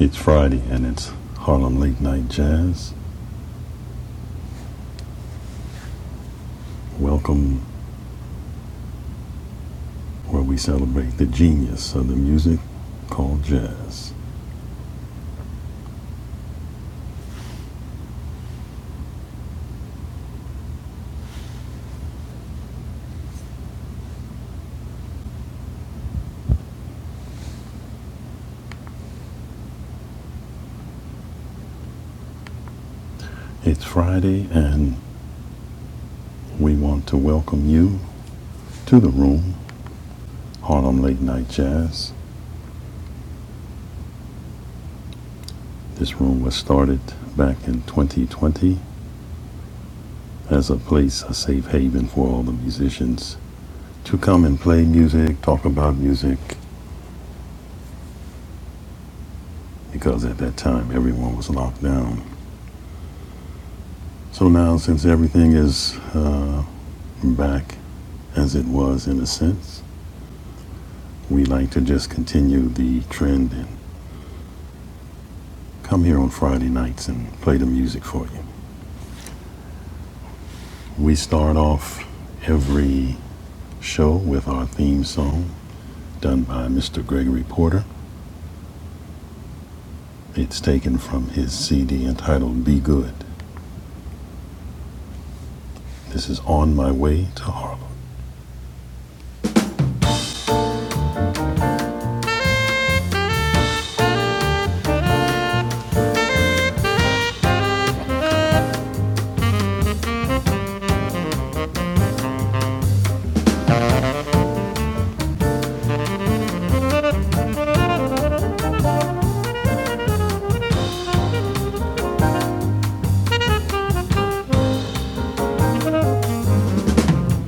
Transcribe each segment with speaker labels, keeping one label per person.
Speaker 1: It's Friday and it's Harlem Late Night Jazz. Welcome where we celebrate the genius of the music called jazz. It's Friday and we want to welcome you to the room, Harlem Late Night Jazz. This room was started back in 2020 as a place, a safe haven for all the musicians to come and play music, talk about music, because at that time everyone was locked down. So now, since everything is uh, back as it was in a sense. We like to just continue the trend and come here on Friday nights and play the music for you. We start off every show with our theme song done by Mr. Gregory Porter. It's taken from his CD entitled Be Good. This is On My Way to Harlem.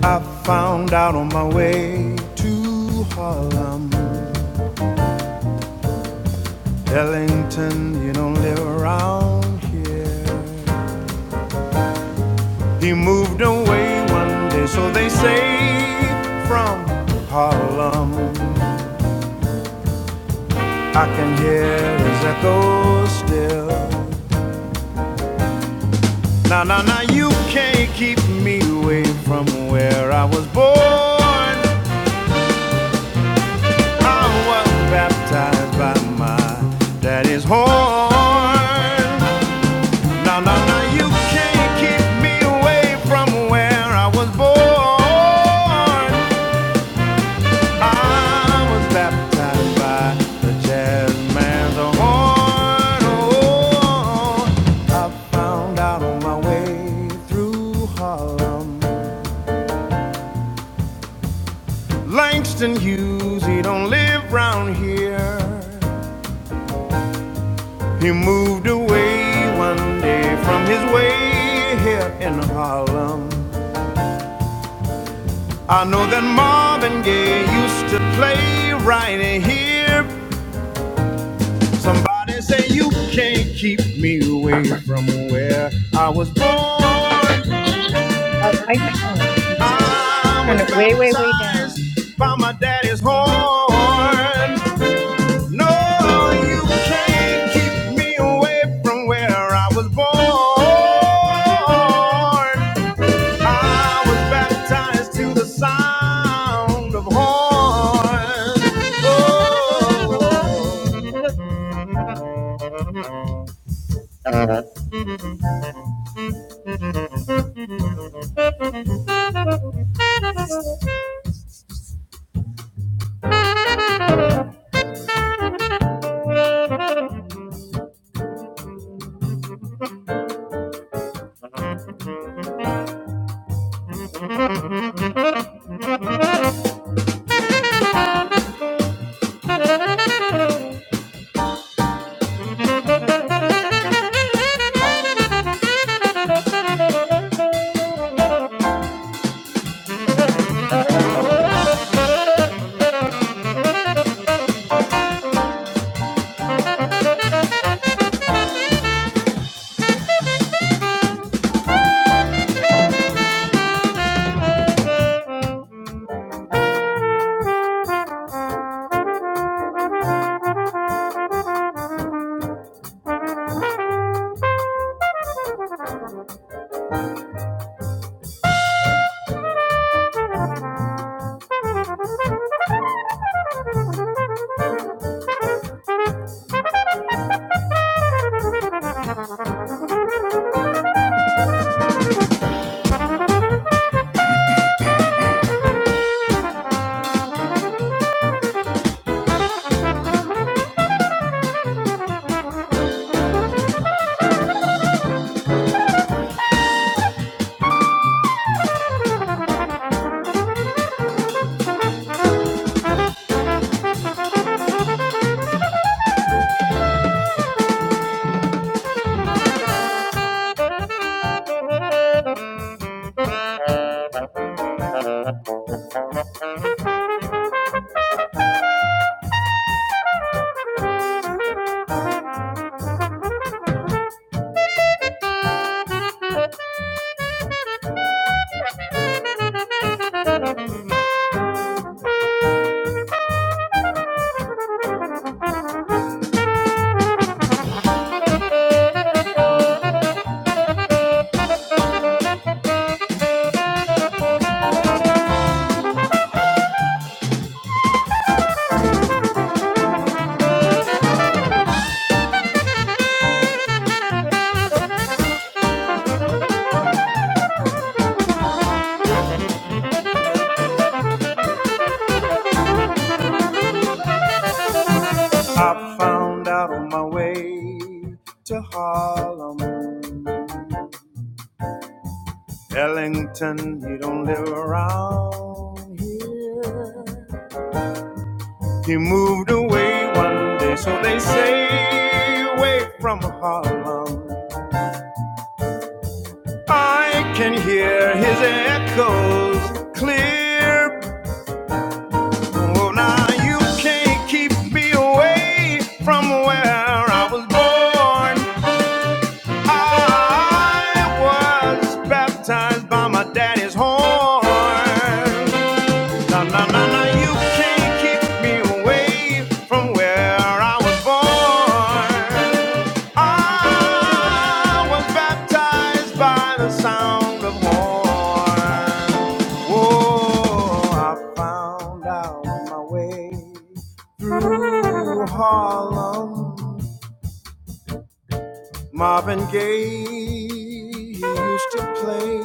Speaker 1: I found out on my way to Harlem, Ellington, you don't live around here. He moved away one day, so they say, from Harlem. I can hear his echo still. Now, now, now, you can't keep me away from where I was born. I was baptized by my daddy's horn. Now, now, now, you can't keep me away from where I was born. I was baptized by the jazz man's horn. Oh, I found out my way through Harlem. Langston Hughes, he don't live round here. He moved away one day from his way here in Harlem. I know that Marvin Gaye used to play right here Somebody say you can't keep me away from where I was born.
Speaker 2: Uh, I oh, I'm just
Speaker 1: I
Speaker 2: turn
Speaker 1: was
Speaker 2: it way, way, way down.
Speaker 1: baptized by my daddy's
Speaker 2: Okay.
Speaker 1: horn. No, you can't keep me away from where I was born. I was baptized to the sound of horn. Oh. I found out on my way to Harlem Ellington, he don't live around here. He moved away one day, so they say, away from Harlem. I can hear his echoes clear. Oh, now you can't keep me away from where I was born. I was baptized by my daddy's horn. Na na na na, you can't keep me away from where I was born. I was baptized by the sound of horn. Oh, I found out my way through Harlem. Marvin Gaye used to play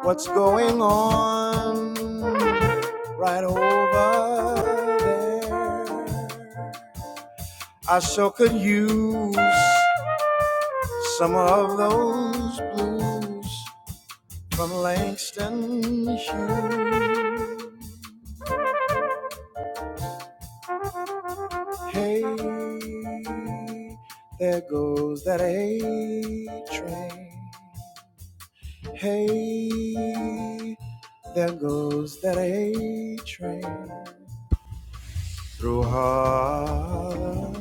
Speaker 1: What's Going On right over there. I sure could use some of those blues from Langston Hughes. Hey, there goes that A train. Hey, there goes that A train through Harlem.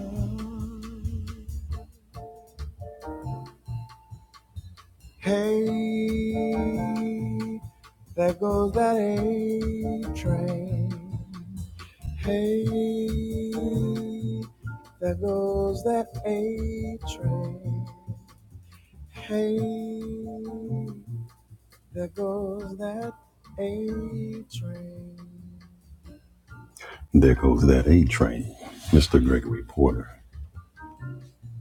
Speaker 1: Hey, there goes that A train. Hey, there goes that A train. Hey, there goes that A train. There goes that A train. Mr. Gregory Porter.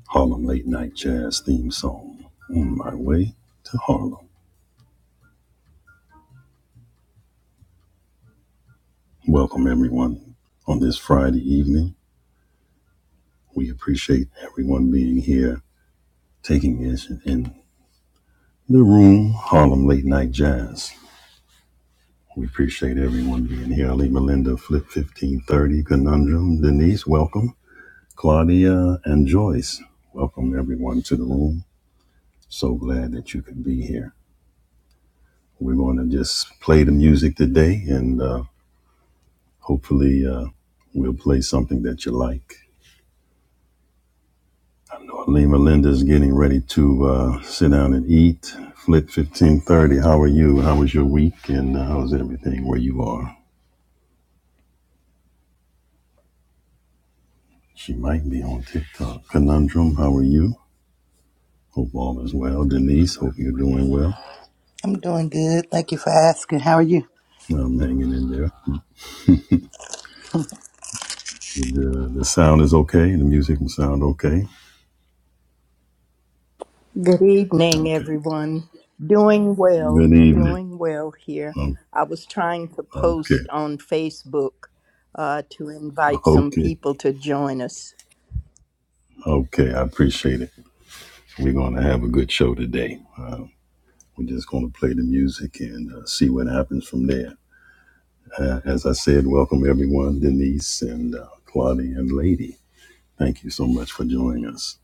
Speaker 1: Harlem Late Night Jazz theme song. On my way to Harlem. Welcome, everyone. On this Friday evening, we appreciate everyone being here, taking in, in the room, Harlem Late Night Jazz. We appreciate everyone being here. Ali Melinda, Flip 1530, Conundrum, Denise, welcome. Claudia and Joyce, welcome everyone to the room. So glad that you could be here. We're going to just play the music today, and uh, hopefully, uh, we'll play something that you like. I know Lima Linda's getting ready to uh, sit down and eat. Flip fifteen thirty. How are you? How was your week? And uh, how's everything where you are? She might be on TikTok. Conundrum. How are you? Hope all is well. Denise. Hope you're doing well.
Speaker 3: I'm doing good. Thank you for asking. How are you?
Speaker 1: I'm hanging in there. The, the sound is okay. The music will sound okay.
Speaker 4: Good evening,
Speaker 1: Okay.
Speaker 4: everyone. Doing well,
Speaker 1: Good evening.
Speaker 4: doing well here.
Speaker 1: Um,
Speaker 4: I was trying to
Speaker 1: okay.
Speaker 4: post on Facebook uh, to invite some
Speaker 1: Okay.
Speaker 4: people to join us.
Speaker 1: Okay, I appreciate it. We're going to have a good show today. Uh, we're just going to play the music and uh, see what happens from there. Uh, as I said, welcome everyone, Denise and uh, Claudia and Lady. Thank you so much for joining us.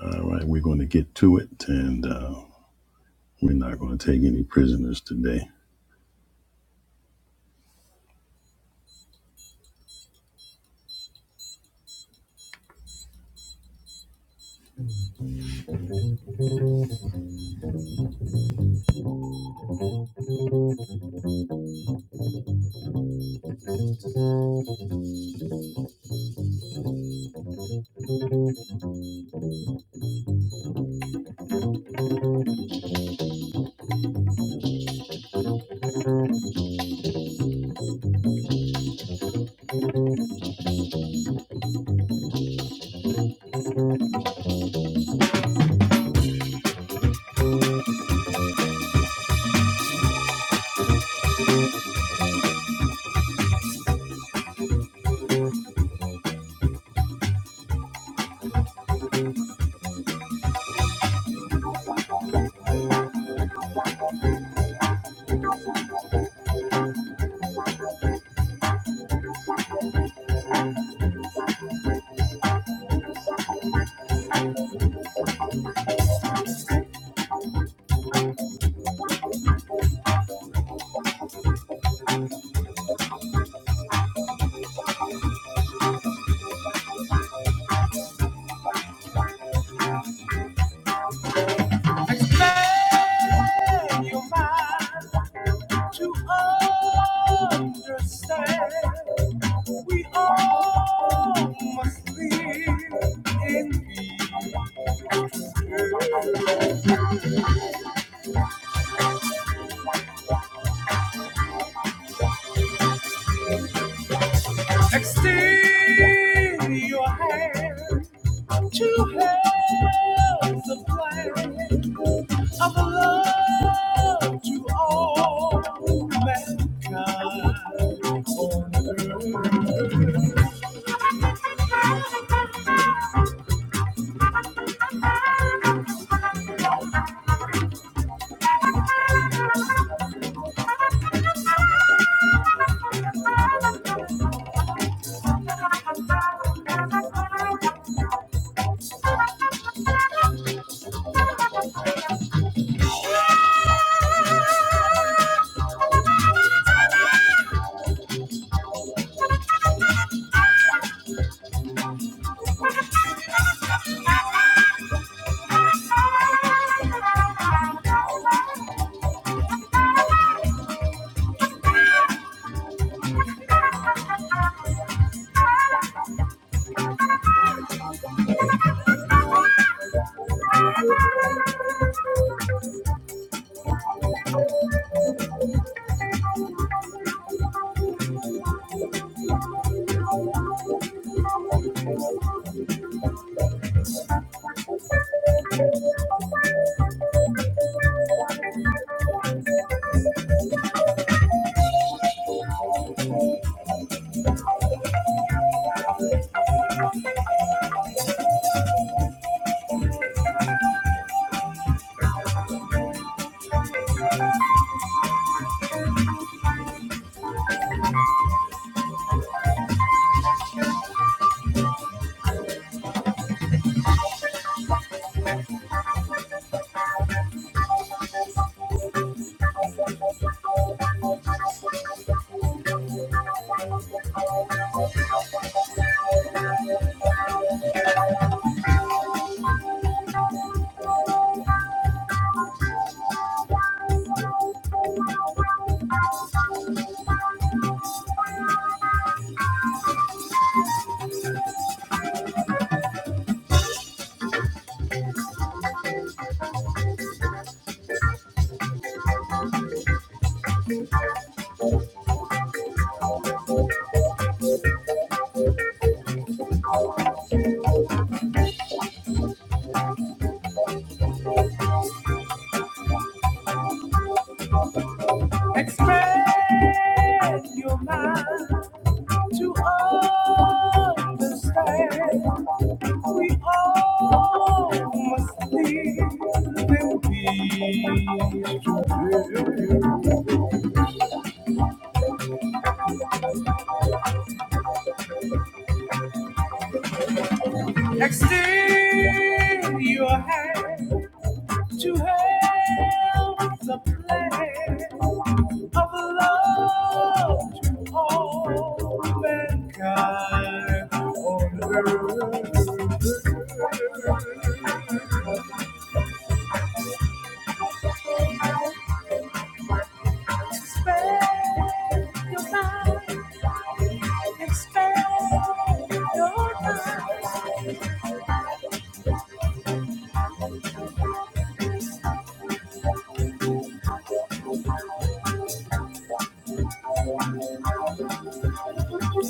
Speaker 1: All right, we're going to get to it, and uh, we're not going to take any prisoners today. Make your mind to understand. We all must live in peace. Extend your hand to help the plan of love to all mankind on earth. Expand your mind to understand We all must live in peace today. Extend your hand to help the plan of love to all mankind on earth. Expand your mind, expand your mind.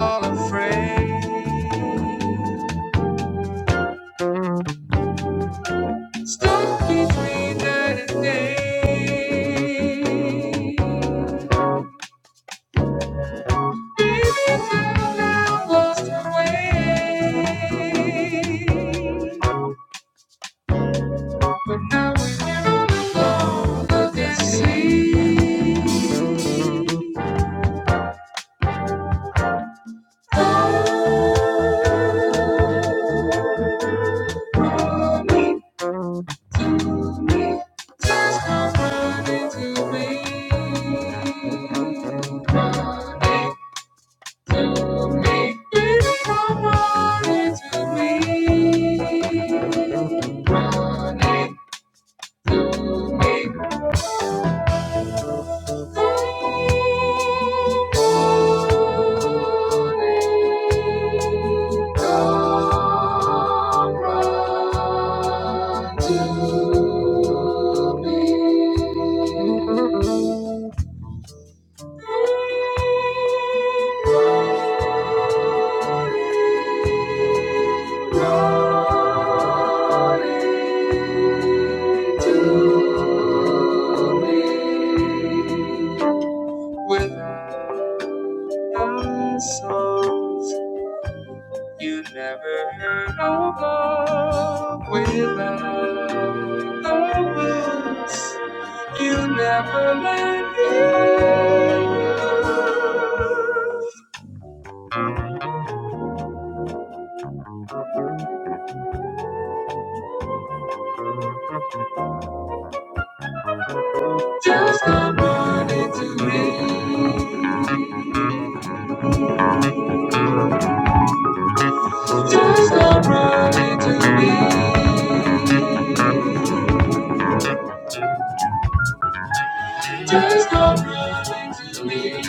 Speaker 1: all afraid. Stuck between night and day. Baby, down now, lost her way. But now we're here all alone, look and see. Follow me, me, just come running to me. Make come on into me. Running, make to me. With the songs you never heard of Without the words you never learned. it. Just come running to me. Just come running to me. Just come running to me.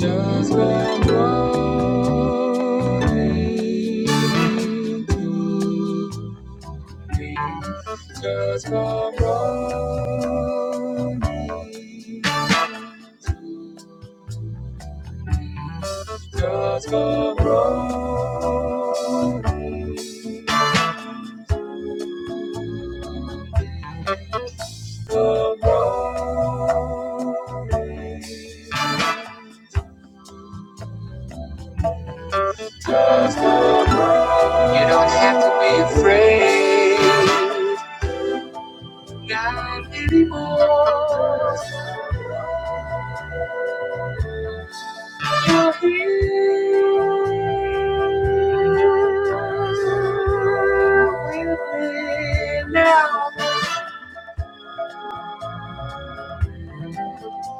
Speaker 1: Just come running to me. Just come running. Just come running. Come running. Just come running. You don't have to be afraid. God anymore. You're here with me now.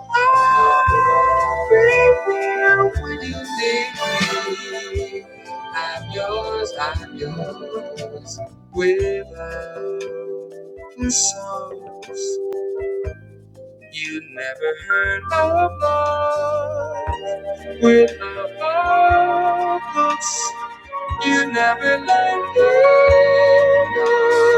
Speaker 1: I'll be there when you need me. I'm yours, I'm yours, without the songs. You never heard of love with the old books. You never learned it.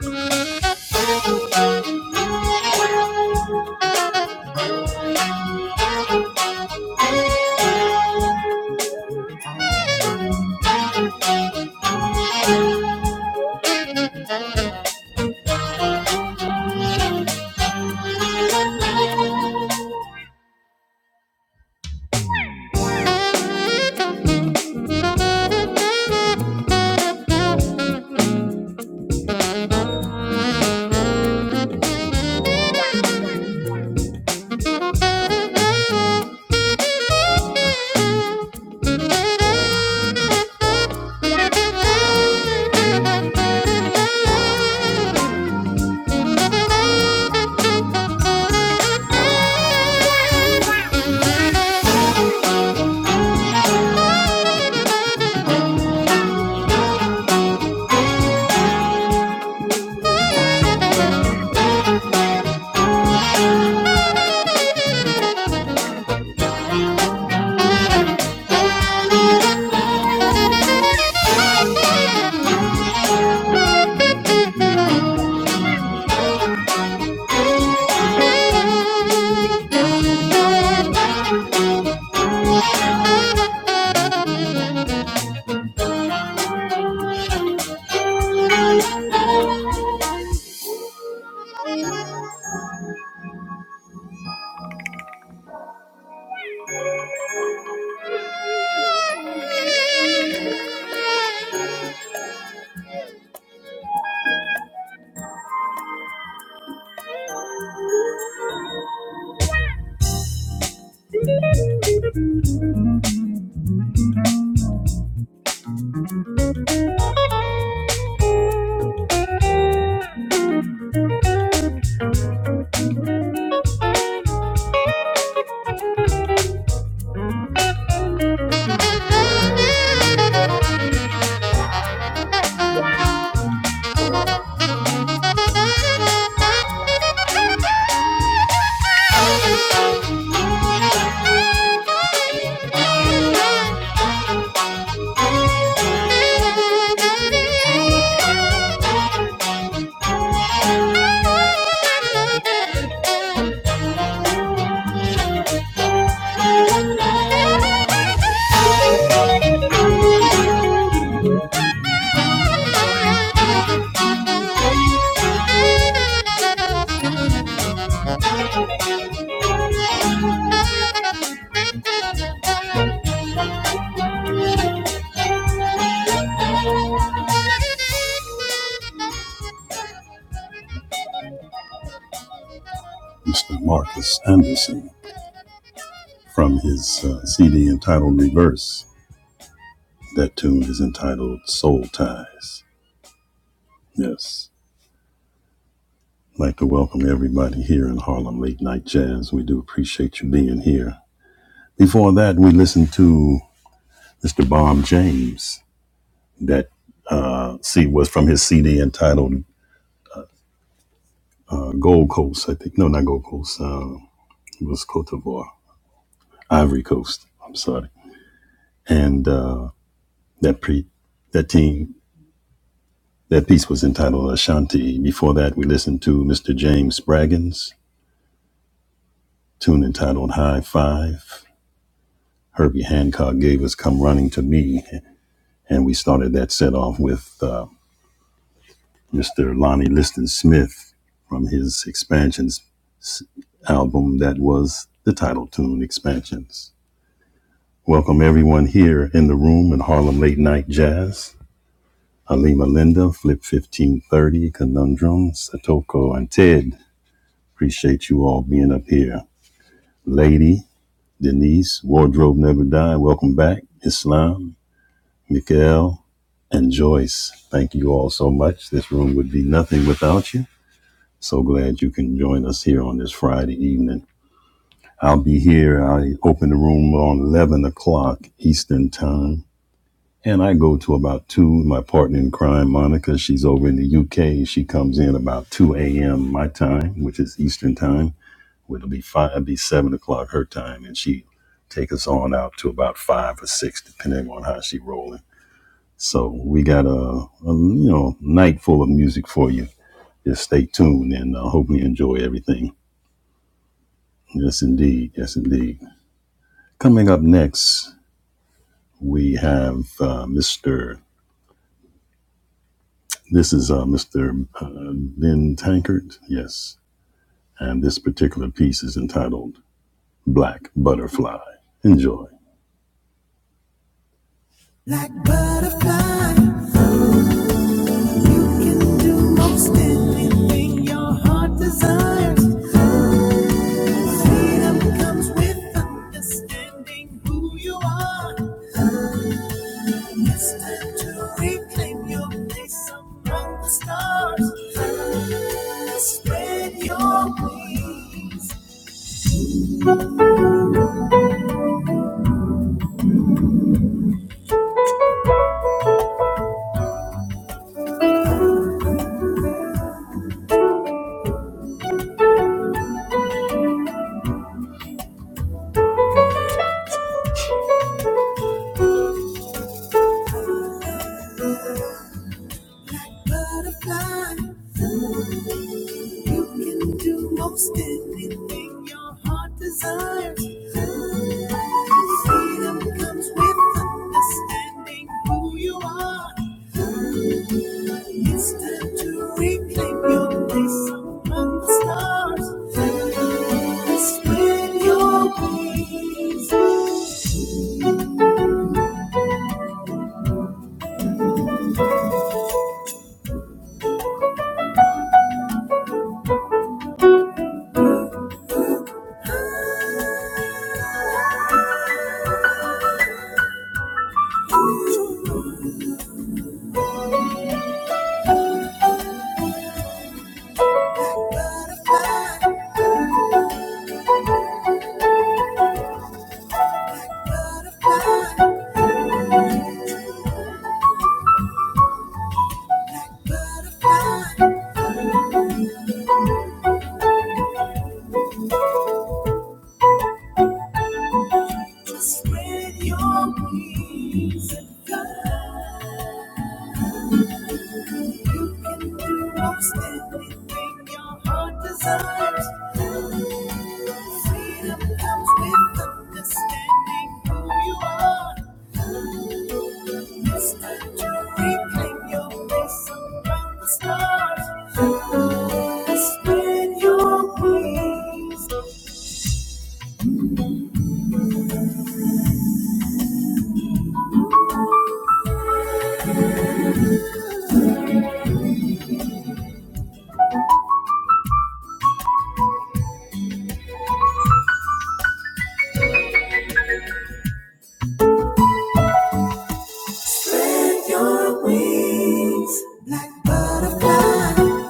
Speaker 1: Thank you. Thank you. Thank you. Thank you. Mr. Marcus Anderson from his uh, CD entitled Reverse. That tune is entitled Soul Ties. Yes. I'd like to welcome everybody here in Harlem Late Night Jazz. We do appreciate you being here. Before that, we listened to Mr. Bob James. That uh, see was from his CD entitled uh, Gold Coast, I think. No, not Gold Coast. Uh, it was Cote d'Ivoire, Ivory Coast. I'm sorry. And uh, that pre that team that piece was entitled Ashanti. Before that, we listened to Mr. James Spraggins tune entitled High Five. Herbie Hancock gave us Come Running to Me. And we started that set off with uh, Mr. Lonnie Liston Smith from his Expansions s- album that was the title tune, Expansions. Welcome everyone here in the room in Harlem Late Night Jazz. Halima Linda, Flip 1530, Conundrum, Satoko, and Ted. Appreciate you all being up here. Lady, Denise, Wardrobe Never Die, welcome back. Islam, Miguel, and Joyce. Thank you all so much. This room would be nothing without you. So glad you can join us here on this Friday evening. I'll be here. I open the room on 11 o'clock Eastern Time. And I go to about 2. My partner in crime, Monica, she's over in the UK. She comes in about 2 a.m. my time, which is Eastern Time. It'll be 5, it'll be 7 o'clock her time. And she take us on out to about 5 or 6, depending on how she rolling. So we got a, a you know night full of music for you. Just stay tuned and uh, hope you enjoy everything. Yes, indeed. Yes, indeed. Coming up next, we have uh, Mr. This is uh, Mr. Uh, Ben Tankard. Yes, and this particular piece is entitled "Black Butterfly." Enjoy. Black butterfly, you can do most anything your heart desires. Freedom comes with understanding who you are. It's time to reclaim your place among the stars. Fly, spread your wings, butterfly. You can do most anything your heart desires. Fly, Freedom comes with understanding who you are. It's time to reclaim your place among the stars. Spread your wings. Just spread your wings and fly. You can do most anything your heart desires. Freedom comes with understanding who you are. Mr. Jury, claim your place around the stars. Spread your wings. Spread your wings like butterfly,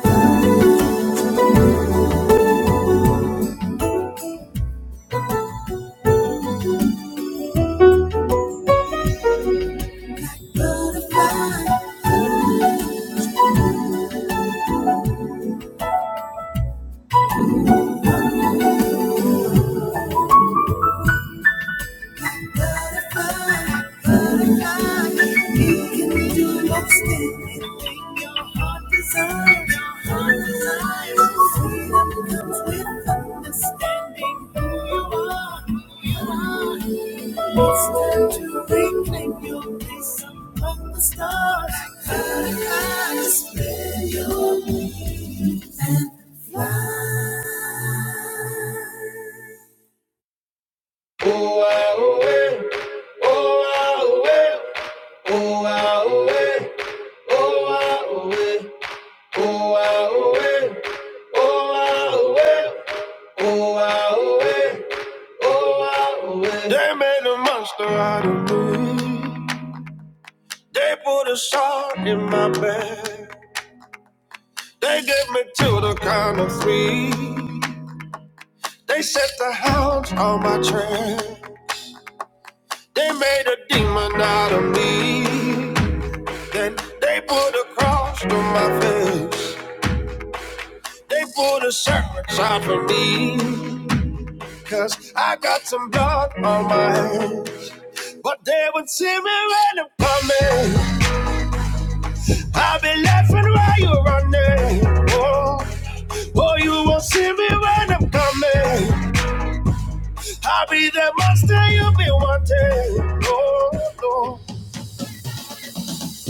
Speaker 1: butterfly. Butterfly, butterfly, you can do most anything your heart desires. Your heart desires. Freedom comes with understanding who you are. you are. It's time to reclaim your place among the stars. Butterfly, spread your wings and fly. They made a monster out of me. They put a shot in my bed. They gave me till the count of three. They set the hounds on my trail. They made a demon out of me. Then they put a cross to my face. They put a search out for me. Cause I got some blood on my hands. But they would see me when I'm coming. I'll be laughing while you're running. Oh, oh, you won't see me when I'm coming. I'll be the monster you'll be wanting. Oh, no.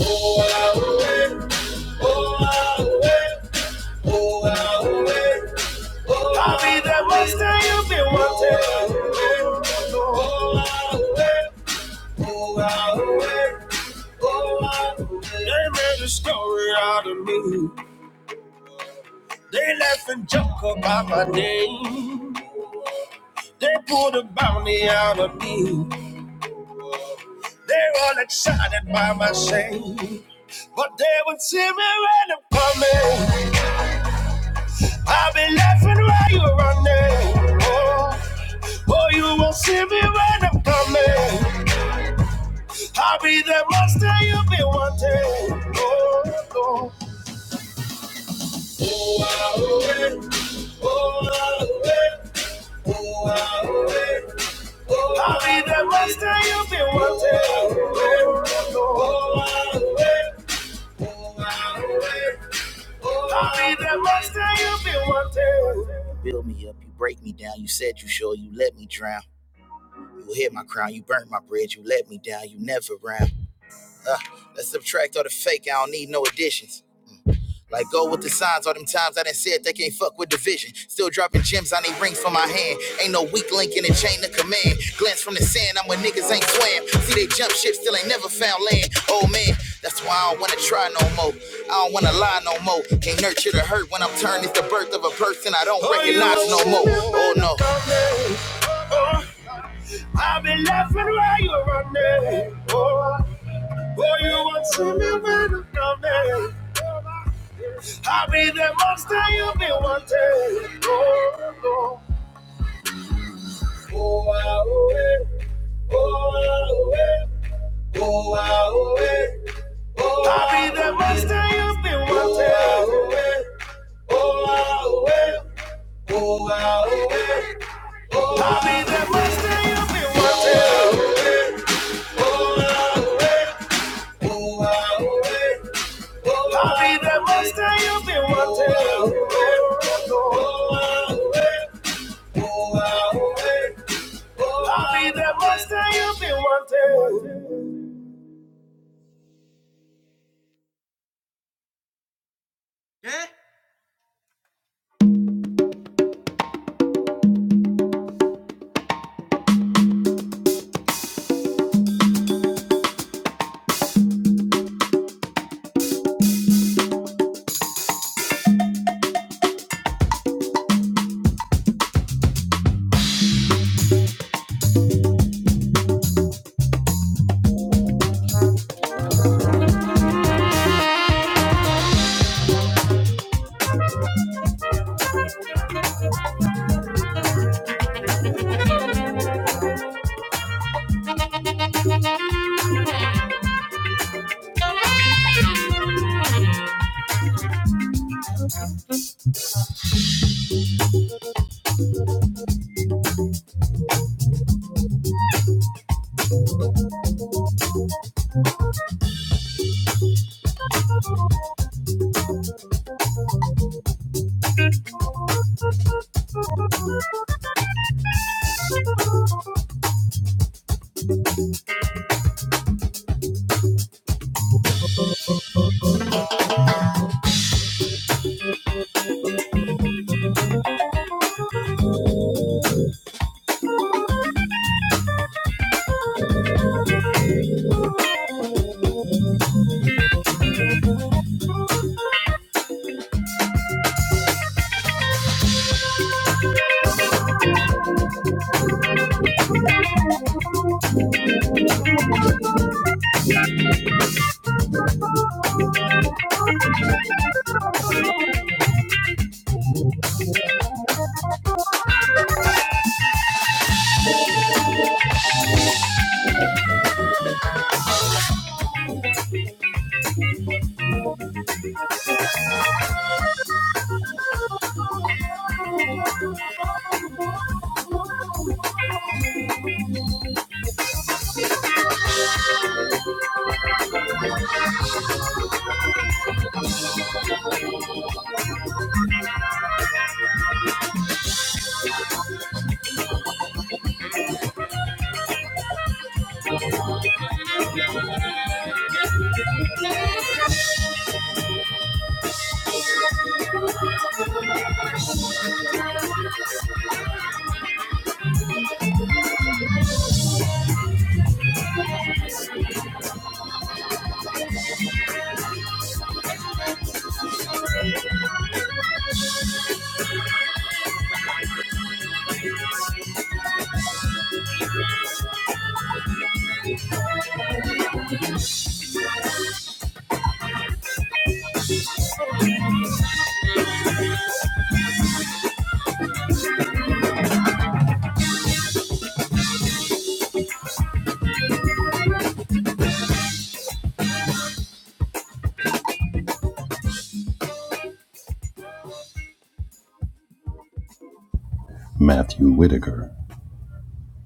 Speaker 1: Oh, I will wait. Oh, I will wait. Oh, I will wait. I'll be that monster you've been wanting. Oh, I oh, I oh, I They made a story out of me. They laugh and joke about my name. They pulled a bounty out of me. They're all excited by my shame. But they would see me when I'm coming. I'll be laughing while you're running. Oh, oh, you won't see me when I'm coming. I'll be the monster you've been wanting. Oh, oh. Oh, ah, oh, eh. Oh, ah, oh, eh. Oh, ah, oh, eh. Oh, I'll be the monster you've been wanting. Oh, ah, oh, eh. Oh, ah, oh, eh. I'll be the monster you've been wanting. You build me up, you break me down. You said you sure you let me drown. You hit my crown, you burnt my bridge, you let me down, you never round. Let's subtract all the fake. I don't need no additions. Like go with the signs. All them times I done said they can't fuck with the vision. Still dropping gems. I need rings for my hand. Ain't no weak link in the chain of command. Glance from the sand. I'm where niggas ain't swam. See they jump ship. Still ain't never found land. Oh man, that's why I don't wanna try no more. I don't wanna lie no more. Can't nurture the hurt when I'm turned. It's the birth of a person I don't Oh, recognize no more. Oh no. Oh, I've been laughing while you're running. Oh. Oh, you will see me when I'm coming. I'll be the monster you'll be wanting. Oh, oh, oh, ah, oh, eh. oh, ah, oh, eh. oh, ah, oh, eh. Oh, I'll be the monster you've been wanting. Oh, ah, oh, eh. oh, ah, oh, eh. oh, ah, oh, eh. I'll be the monster you've been wanting. Oh, ah, oh, eh. oh, ah, oh, eh. I'll be that monster you've been wanting. I'll be that monster you've been wanting. Matthew Whitaker.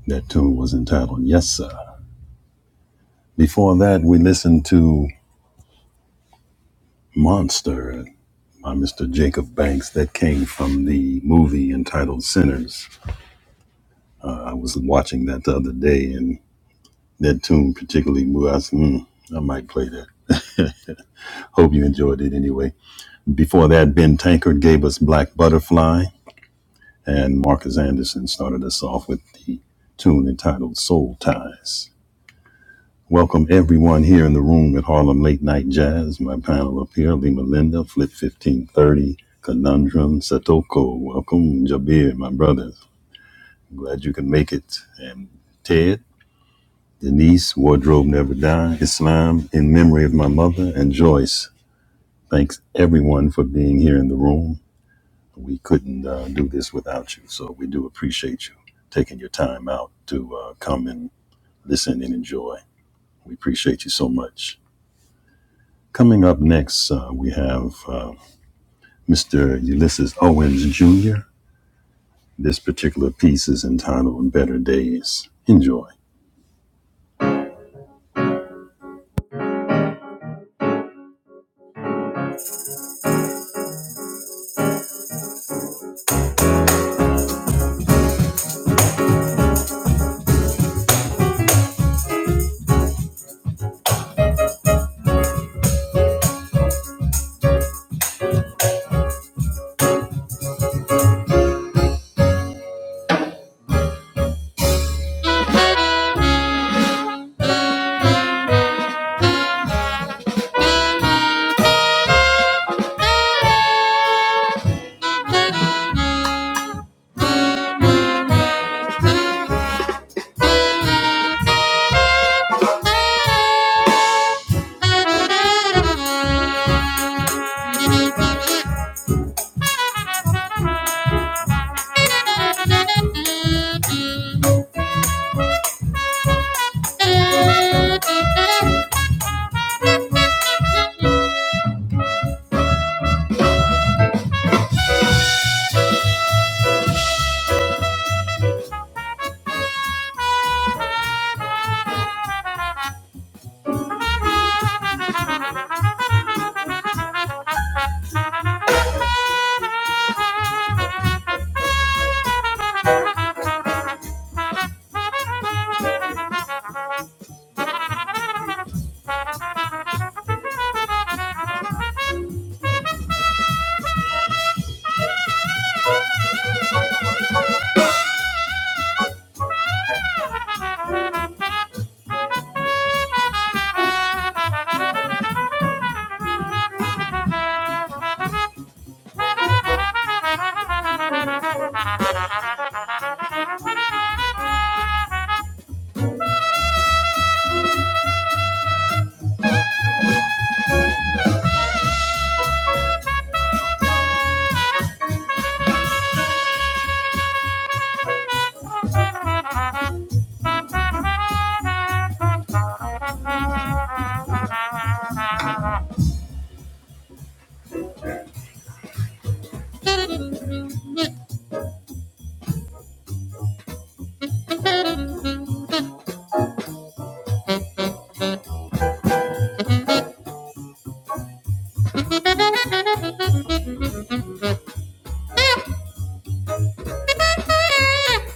Speaker 1: That tune was entitled Yes Sir. Before that, we listened to Monster by Mr. Jacob Banks that came from the movie entitled Sinners. I was watching that the other day and. That tune particularly moved us. Mm, I might play that. Hope you enjoyed it anyway. Before that, Ben Tankard gave us Black Butterfly, and Marcus Anderson started us off with the tune entitled Soul Ties. Welcome everyone here in the room at Harlem Late Night Jazz. My panel up here, Lima Linda, Flip 1530, Conundrum, Satoko. Welcome, Jabir, my brother. I'm glad you can make it. And Ted. Denise, Wardrobe Never Die, Islam, In Memory of My Mother, and Joyce. Thanks everyone for being here in the room. We couldn't uh, do this without you, so we do appreciate you taking your time out to uh, come and listen and enjoy. We appreciate you so much. Coming up next, uh, we have uh, Mr. Ulysses Owens Jr. This particular piece is entitled Better Days. Enjoy. Thank you. Thank Thank you.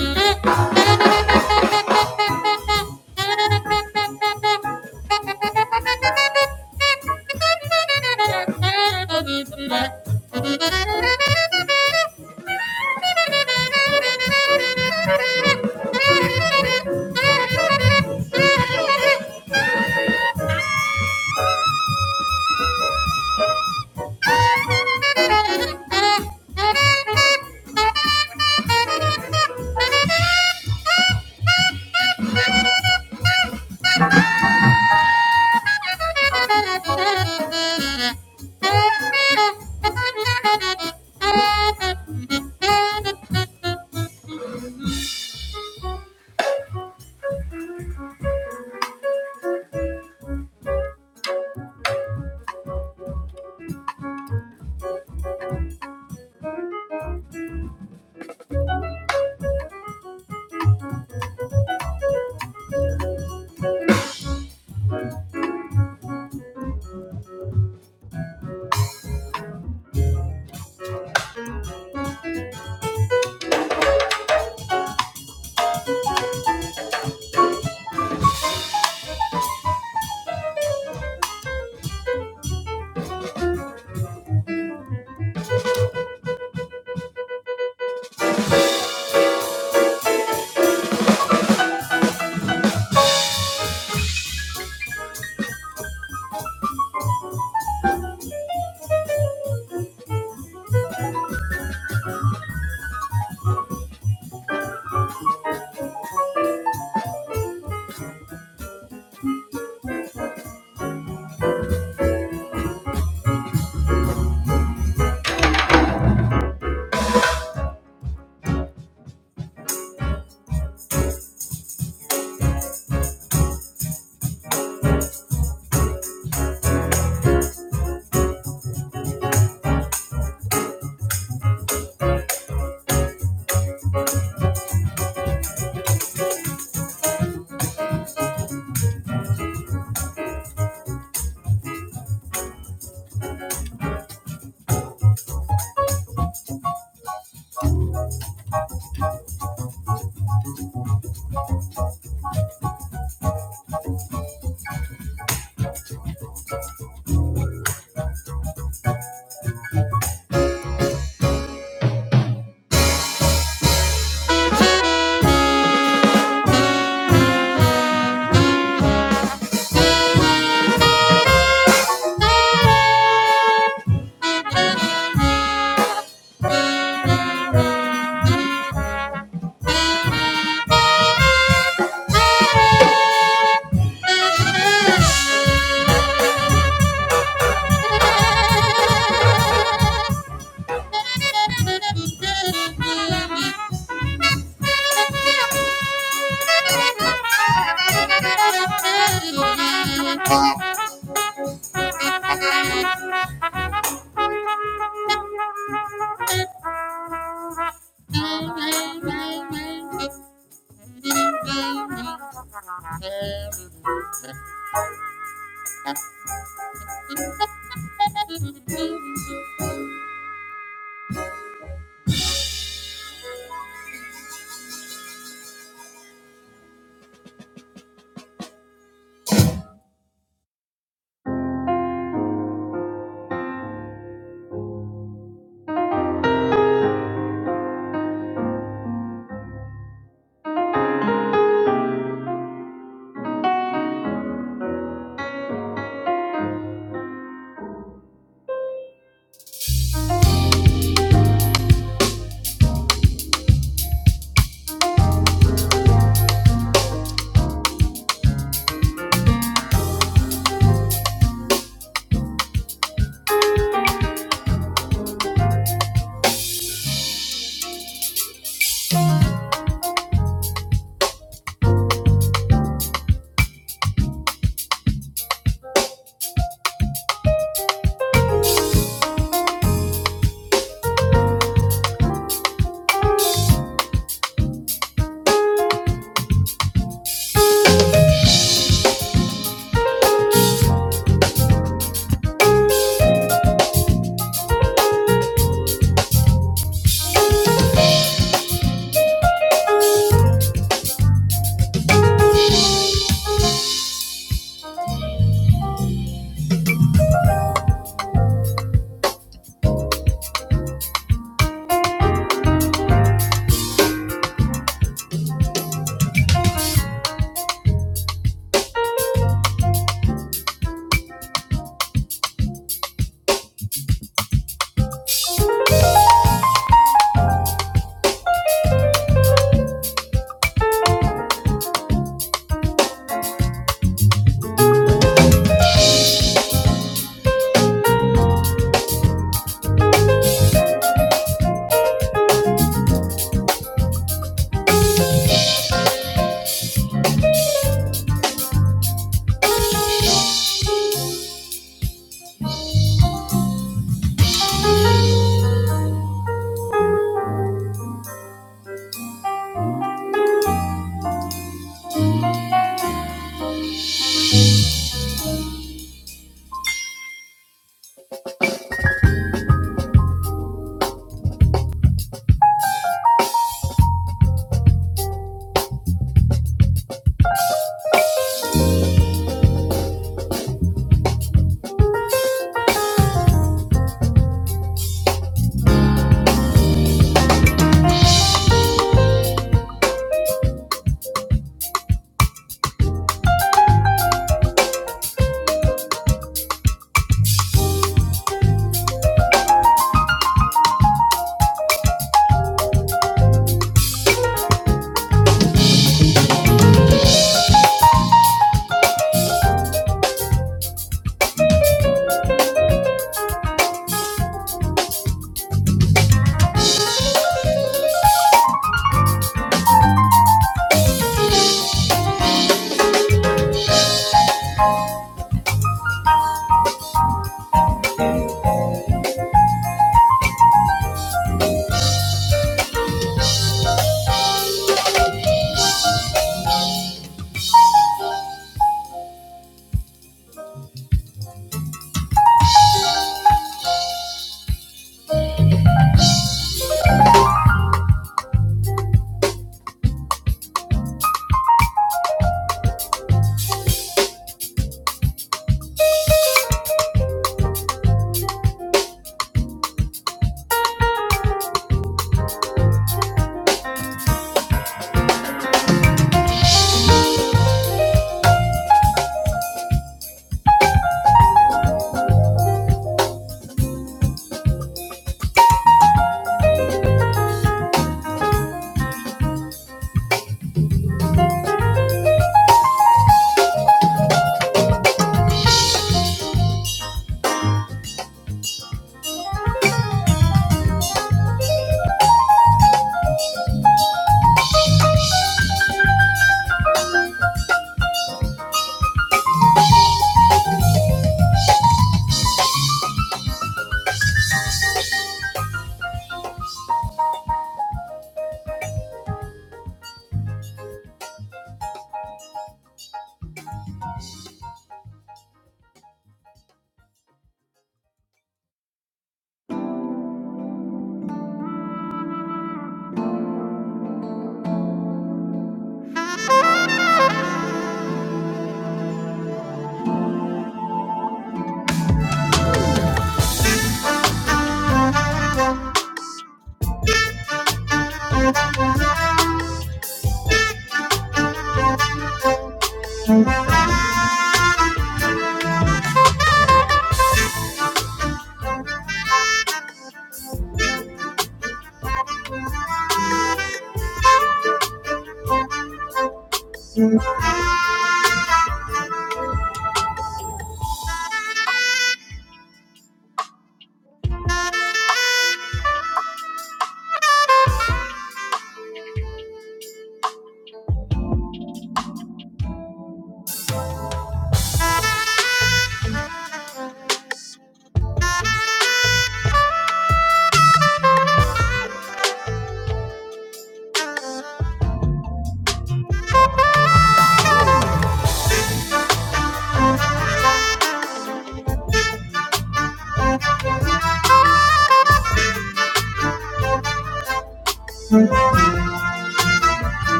Speaker 1: Thank you. Thank Thank you. Thank you.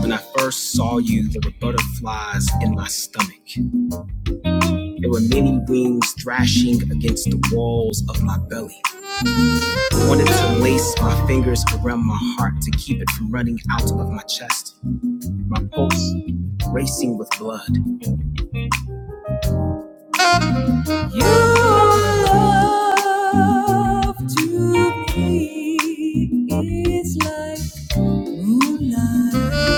Speaker 1: When I first saw you, there were butterflies in my stomach. There were many wings thrashing against the walls of my belly. I wanted to lace my fingers around my heart to keep it from running out of my chest. my pulse racing with blood. You love to me is like moonlight.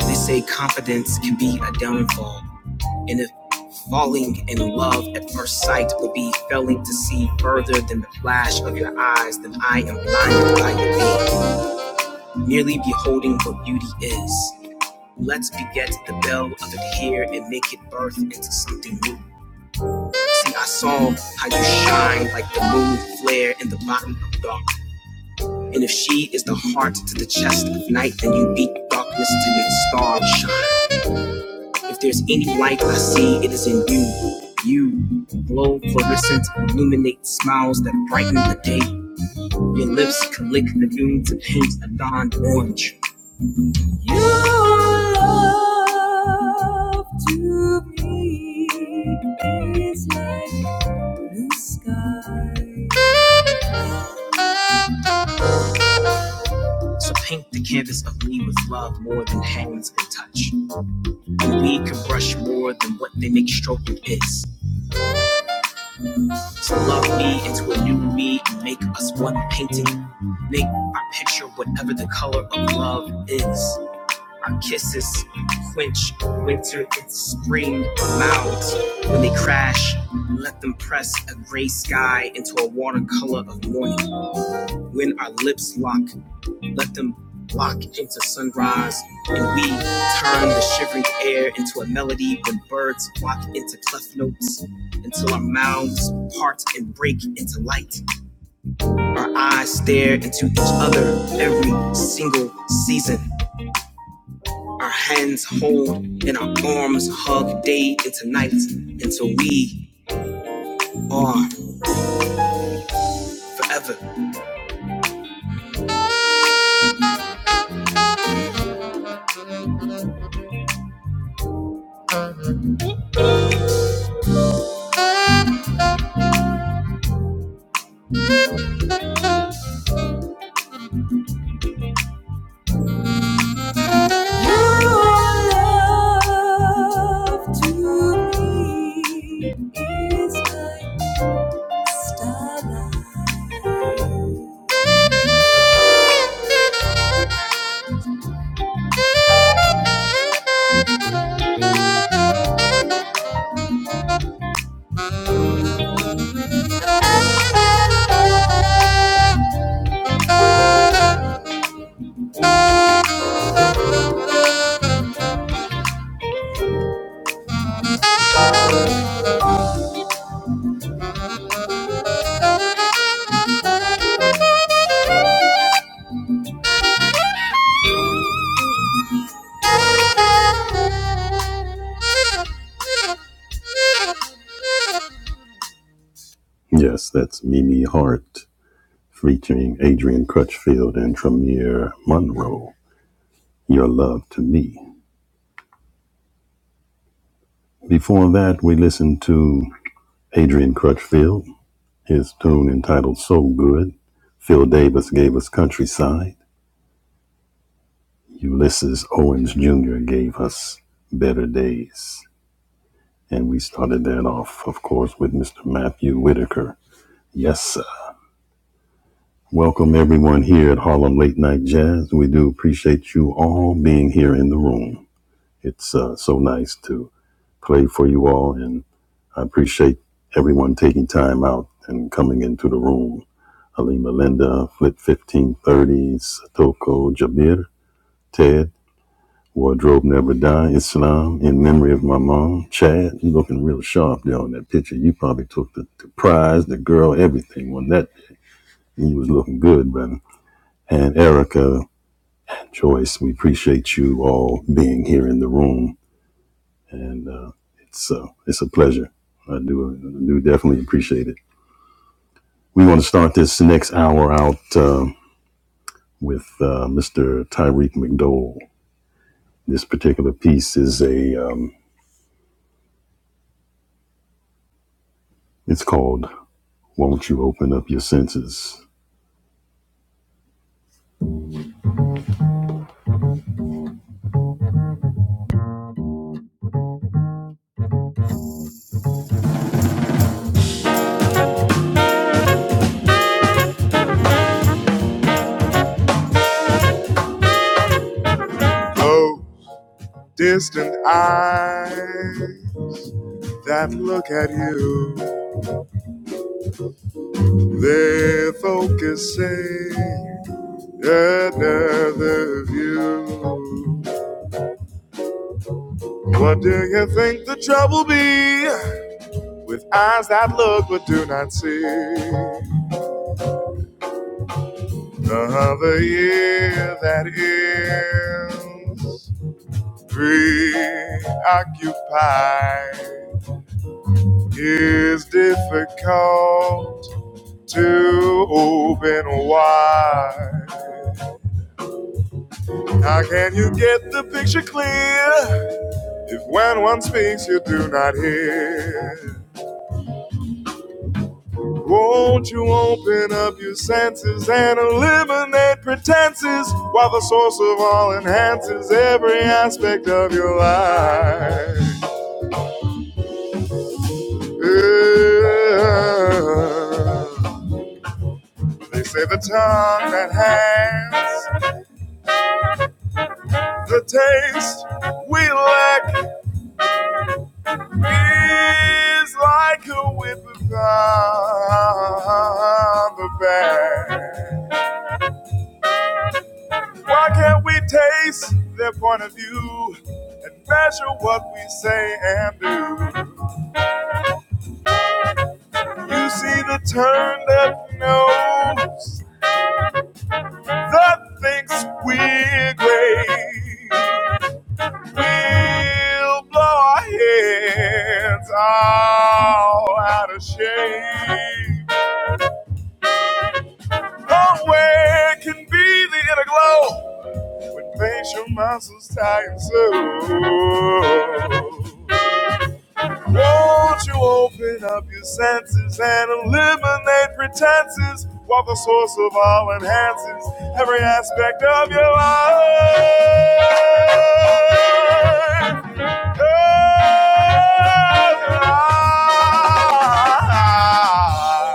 Speaker 1: They say confidence can be a downfall, and if falling in love at first sight would be failing to see further than the flash of your eyes, then I am blinded by you. merely beholding what beauty is. Let's beget the bell of it here and make it birth into something new. See, I saw how you shine like the moon flare in the bottom of dark. And if she is the heart to the chest of night, then you beat darkness to the star shine. If there's any light I see, it is in you. You glow fluorescent, illuminate smiles that brighten the day. Your lips can lick the noon to paint a dawn orange. You love. So paint the canvas of me with love more than hands can touch. And we can brush more than what they make stroking is. So love me into a new me and make us one painting. Make our picture whatever the color of love is. Our kisses quench winter and spring clouds when they crash. Let them press a gray sky into a watercolor of morning. When our lips lock, Let them block into sunrise, and we turn the shivering air into a melody when birds flock into cleft notes until our mouths part and break into light. Our eyes stare into each other every single season. Our hands hold and our arms hug day into night until we are forever. You are love to me. It's like Yes, that's Mimi Hart featuring Adrian Crutchfield and Tremere Monroe. Your love to me. Before that, we listened to Adrian Crutchfield, his tune entitled So Good. Phil Davis gave us Countryside. Ulysses Owens Jr. gave us Better Days. And we started that off, of course, with Mr. Matthew Whitaker. Yes, sir. Welcome everyone here at Harlem Late Night Jazz. We do appreciate you all being here in the room. It's uh, so nice to play for you all, and I appreciate everyone taking time out and coming into the room Halima Linda, Flip 1530, Satoko Jabir, Ted, Wardrobe Never Die, Islam, In Memory of My Mom, Chad, you looking real sharp there on that picture. You probably took the, the prize, the girl, everything on that. You was looking good, brother. And Erica, Joyce, we appreciate you all being here in the room. And uh, it's, uh, it's a pleasure. I do, I do definitely appreciate it. We want to start this next hour out um with uh, Mr. Tyreek McDowell. This particular piece is a, um, it's called Won't You Open Up Your Senses? Oh, Distant eyes that look at you, they're focusing another view. What do you think the trouble be with eyes that look but do not see? Another year that is preoccupied is difficult to open wide. How can you get the picture clear if when one speaks you do not hear? Won't you open up your senses and eliminate pretenses while the source of all enhances every aspect of your life? Yeah. They say the tongue that hangs The taste we lack is like a whip around the back. Why can't we taste their point of view and measure what we say and do? You see the turn that knows that thinks we're great. We'll blow our heads all out of shape. Long can be the inner glow when facial muscles tighten so. Won't you open up your senses and eliminate pretenses while the source of all enhances every aspect of your life? Your life.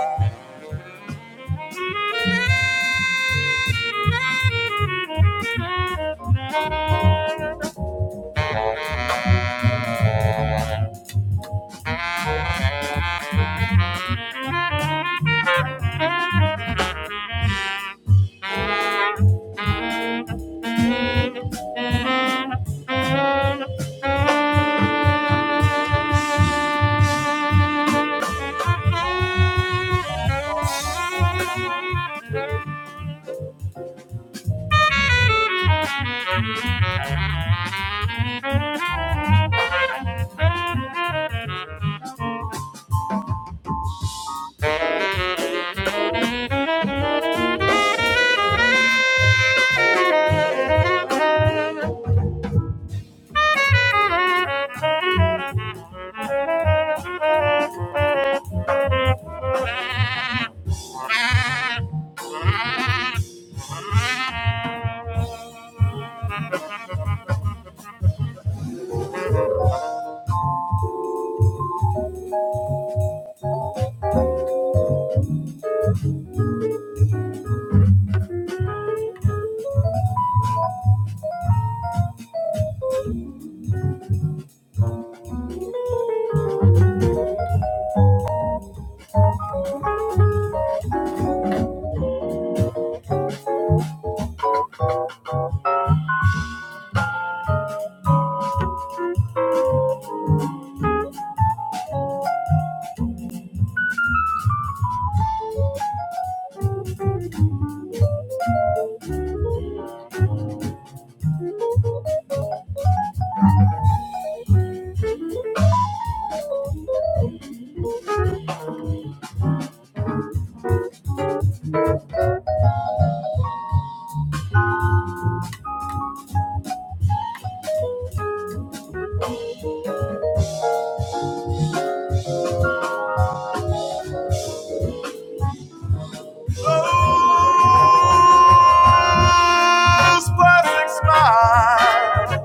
Speaker 1: Those plastic smiles.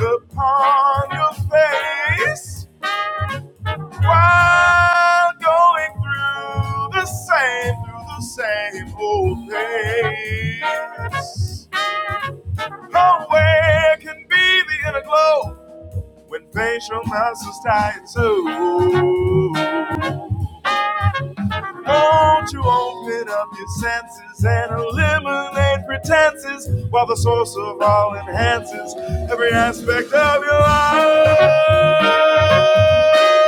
Speaker 1: upon your face while going through the same, through the same old place. Oh, where can be the inner glow when facial muscles tie it too? Won't you open up your senses and eliminate pretenses while the source of all enhances every aspect of your life?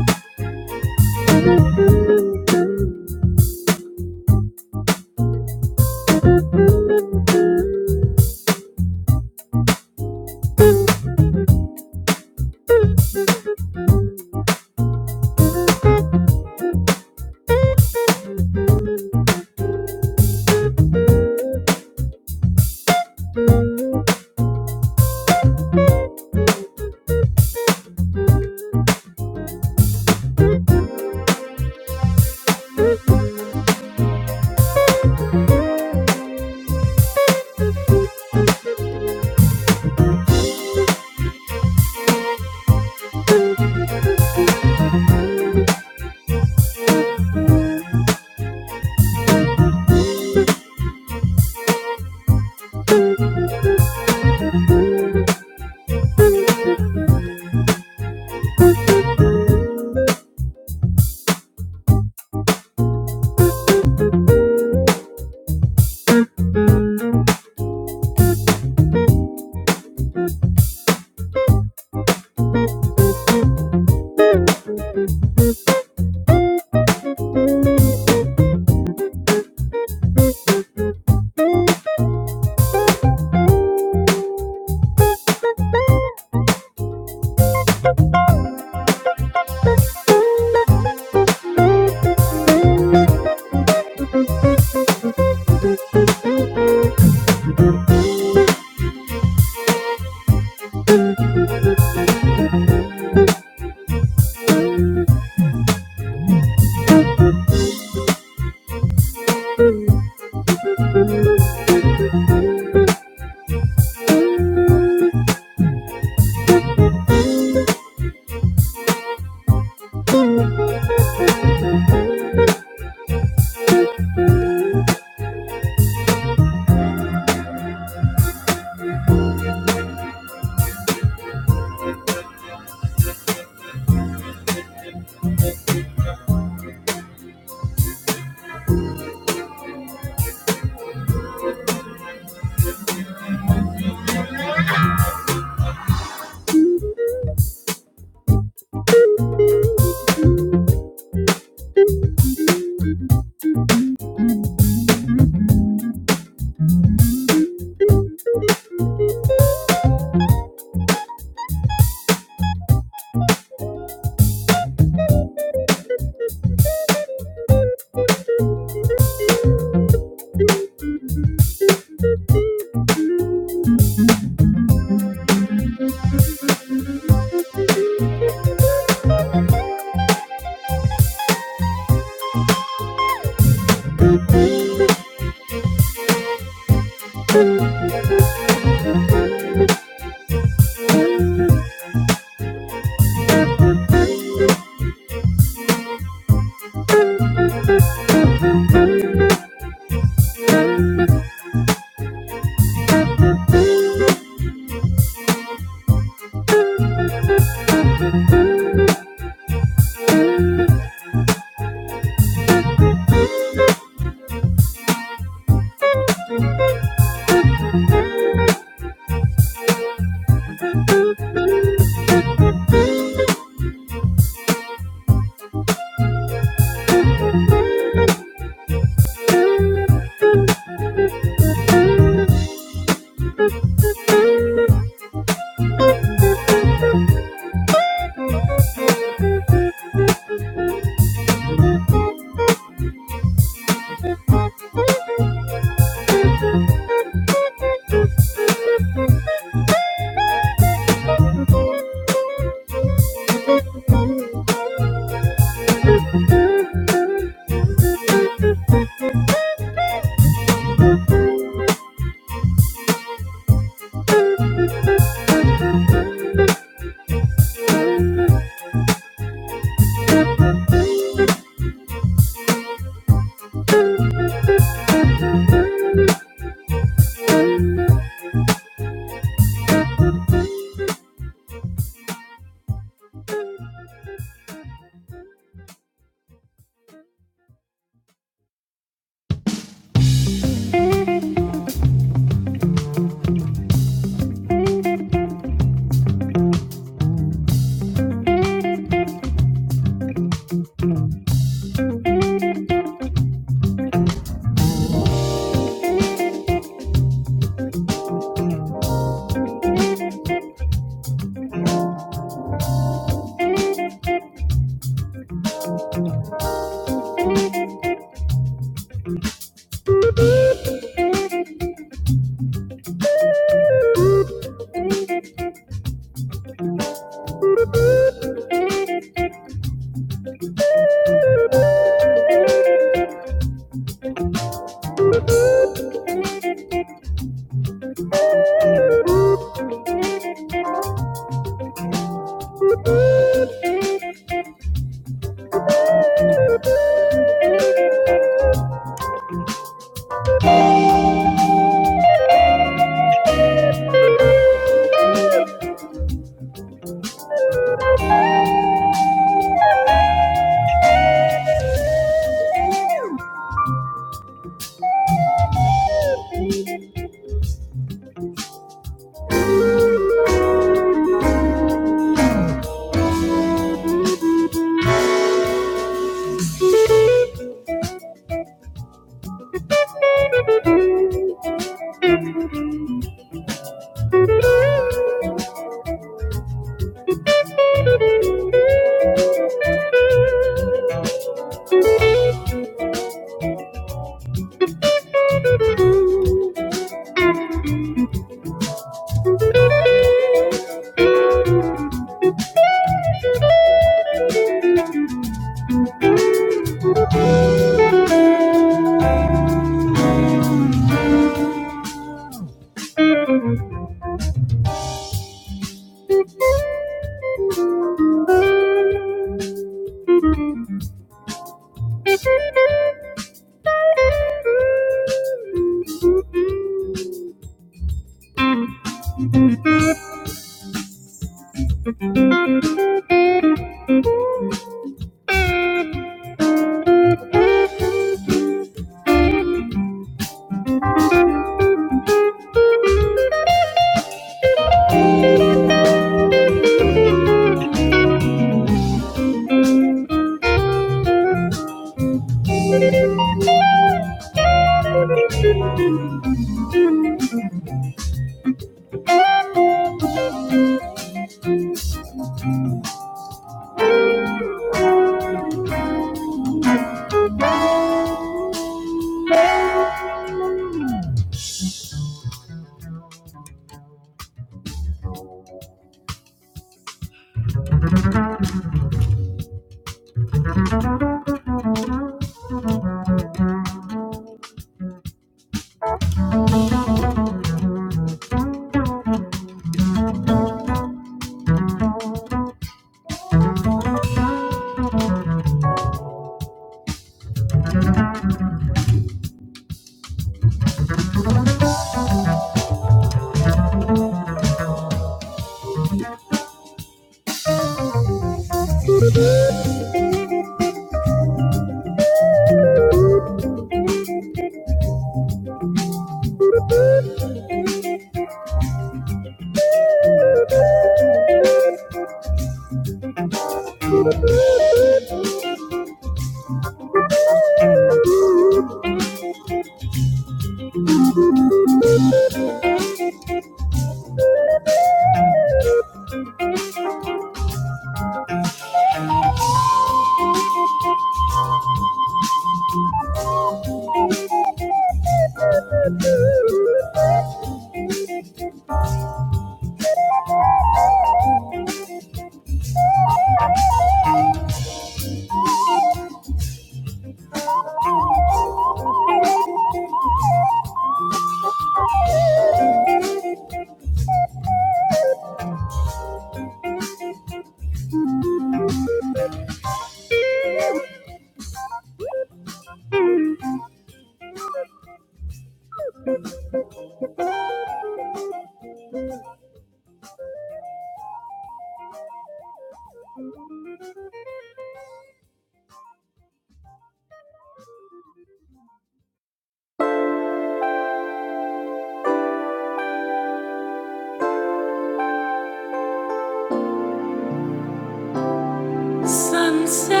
Speaker 1: Sunset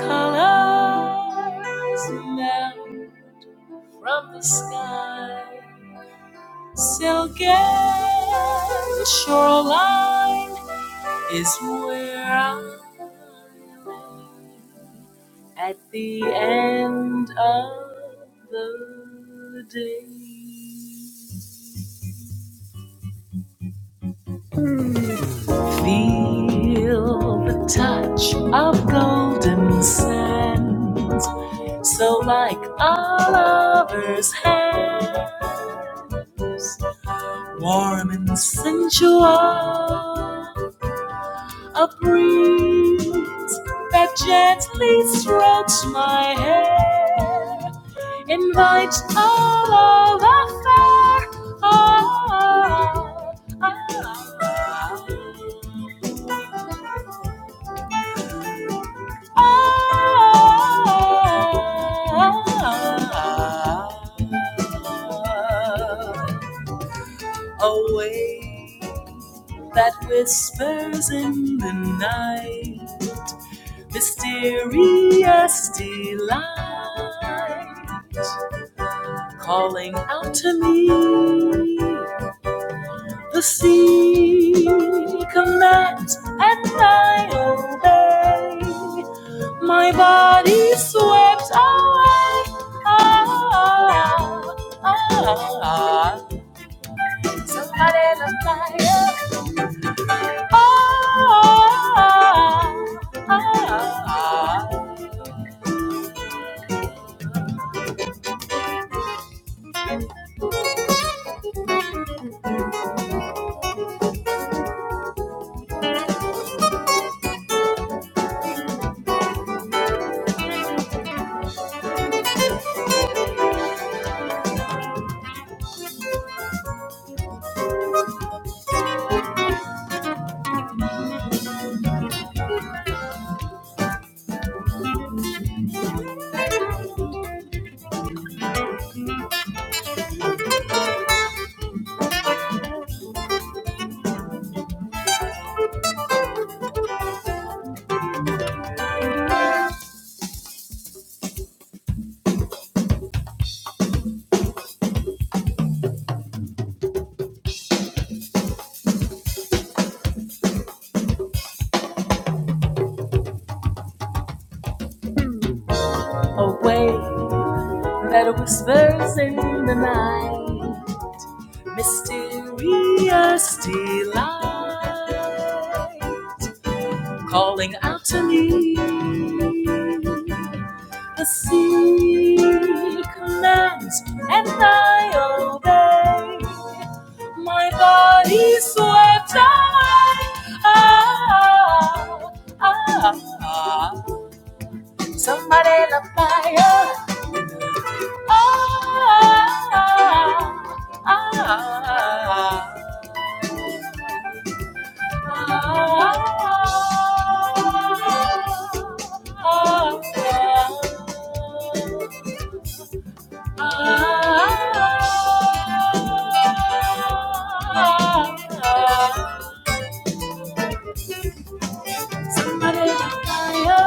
Speaker 1: colors melt from the sky. Silken shoreline is where I am at the end of the day. Feel the touch of golden sands, so like a lover's hands, warm and sensual, a breeze that gently strokes my hair, invites a love affair. Ah, ah, ah, ah, ah. Ah, A wave that whispers in the night, mysterious delight, calling out to me. The sea commands, and I obey. My body swept away. Ah, ah, ah. ah. Somebody in the fire. Ah, ah, ah, ah. ah. Away that whispers in the night. Mysterious delight calling out to me. The sea commands, and I obey. My body swept high. Ah, ah, ah. ah. Somebody light a fire. Ah, ah, ah, ah, ah. ah, ah, ah. Somebody light my fire.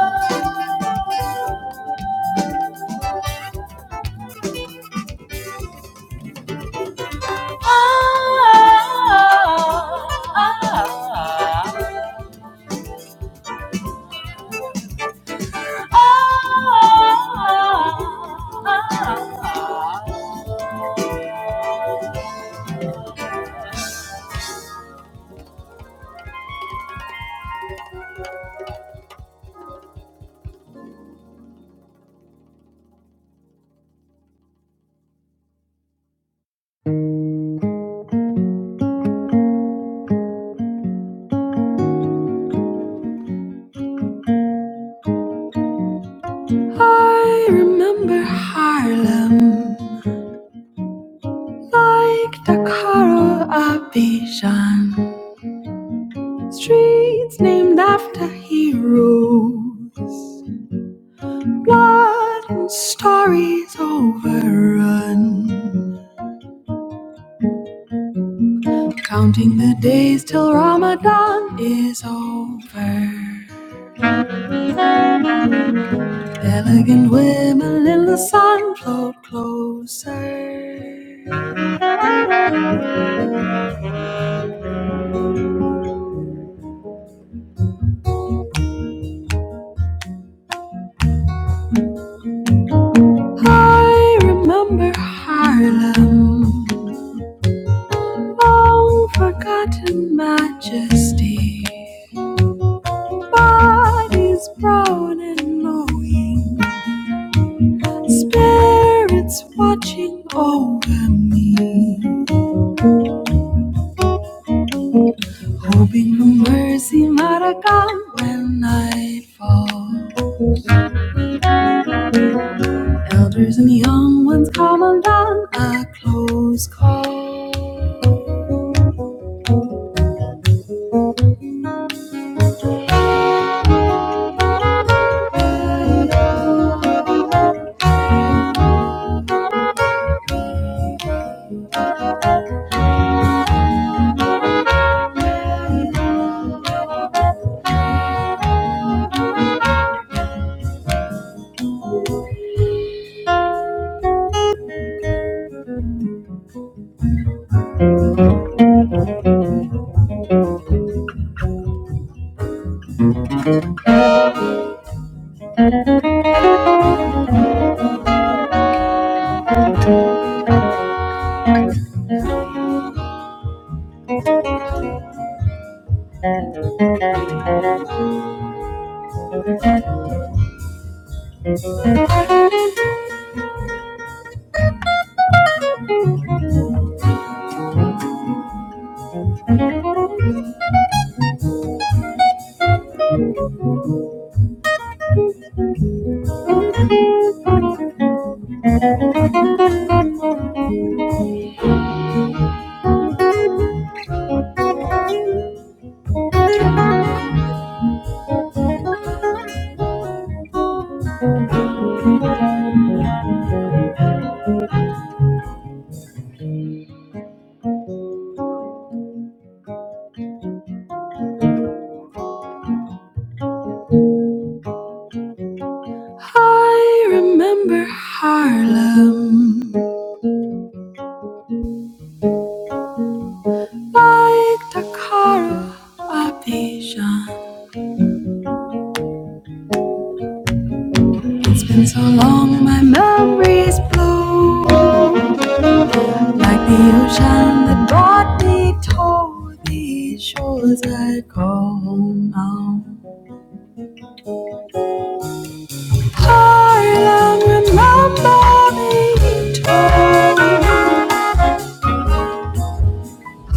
Speaker 1: I remember Harlem like the color of Bijan. Streets named after heroes. Blood and stories overrun. Counting the days till Ramadan is over. Elegant women in the sun float closer. I remember Harlem. Long forgotten majesty. Bodies brown and knowing. Spirits watching over me, hoping for mercy might come when night fall. Elders and young ones come undone, a close call. I remember Harlem like Dakara, a patient. It's been so long, my memories blow. Like the ocean that brought me to the shores I call home now. Harlem, remember me, too.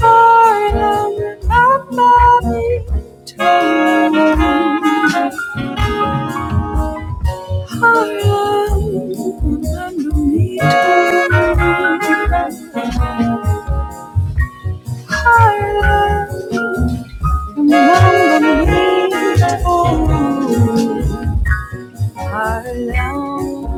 Speaker 1: Harlem, remember me, too. Harlem, remember me, too. Harlem.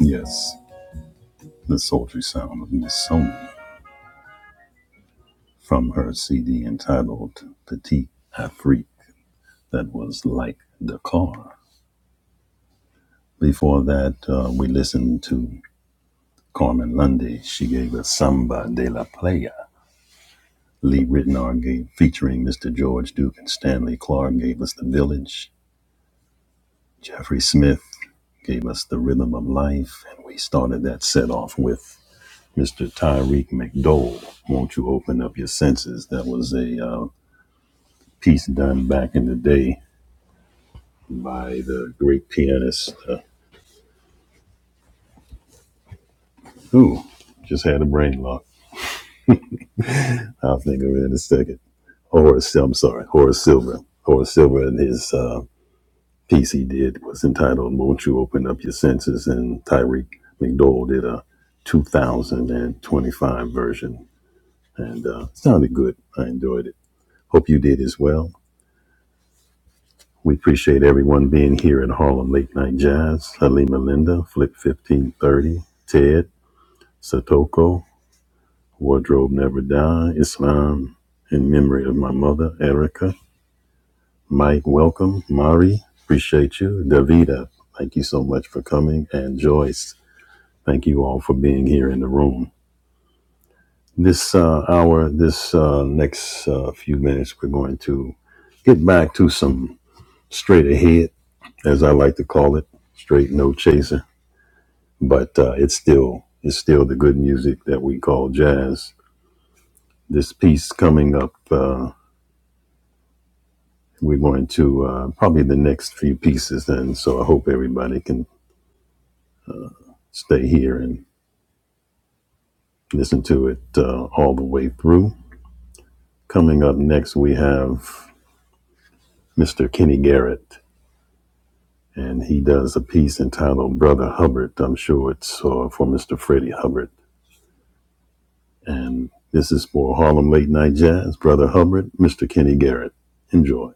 Speaker 1: Yes, the sultry sound of Miss Sony from her CD entitled Petite Afrique, that was like Dakar. Before that, uh, we listened to Carmen Lundy. She gave us Samba de la Playa. Lee Ritenour gave featuring Mr. George Duke and Stanley Clark gave us The Village. Jeffrey Smith gave us the rhythm of life, and we started that set off with Mr. Tyreek McDowell. Won't you open up your senses? That was a uh, piece done back in the day by the great pianist uh, who just had a brain lock. I'll think of it in a second. Horace, I'm sorry, Horace Silver. Horace Silver and his uh, piece he did was entitled "Won't You Open Up Your Senses?" and Tyreek McDowell did a 2025 version and uh, it sounded good. I enjoyed it. Hope you did as well. We appreciate everyone being here at Harlem Late Night Jazz. Halima Linda, Flip 1530, Ted, Satoko, Wardrobe Never Die, Islam, in memory of my mother, Erica. Mike, welcome. Mari, appreciate you. Davida, thank you so much for coming. And Joyce, thank you all for being here in the room. This uh, hour, this uh, next uh, few minutes, we're going to get back to some straight ahead, as I like to call it, straight no chaser. But uh, it's still it's still the good music that we call jazz. This piece coming up, uh, we're going to uh, probably the next few pieces, and so I hope everybody can stay here and listen to it uh, all the way through. Coming up next, we have Mr. Kenny Garrett, and he does a piece entitled "Brother Hubbard." I'm sure it's uh, for Mr. Freddie Hubbard And this is for Harlem Late Night Jazz, Brother Hubbard, Mr. Kenny Garrett. Enjoy.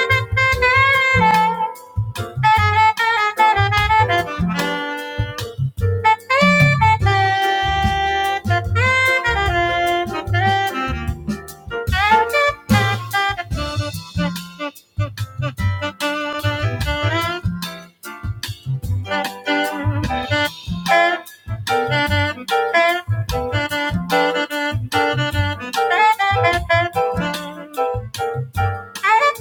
Speaker 1: Thank you. Thank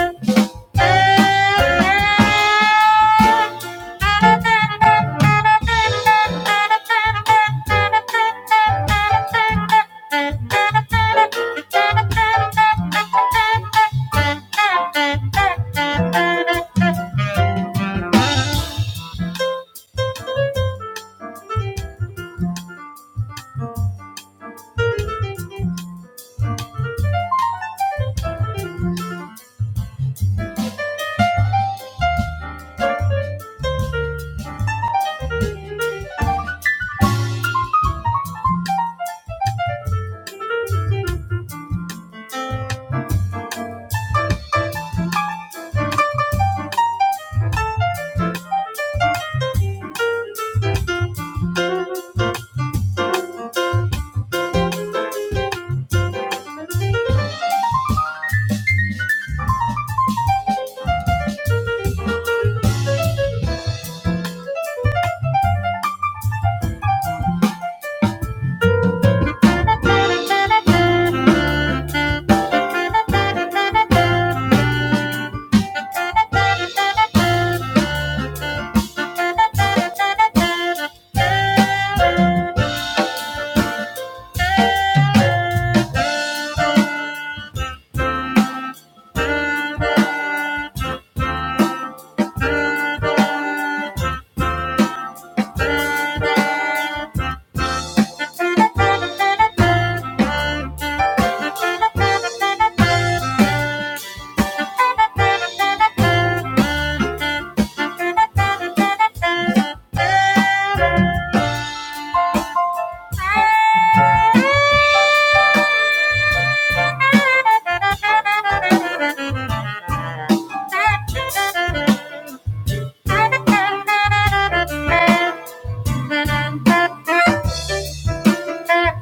Speaker 1: you. Thank you. Thank you. Thank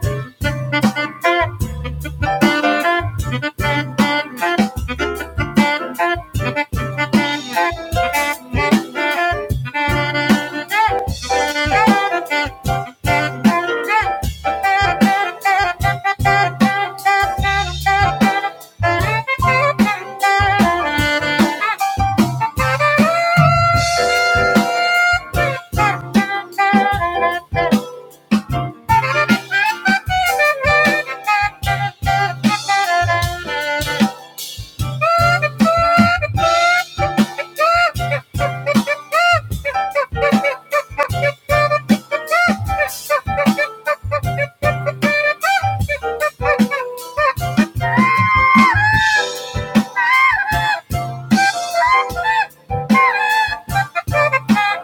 Speaker 1: you. Thank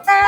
Speaker 1: you.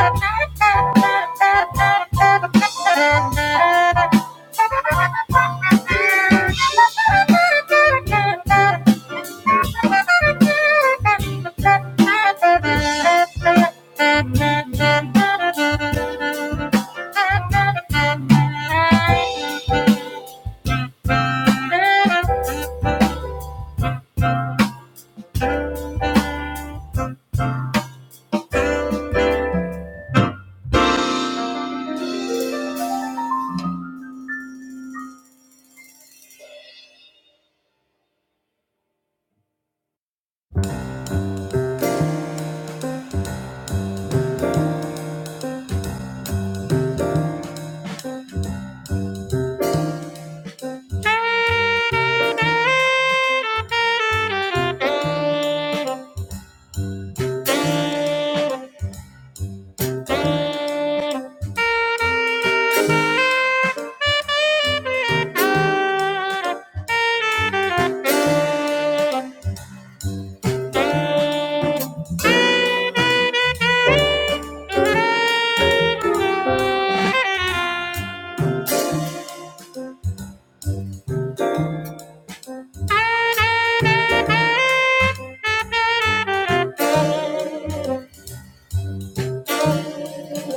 Speaker 1: Thank you.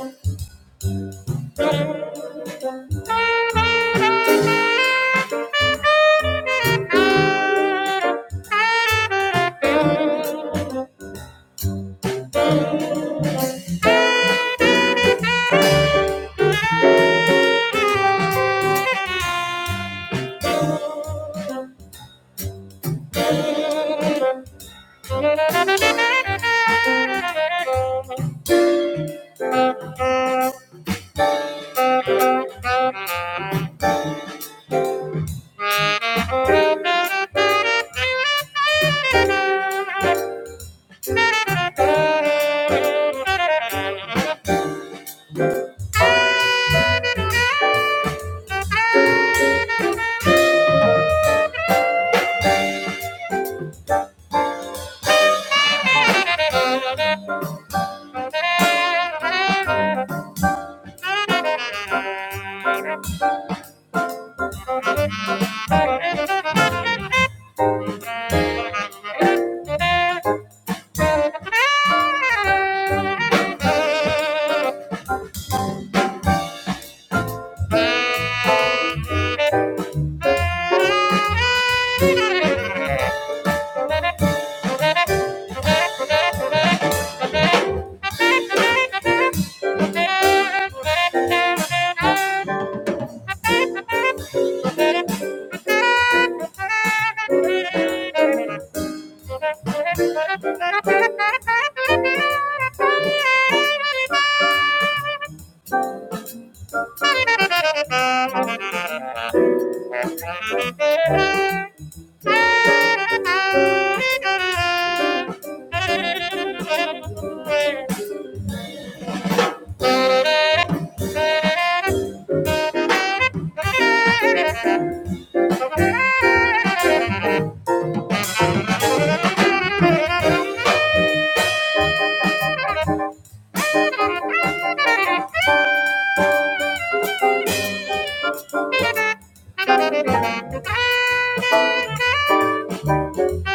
Speaker 1: Thank you.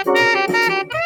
Speaker 1: Thank you.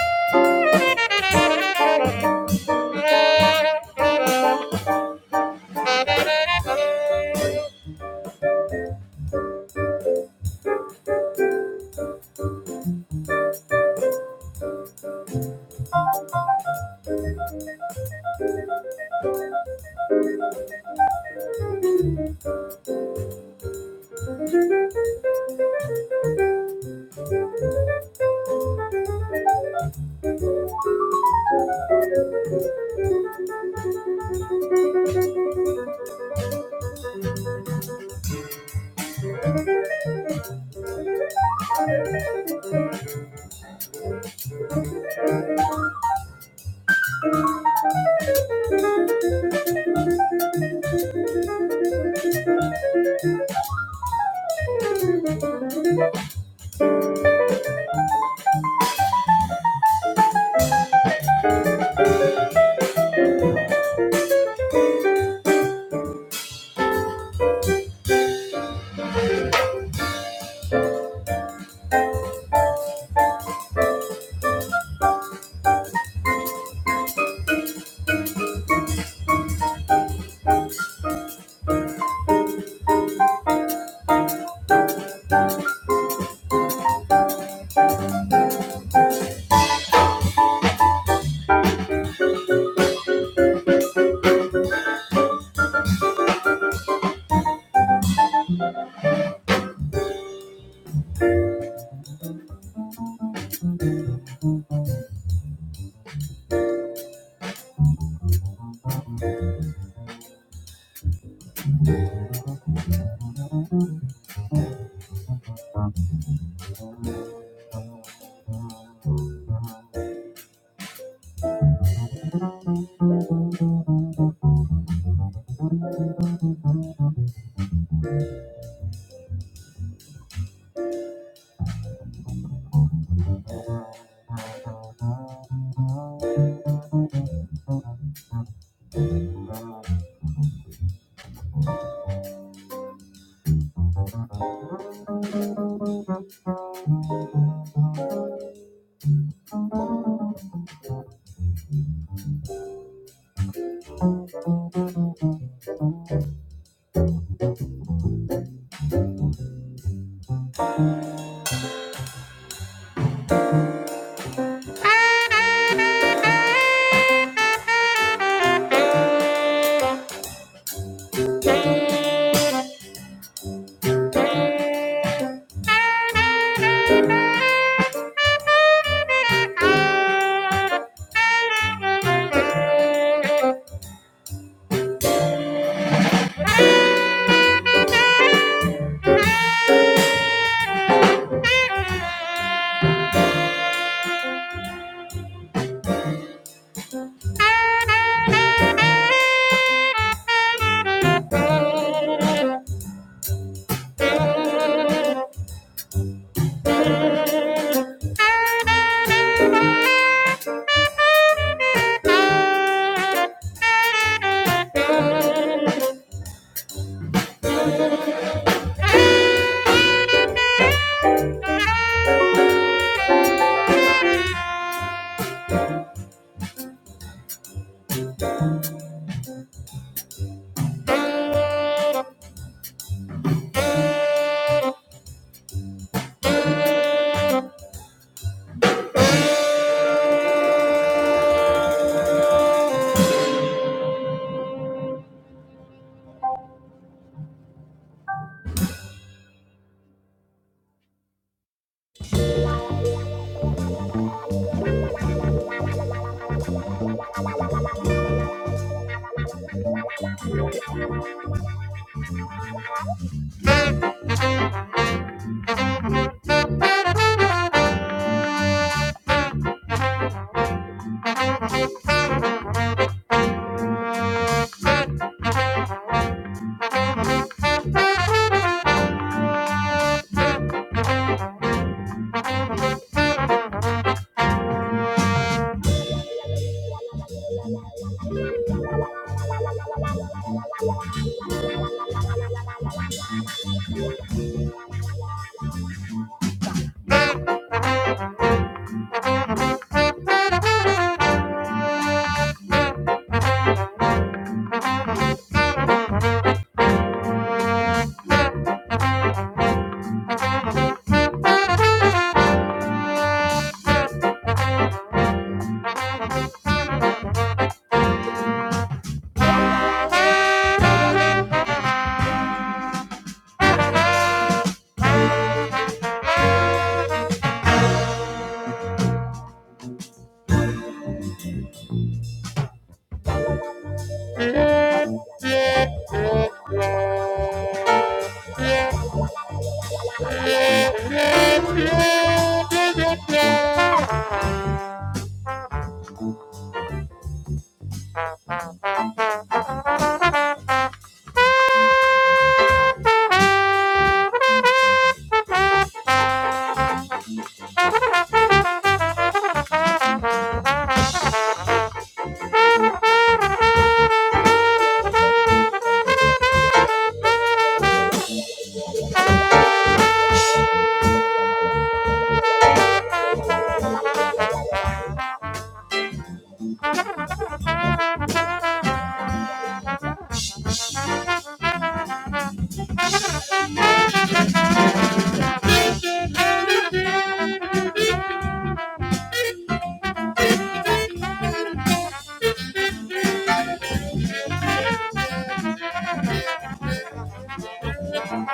Speaker 1: Thank you.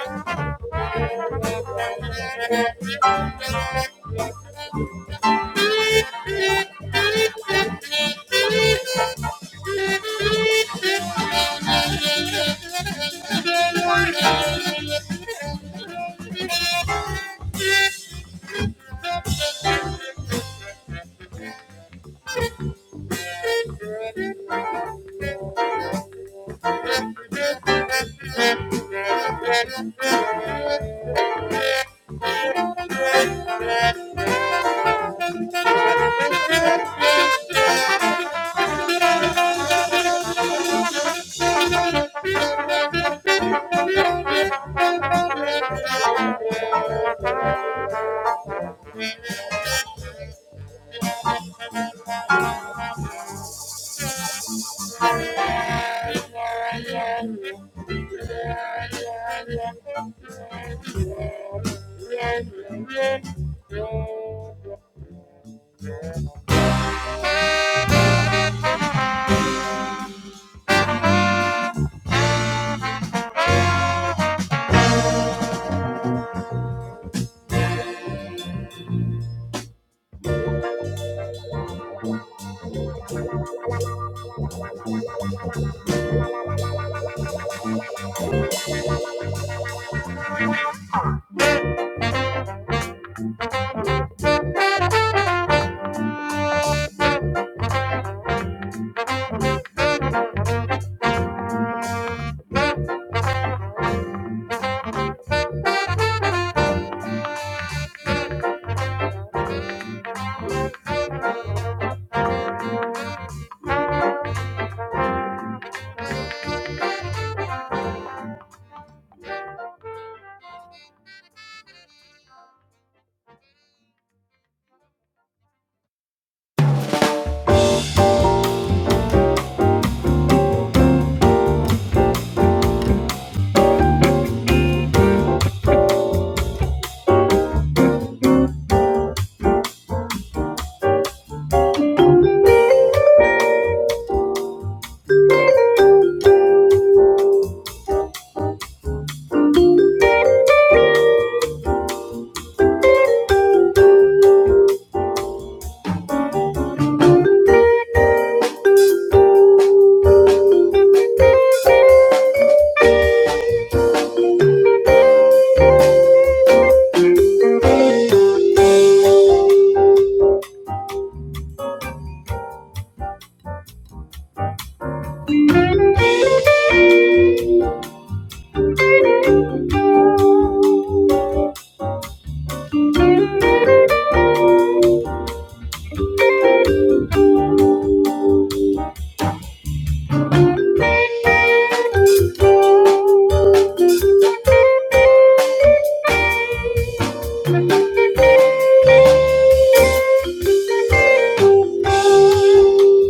Speaker 1: Thank you. Thank you.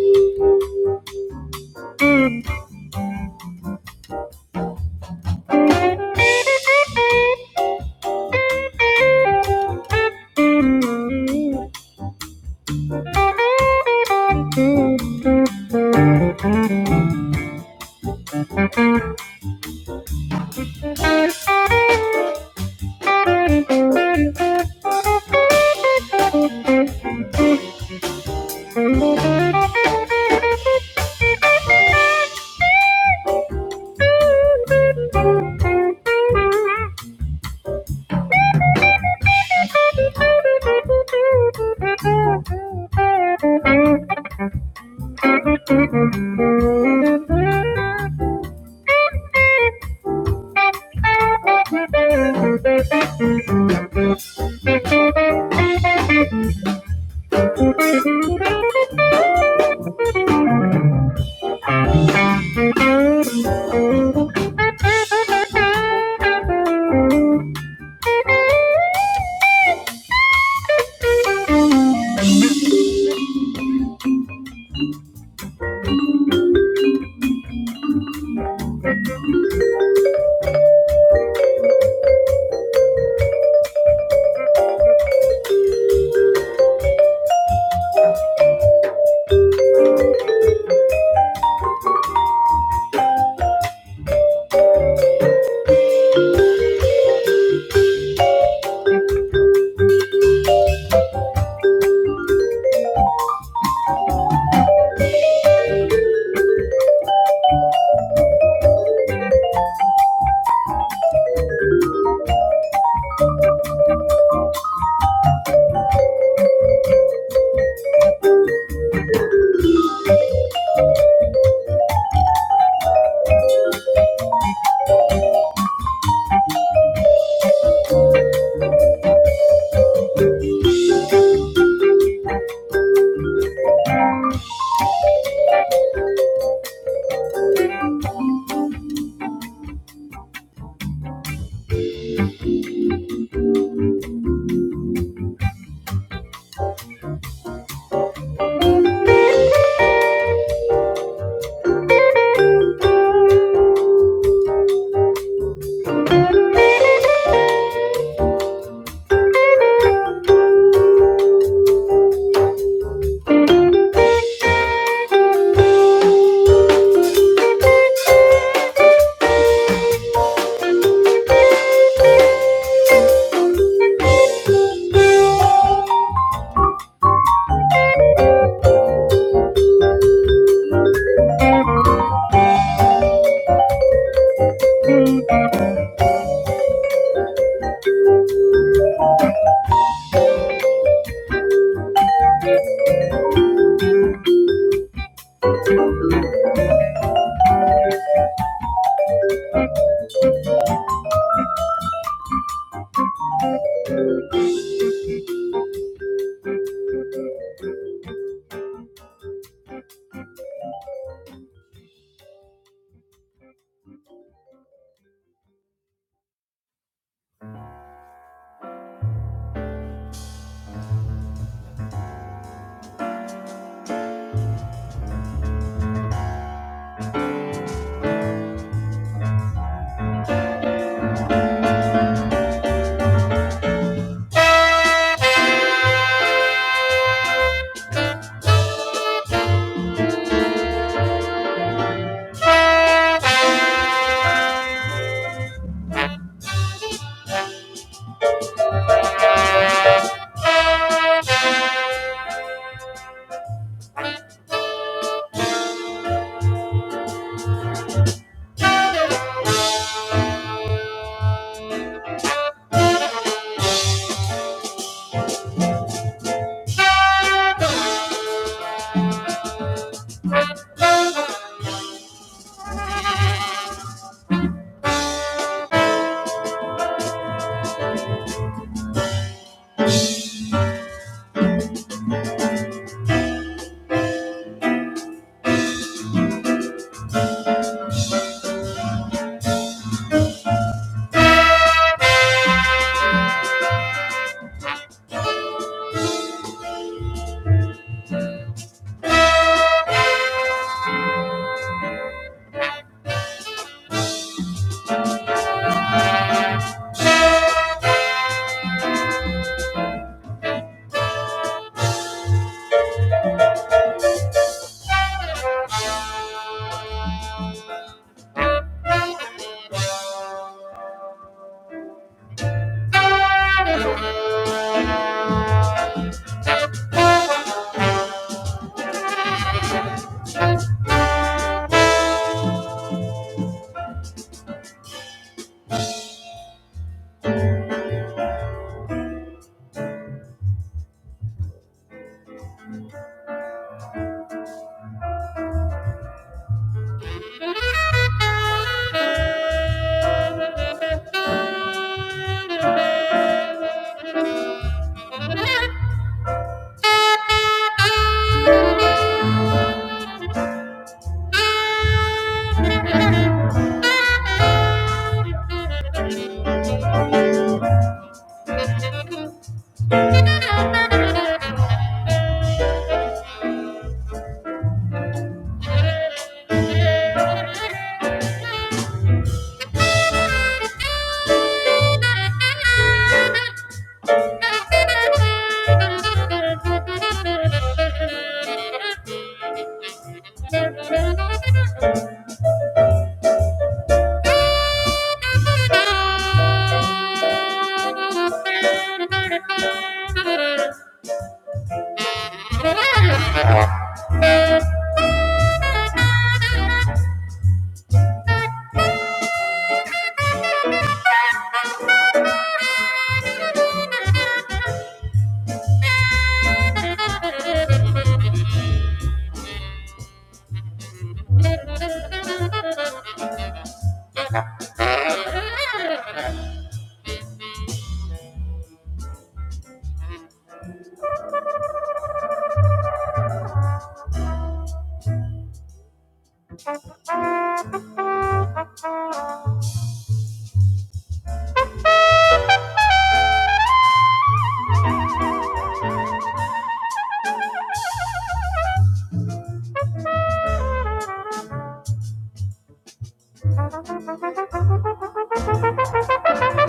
Speaker 1: Thank you. Thank you.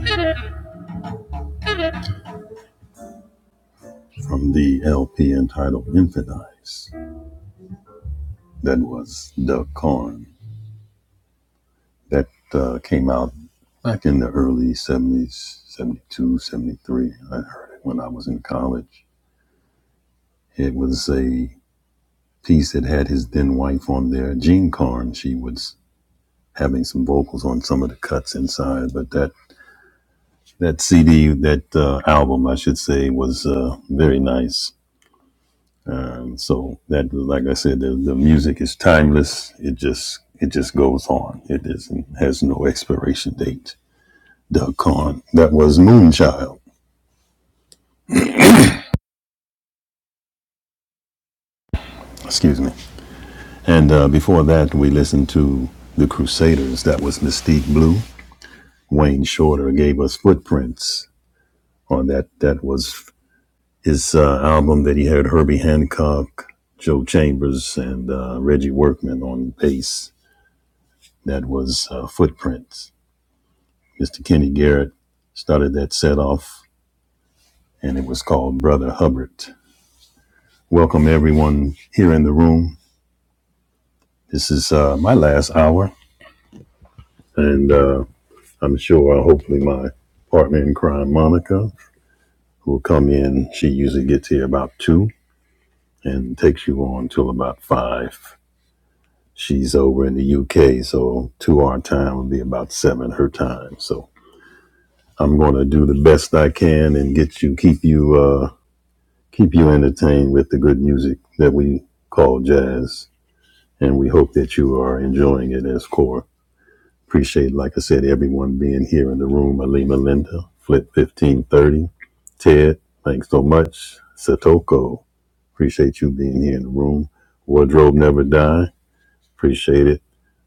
Speaker 1: Thank you. from the LP entitled Infant Eyes that was Duck Corn that uh, came out back in the early 70s, 72, seventy-three. I heard it when I was in college. It was a piece that had his then wife on there, Jean Corn. She was having some vocals on some of the cuts inside, but that that CD, that uh, album, I should say, was uh, very nice. Um, so that, like I said, the, the music is timeless. It just it just goes on. It not has no expiration date. Doug Kahn. That was Moonchild. Excuse me. And uh, before that, we listened to the Crusaders. That was Mystique Blue. Wayne Shorter gave us Footprints on that. That was his uh, album that he had Herbie Hancock, Joe Chambers, and uh, Reggie Workman on bass. That was uh, Footprints. Mr. Kenny Garrett started that set off, and it was called Brother Hubbard. Welcome everyone here in the room. This is uh, my last hour, and uh, I'm sure, uh, hopefully, my partner in crime, Monica, who will come in. She usually gets here about two and takes you on till about five. She's over in the UK, so two our time would be about seven her time. So I'm going to do the best I can and get you, keep you. Uh, keep you entertained with the good music that we call jazz. And we hope that you are enjoying it as core. Appreciate, like I said, everyone being here in the room. Alima Linda, Flip 1530, Ted, thanks so much. Satoko, appreciate you being here in the room. Wardrobe Never Die, appreciate it.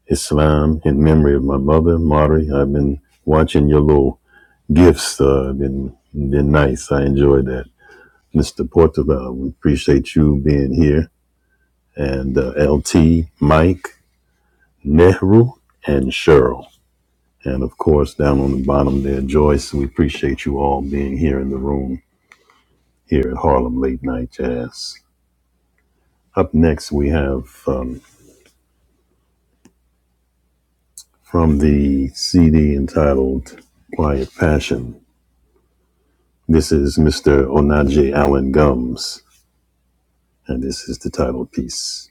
Speaker 1: Islam, in memory of my mother, Mari, I've been watching your little gifts. Uh, been, been nice. I enjoyed that. Mr. Portobello, we appreciate you being here. and uh, LT, Mike, Nehru, and Cheryl. And of course, down on the bottom there, Joyce, we appreciate you all being here in the room here at Harlem Late Night Jazz. Up next, we have um, from the CD entitled Quiet Passion. This is Mr. Onaje Allen Gums, and this is the title piece.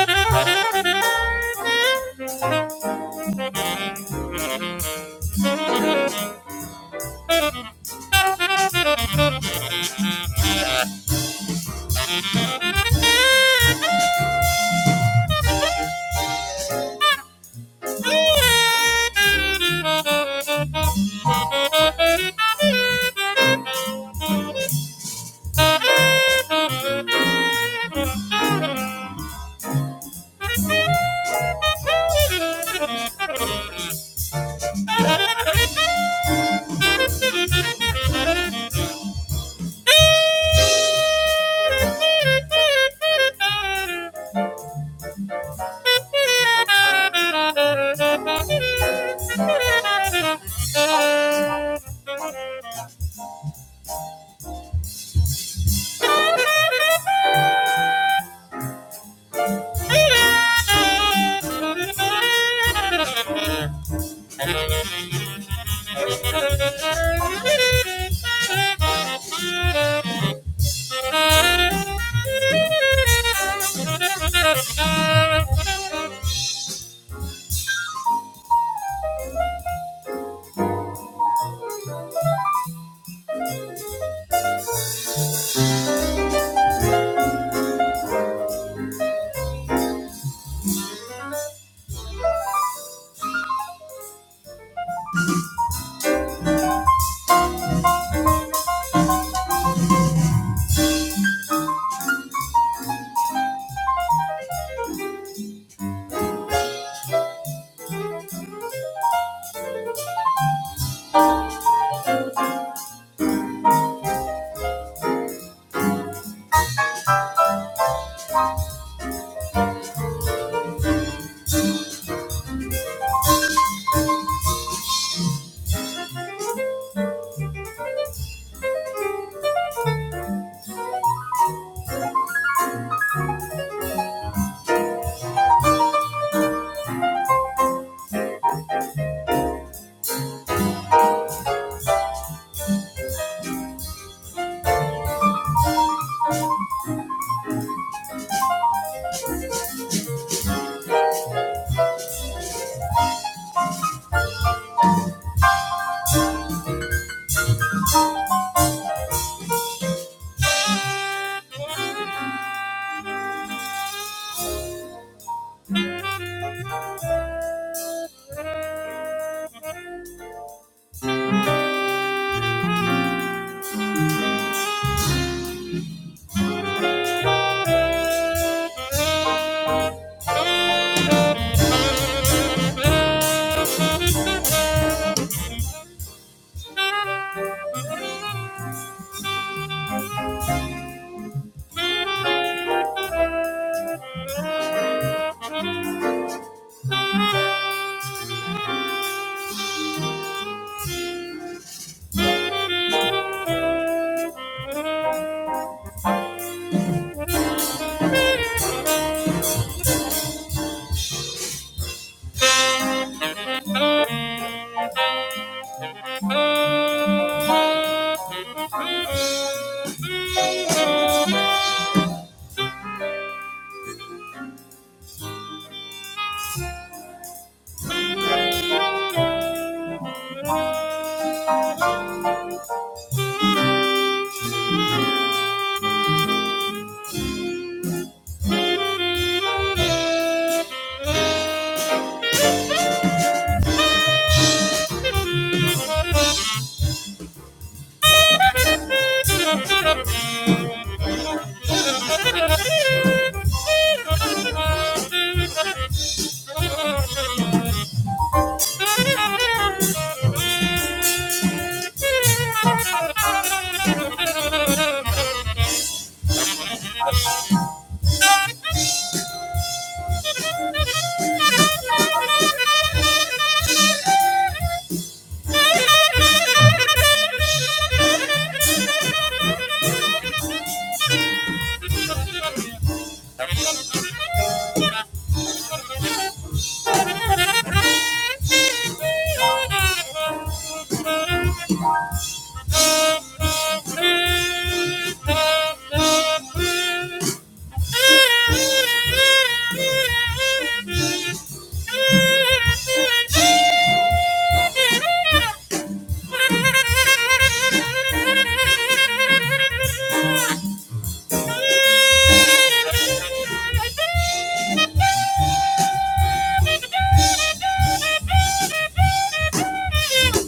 Speaker 1: Thank you. Thank you. Thank you. Thank you.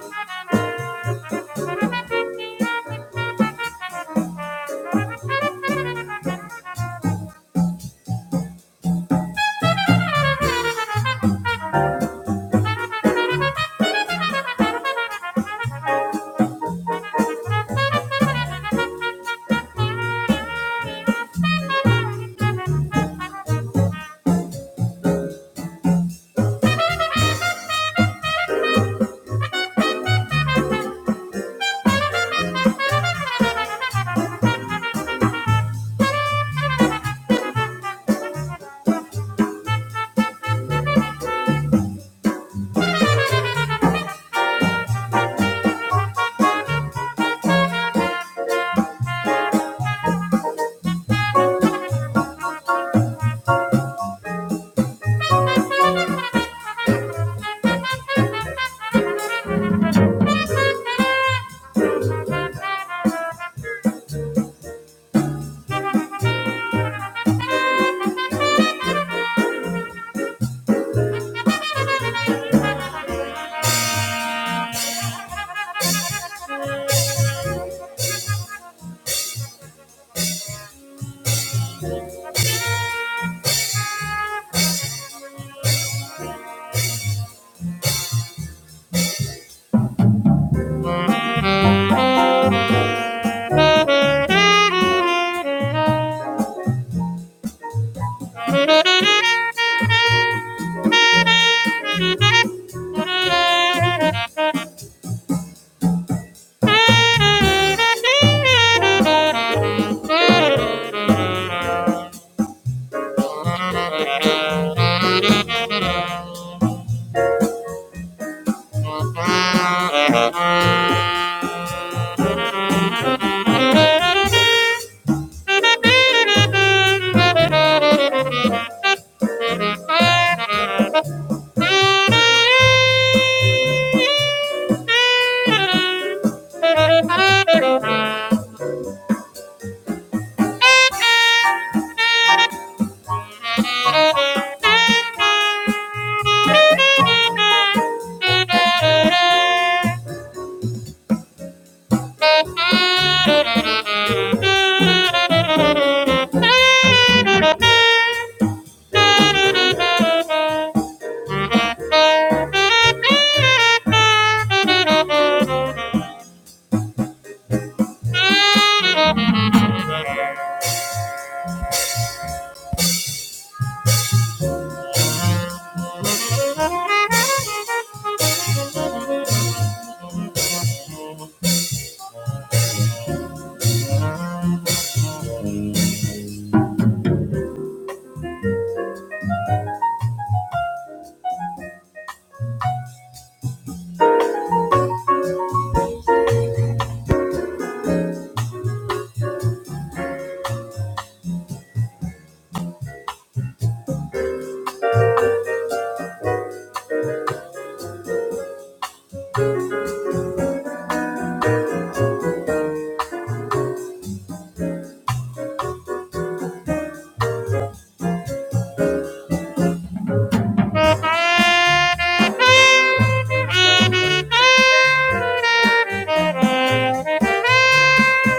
Speaker 1: Thank Thank you. Thank you. Thank Thank you.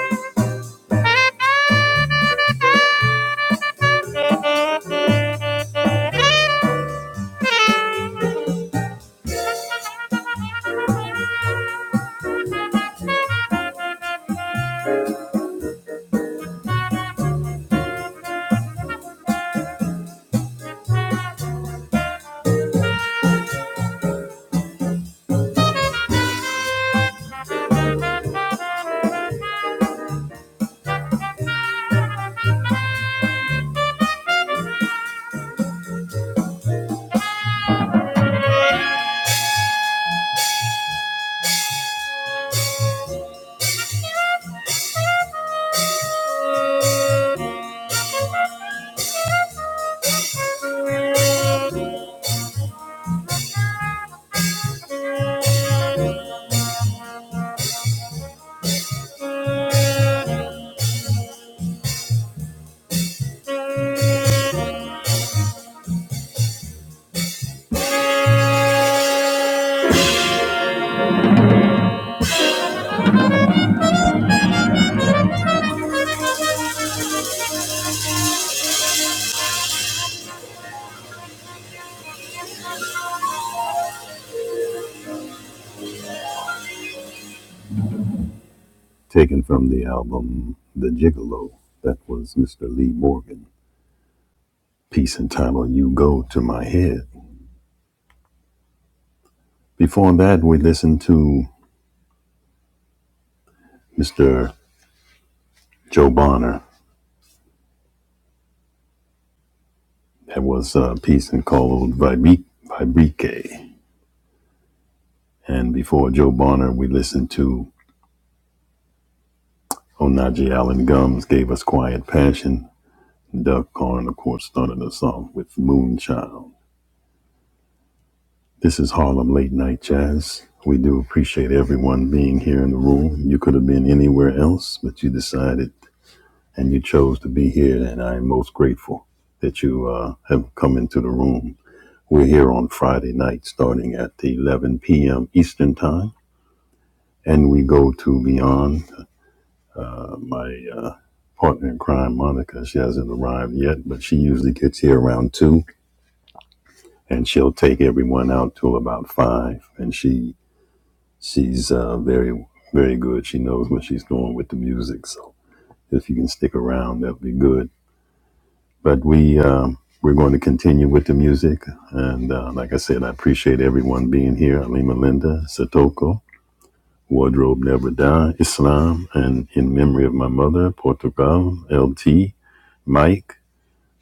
Speaker 1: Taken from the album The Gigolo. That was Mr. Lee Morgan. Piece entitled You Go to My Head. Before that, we listened to Mr. Joe Bonner. That was a piece called Vibrique. And before Joe Bonner, we listened to Onaje Allen Gums gave us Quiet Passion. Doug Karn, of course, started us off with Moonchild. This is Harlem Late Night Jazz. We do appreciate everyone being here in the room. You could have been anywhere else, but you decided and you chose to be here, and I am most grateful that you uh, have come into the room. We're here on Friday night starting at 11 p.m. Eastern Time, and we go to Beyond. My uh, partner in crime, Monica. She hasn't arrived yet, but she usually gets here around two, and she'll take everyone out till about five. And she she's uh, very very good. She knows what she's doing with the music. So if you can stick around, that'll be good. But we um, we're going to continue with the music, and uh, like I said, I appreciate everyone being here. Alima Linda Satoko. Wardrobe Never Die, Islam, and In Memory of My Mother, Portugal, LT, Mike,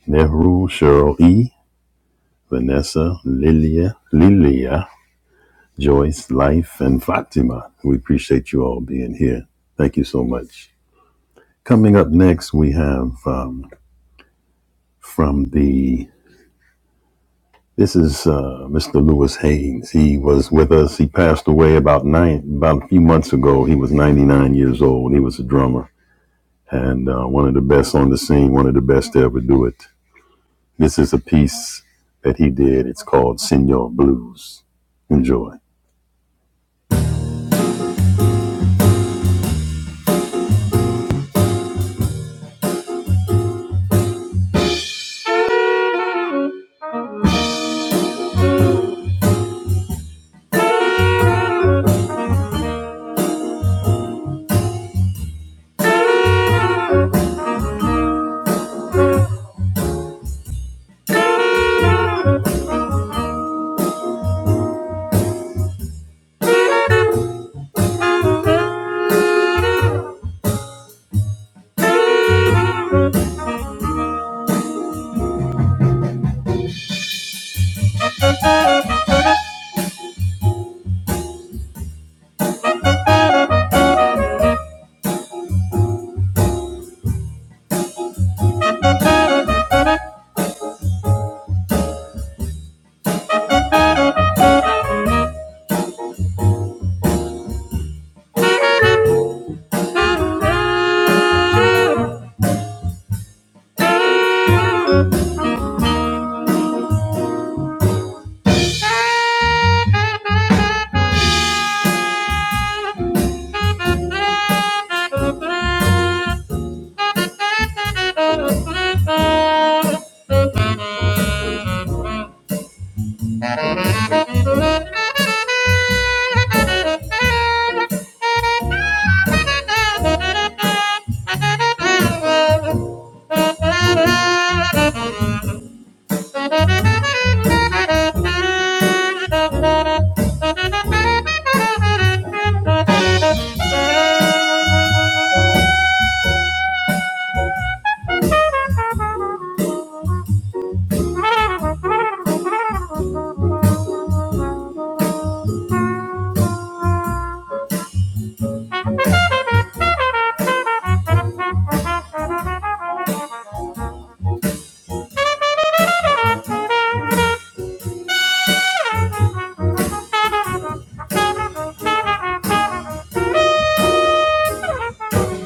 Speaker 1: Nehru, Cheryl E. Vanessa, Lilia, Lilia, Joyce, Life, and Fatima. We appreciate you all being here. Thank you so much. Coming up next, we have um, from the this is uh, Mr. Lewis Haynes. He was with us. He passed away about nine about a few months ago. He was 99 years old. He was a drummer and uh, one of the best on the scene. One of the best to ever do it. This is a piece that he did. It's called Senor Blues. Enjoy. Thank you. Thank you. Thank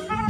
Speaker 1: you.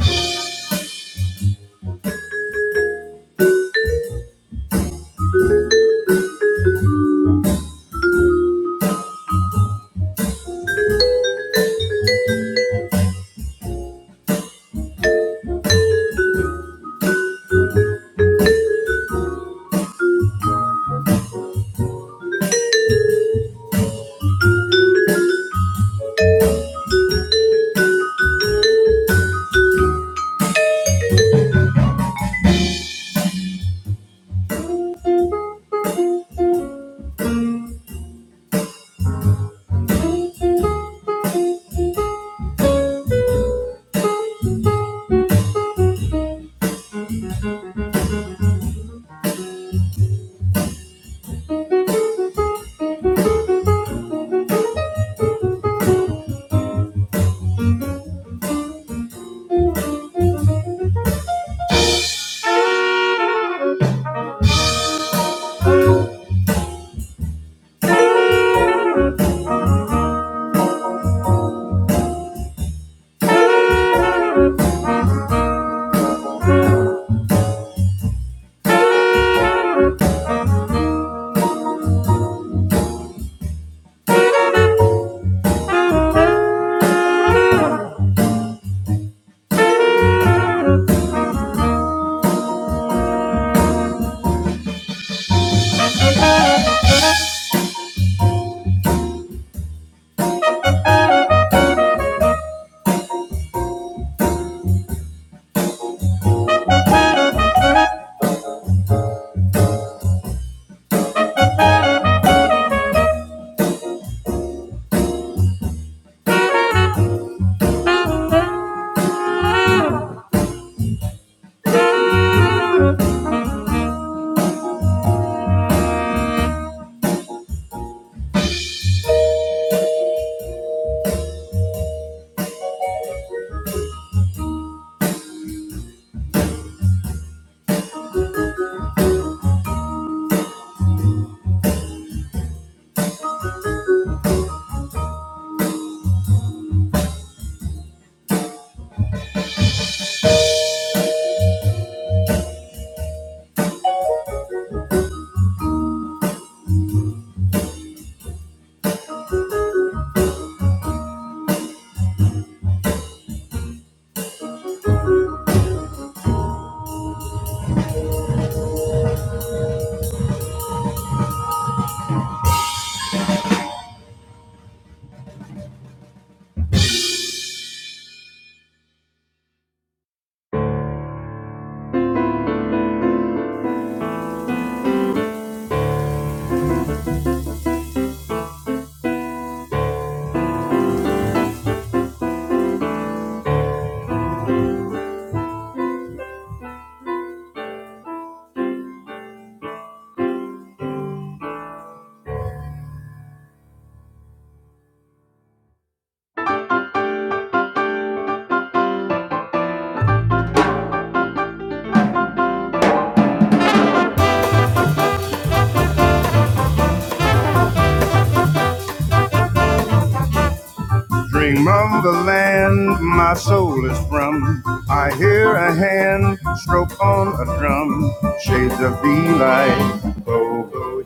Speaker 1: Dream of the land my soul is from. I hear a hand stroke on a drum. Shades of be like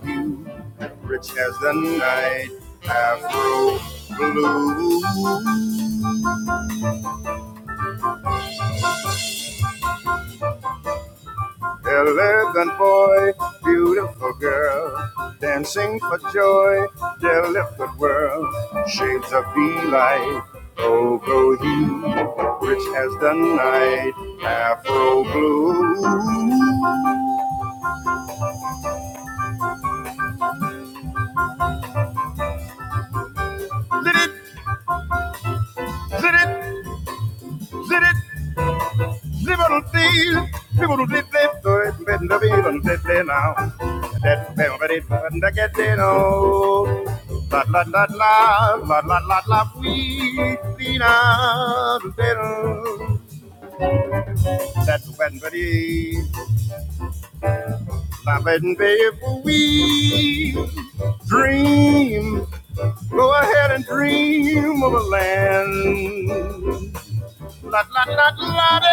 Speaker 1: hue, rich as the night. Afro blue, elegant boy, beautiful girl, dancing for joy, delicate world. Shades of be like hue, rich as the night. Afro blue. Zit it, zit it, zibble dee, zibble dee dee, do it, bend the wheel and sit there now. That bell ready, and I get there now. La la la la, la la la la, we see now. That's when ready, that's when baby, we dream. Go ahead and dream of a land. La, la, la, la, de,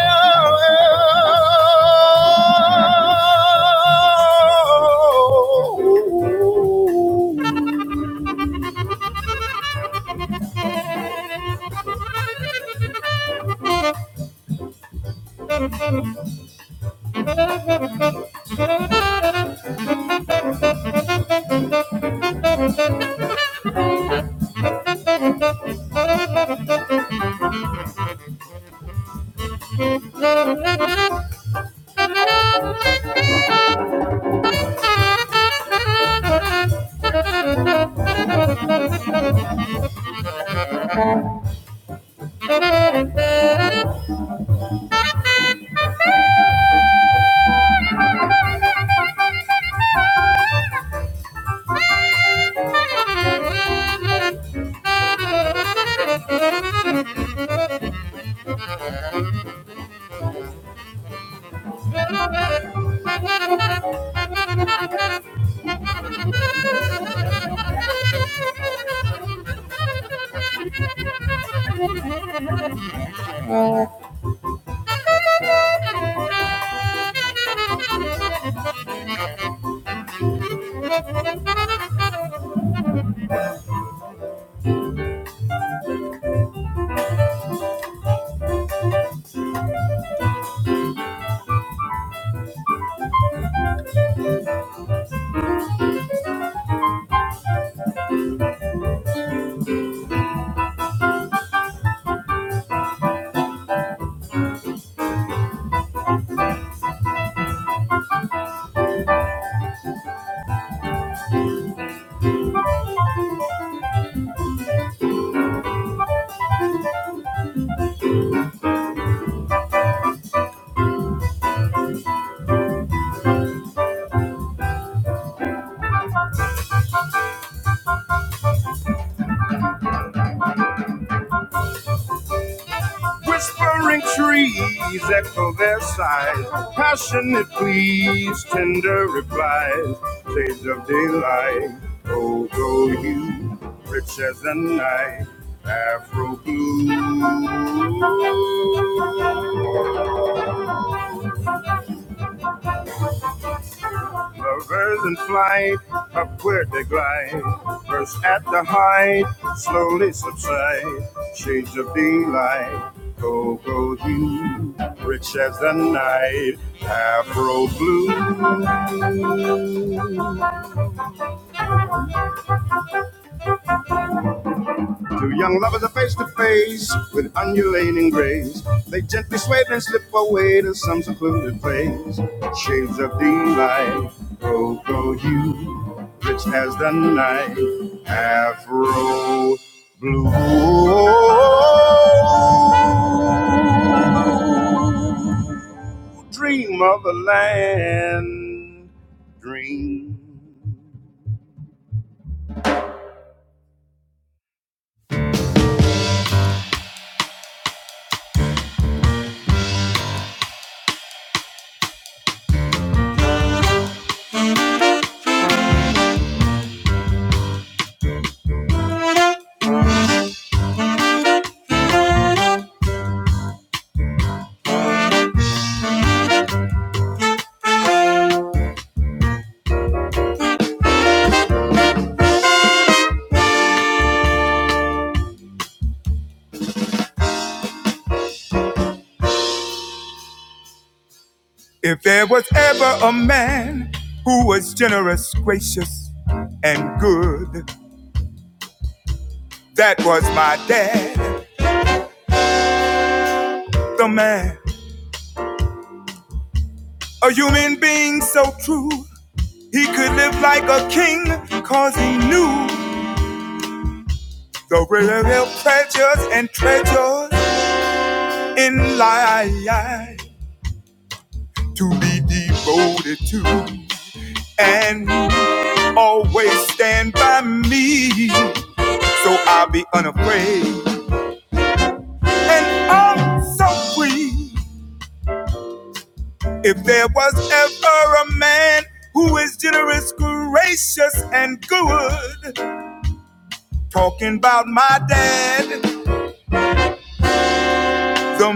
Speaker 1: oh, oh, oh. Oh, Whispering trees echo their sighs, passionate pleas, tender replies, shades of daylight. Oh, go you, rich as the night, Afro blue. A birds in flight, upward they glide. First at the height, slowly subside. Shades of daylight, cocoa hue, rich as the night, afro blue. Two young lovers are face to face with undulating grace. They gently sway and slip away to some secluded place. Shades of delight, oh, go you, rich as the night, afro blue. Dream of the land, dream. If there was ever a man who was generous, gracious, and good. That was my dad, the man, a human being so true. He could live like a king, cause he knew the real treasures and treasures in life to be devoted to. And always stand by me, so I'll be unafraid. And I'm so free. If there was ever a man who is generous, gracious, and good. the.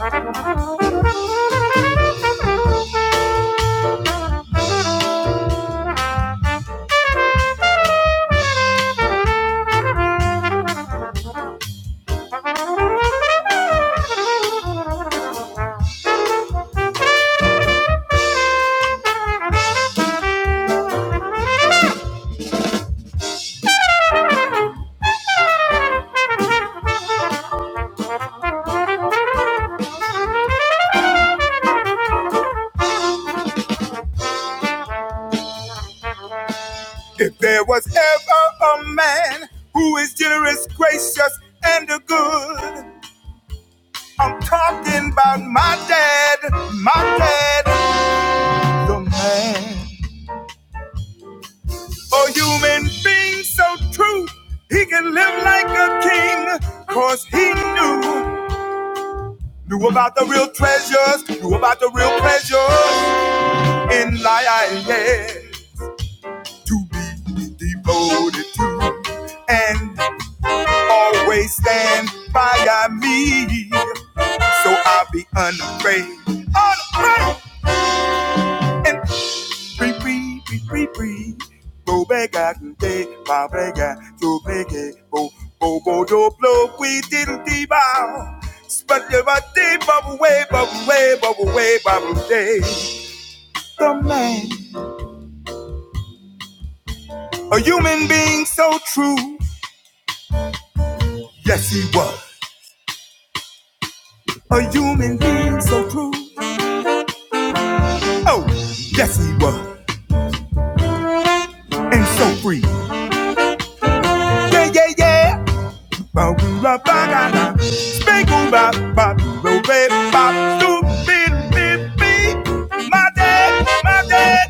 Speaker 1: Thank you. If there was ever a man who is generous, gracious, and a good, I'm talking about my dad, my dad, the man. For human being so true, he can live like a king. Cause he knew, knew about the real treasures, knew about the real pleasures in life. Yeah. To be devoted to and always stand by me. So I'll be unafraid, unafraid and Pre pre pre pre pre. Bo bega de ba bega to bege bo bo bo do blow we diddle dee bow. Spud your body bubble way bubble way bubble way bubble day. The man, a human being so true. Yes he was. A human being so true. Oh, yes he was. And so free. Yeah yeah yeah. Ba-ba-ba-ba-ba. ba ba Ba-ba-ba-ba. doo My dad, my dad.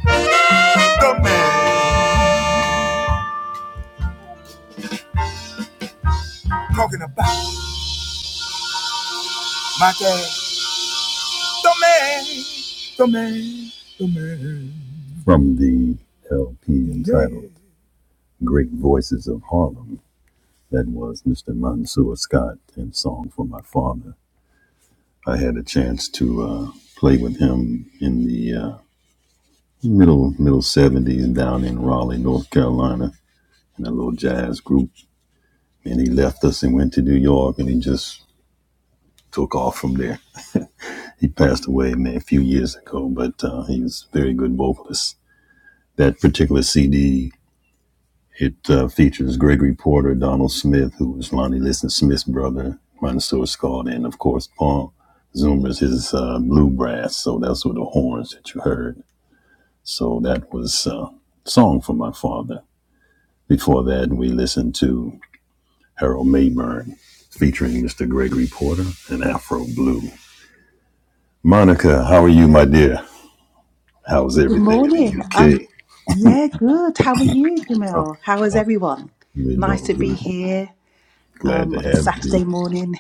Speaker 1: From the LP entitled Great Voices of Harlem, that was Mr. Mansour Scott and Song for My Father. I had a chance to uh, play with him in the uh, middle middle 70s down in Raleigh, North Carolina, in a little jazz group. And he left us and went to New York and he just took off from there. He passed away a few years ago, but uh, he was a very good vocalist. That particular CD, it uh, features Gregory Porter, Donald Smith, who was Lonnie Liston Smith's brother, Ron Scott, and of course Paul Zoomer's his uh, blue brass. So that's what the horns that you heard. So that was a uh, song for my father. Before that, we listened to Harold Mayburn featuring Mr. Gregory Porter and Afro Blue. Monica, how are you, my dear? How's
Speaker 5: Good
Speaker 1: everything in
Speaker 5: morning.
Speaker 1: the UK?
Speaker 5: Um, yeah, good. How are you,
Speaker 1: Okay.
Speaker 5: Jamil? How is
Speaker 1: Uh, I've
Speaker 5: everyone?
Speaker 1: been
Speaker 5: Nice
Speaker 1: doing
Speaker 5: to be
Speaker 1: good.
Speaker 5: here
Speaker 1: Glad
Speaker 5: um,
Speaker 1: to
Speaker 5: on a
Speaker 1: have you here.
Speaker 5: Saturday morning.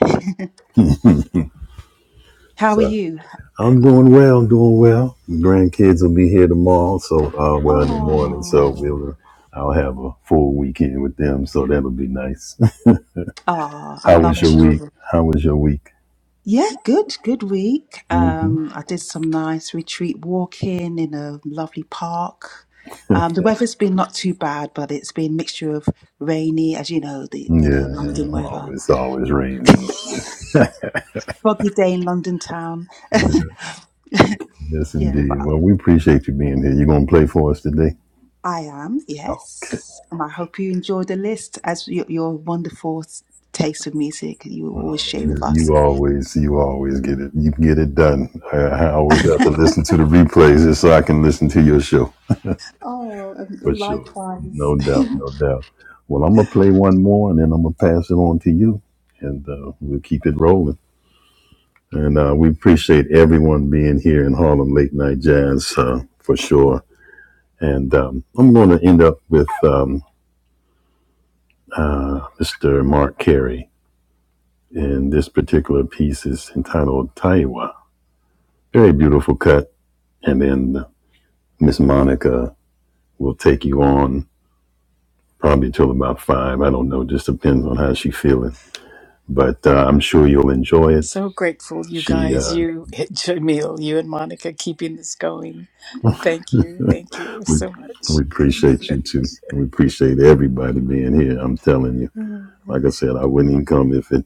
Speaker 5: How are
Speaker 1: So
Speaker 5: you?
Speaker 1: I'm doing well. I'm doing well. Grandkids will be here tomorrow. So, uh, well, in the morning. So
Speaker 5: Oh,
Speaker 1: we'll, uh, I'll have a full weekend with them. So that'll be nice.
Speaker 5: oh, I
Speaker 1: How was
Speaker 5: love
Speaker 1: your week?
Speaker 5: children.
Speaker 1: How was your week?
Speaker 5: Yeah, good, good week.
Speaker 1: hmm
Speaker 5: Um, I did some nice retreat walking in a lovely park. Um, the weather's been not too bad, but it's been mixture of rainy, as you know, the
Speaker 1: Yeah,
Speaker 5: you know London
Speaker 1: yeah.
Speaker 5: weather,
Speaker 1: Always, always rains and like that.
Speaker 5: foggy day in London town.
Speaker 1: yeah, yes,
Speaker 5: Yeah,
Speaker 1: indeed.
Speaker 5: but
Speaker 1: Well, we appreciate you being here. You gonna play for us today?
Speaker 5: I am,
Speaker 1: Okay.
Speaker 5: yes. And I hope you enjoy the list as your, your wonderful s- taste of music you always share
Speaker 1: You,
Speaker 5: with us.
Speaker 1: you always, you always get it. You get it done. I, I always have to listen to the replays just so I can listen to your show
Speaker 5: Oh, and
Speaker 1: for
Speaker 5: and
Speaker 1: sure.
Speaker 5: likewise.
Speaker 1: No doubt, no doubt. Well, I'm gonna play one more, and then I'm gonna pass it on to you, and uh, we'll keep it rolling. And uh, we appreciate everyone being here in Harlem Late Night Jazz uh, for sure. And um, I'm gonna end up with um, uh, Mr. Mark Carey, and this particular piece is entitled Taiwa. Very beautiful cut, and then. Miss Monica will take you on probably till about five. I don't know. Just depends on how she's feeling. But uh, I'm sure you'll enjoy it.
Speaker 2: So grateful, you
Speaker 1: She,
Speaker 2: guys,
Speaker 1: uh,
Speaker 2: you, Jamil, you and Monica, keeping this going. Thank you, thank you so much.
Speaker 1: we appreciate you too. We appreciate everybody being here. I'm telling you.
Speaker 2: Mhm.
Speaker 1: Like I said, I wouldn't even come if it,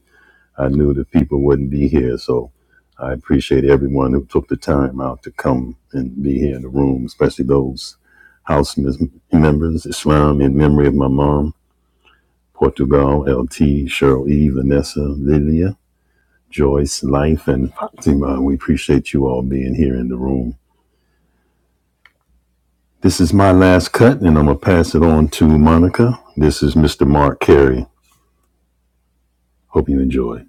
Speaker 1: I knew that people wouldn't be here. So I appreciate everyone who took the time out to come and be here in the room, especially those house mis- members, Islam in memory of my mom, Portugal, L.T. Cheryl E, Vanessa, Lilia. Joyce, Life, and Fatima. We appreciate you all being here in the room. This is my last cut, and I'm going to pass it on to Monica. This is Mr. Mark Carey. Hope you enjoy.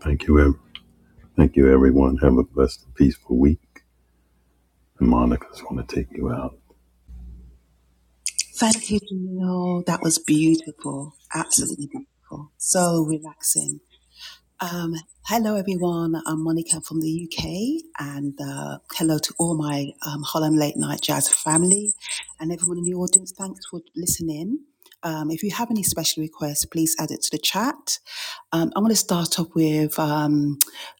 Speaker 1: Thank you, ev- thank you, everyone. Have a blessed, and peaceful week. And Monica's going to take you out.
Speaker 5: Thank you, Gino. That was beautiful. Absolutely beautiful. So relaxing. Um, hello, everyone. I'm Monica from the UK, and uh, hello to all my um, Holland Late Night Jazz family and everyone in the audience. Thanks for listening. Um, if you have any special requests, please add it to the chat. Um, I'm going to start off with um,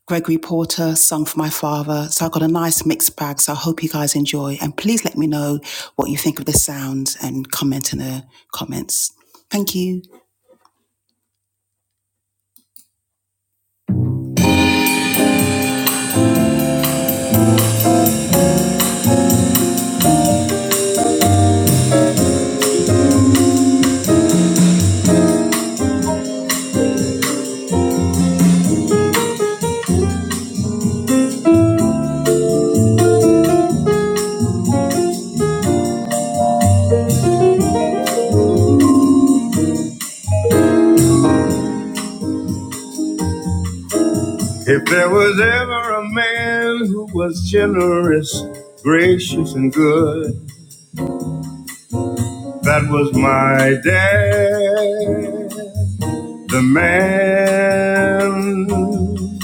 Speaker 5: Gregory Porter, Song for My Father. So I've got a nice mixed bag, so I hope you guys enjoy. And please let me know what you think of the sounds and comment in the comments. Thank you. If there was ever a man who was generous, gracious, and good, that was my dad, the man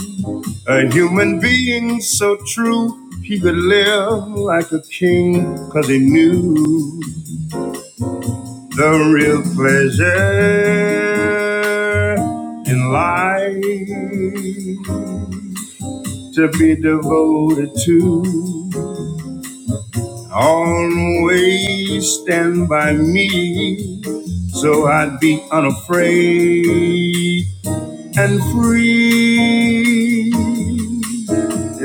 Speaker 5: A human being so true, he could live like a king, cause he knew the real pleasure in life to be devoted to. Always stand by me, so I'd be unafraid and free.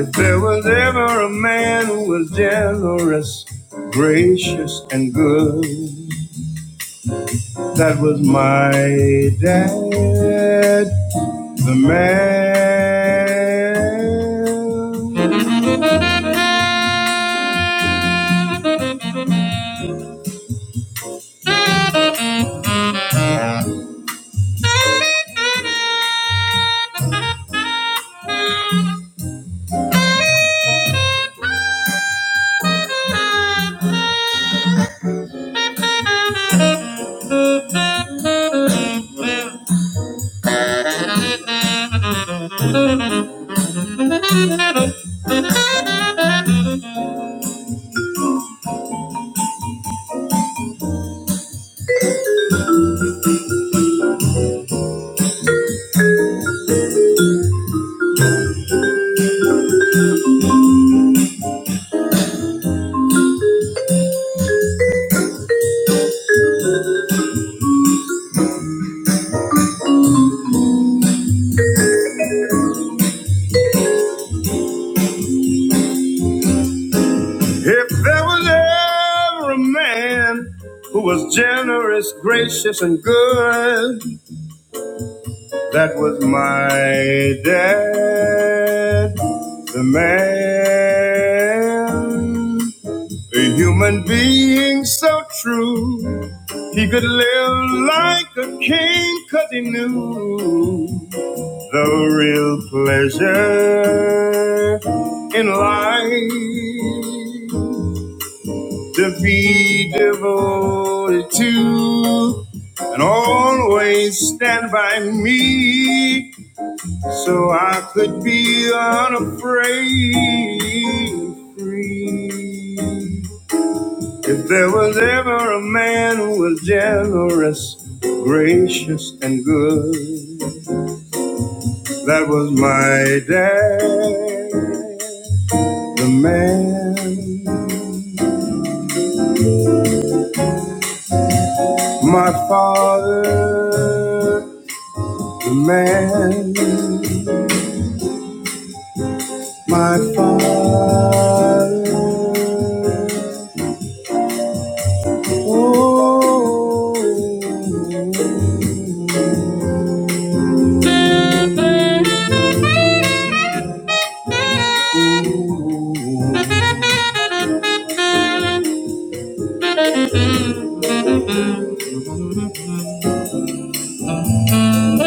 Speaker 5: If there was ever a man who was generous, gracious, and good, that was my dad, the man. If there was ever a man who was generous, gracious, and good, that was my dad, the man. A human being so true, he could live like a king 'cause he knew. The real pleasure in life to be devoted to and always stand by me so I could be unafraid free. If there was ever a man who was generous, gracious, and good. That was my dad, the man, my father, the man, my father.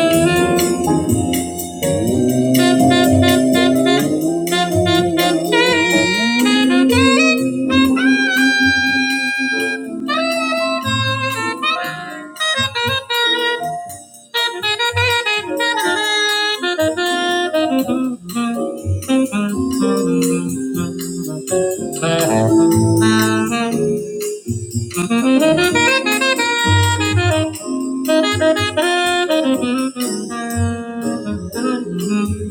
Speaker 5: Oh. Thank you.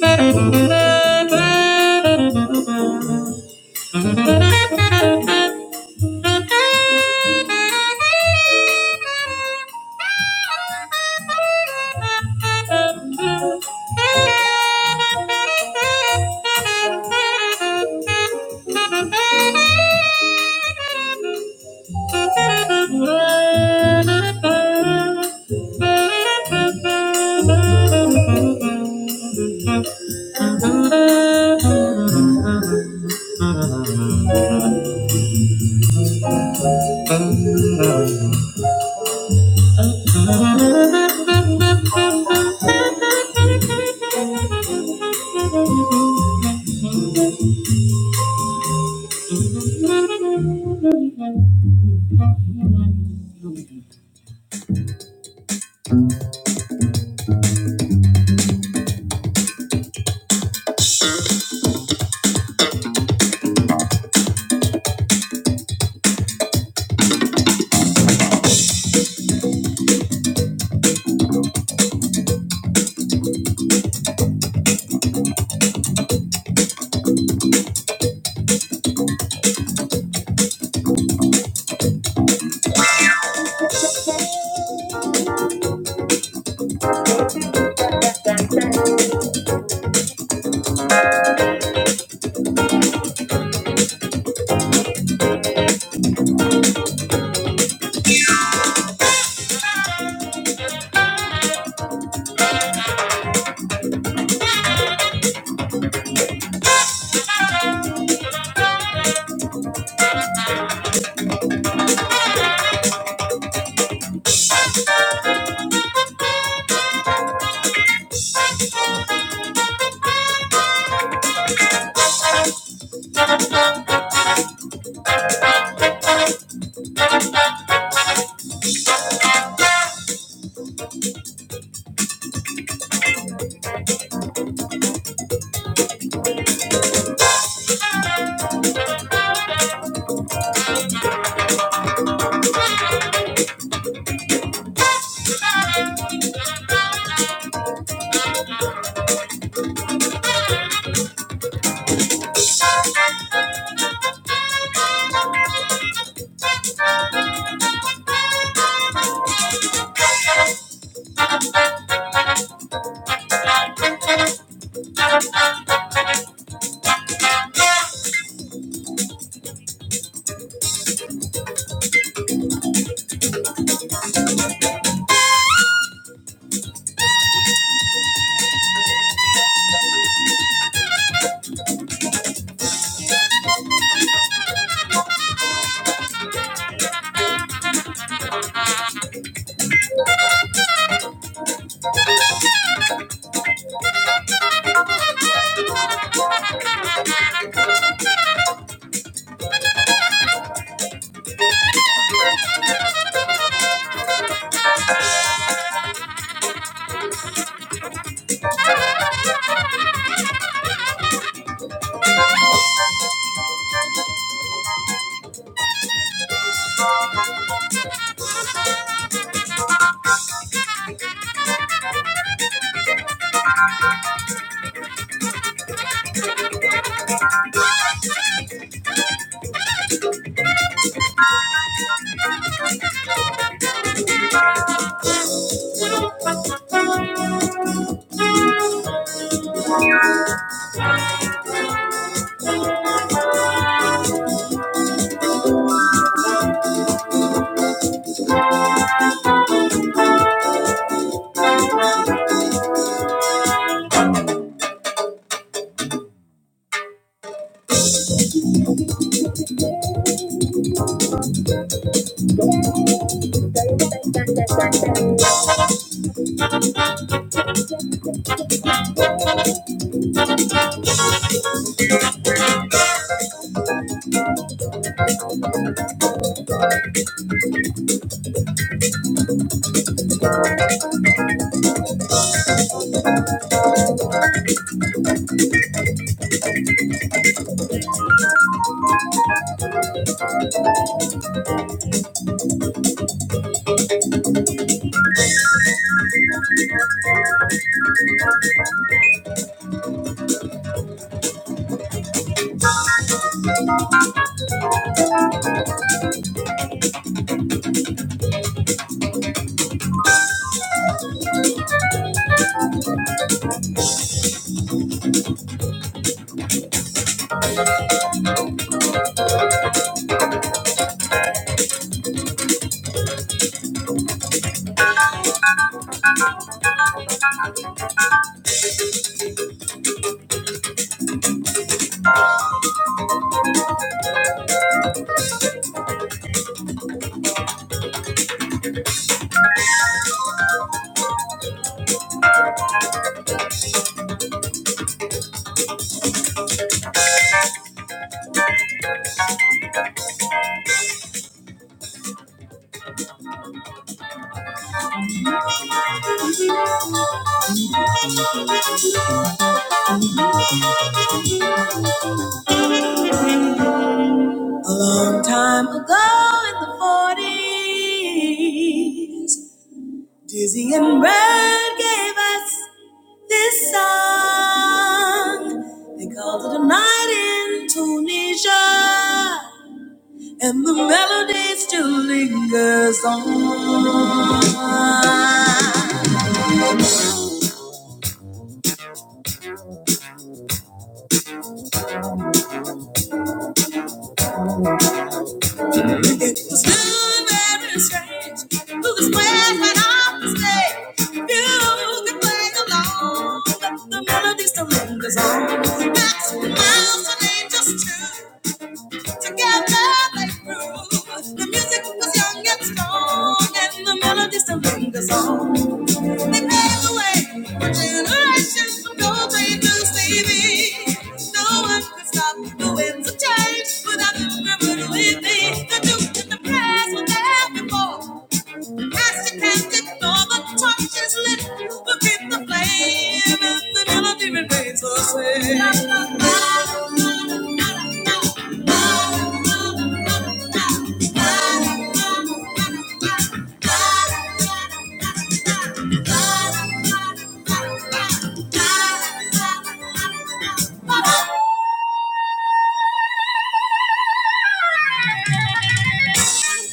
Speaker 5: Thank you. Thank you. Dizzy and Bird gave us this song. They called it a night in Tunisia. And the melody still lingers on. was good, very strange. Who was wet right off the stage? You could play along, but the melody still lingers on. Miles and angels too. Together they grew. The music was young and strong, and the melody still lingers on. They pave the way for generations from gold to Stevie. No one could stop the winds of change without the river to lead me. The Duke and the press were there before. As he passed it over, touched his lips, within the flame, as the melody remains the same.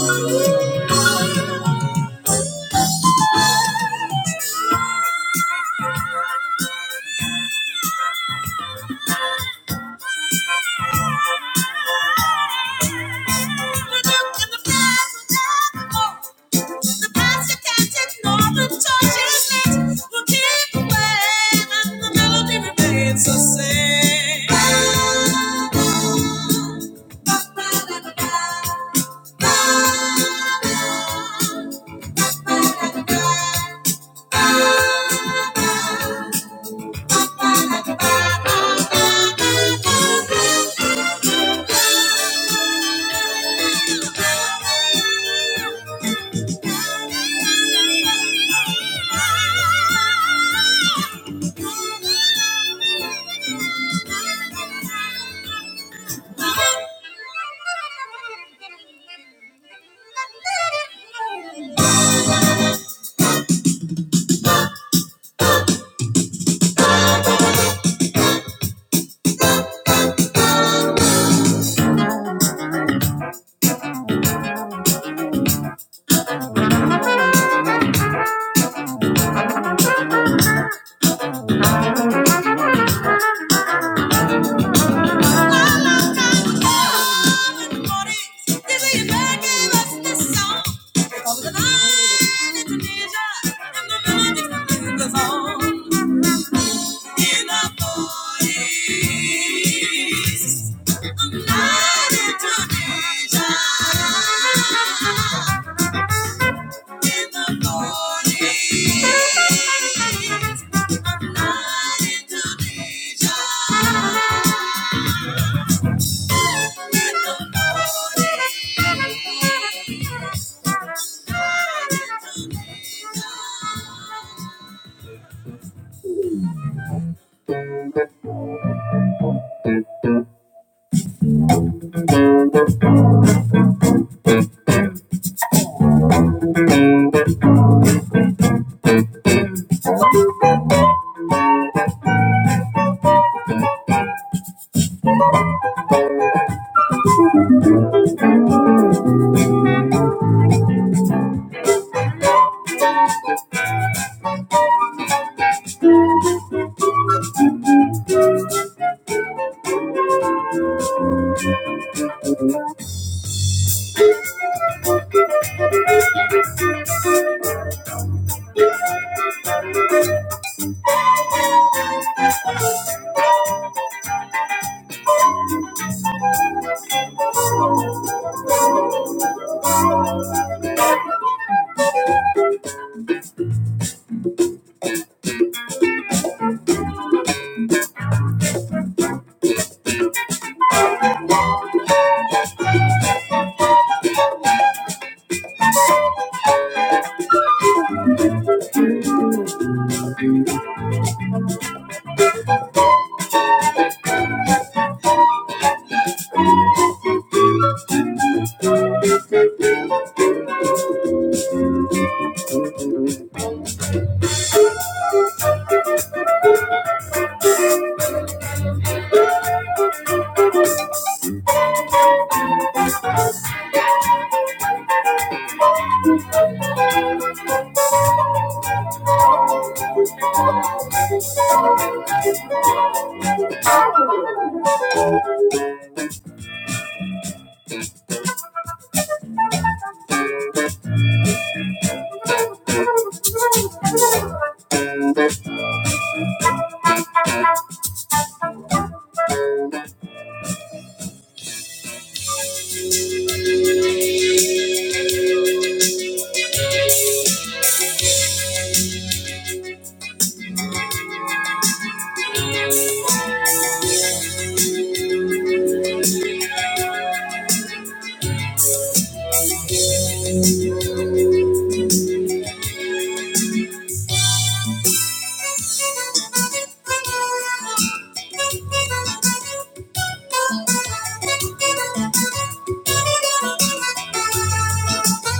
Speaker 5: oh, you. The same. Ba ba ba ba ba ba ba ba ba. Thank you.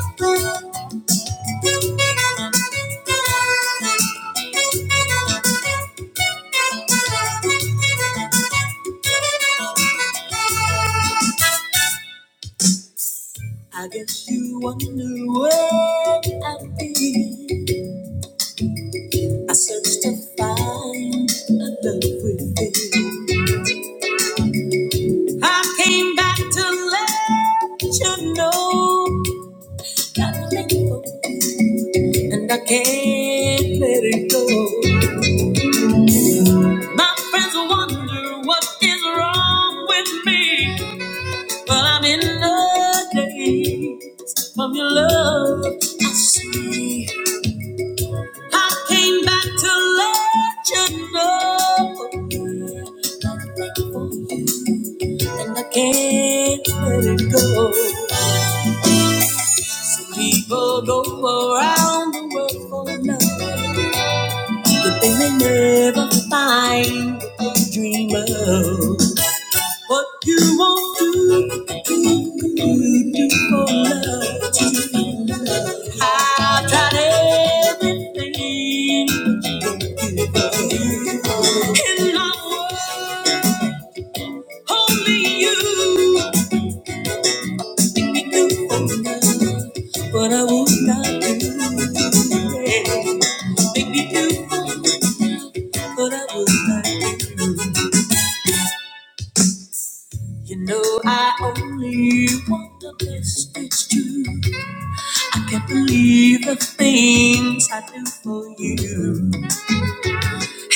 Speaker 5: Thank you. I guess you wonder where I've been. I searched to find a love within. I came back to let you know that I'm thankful and I can't let it go. My friends wonder what is wrong with me, but I'm in the daze from your love. I see. I came back to let you know, and I can't let it go. People go around the world for love, the thing they never find what they dream of. What you won't do, you do for love to be loved. I've tried everything in my world, only you make me do for love. But I would not do, yeah. make me do, but I would not do. You know I only want the best, it's true. Can't believe the things I do for you.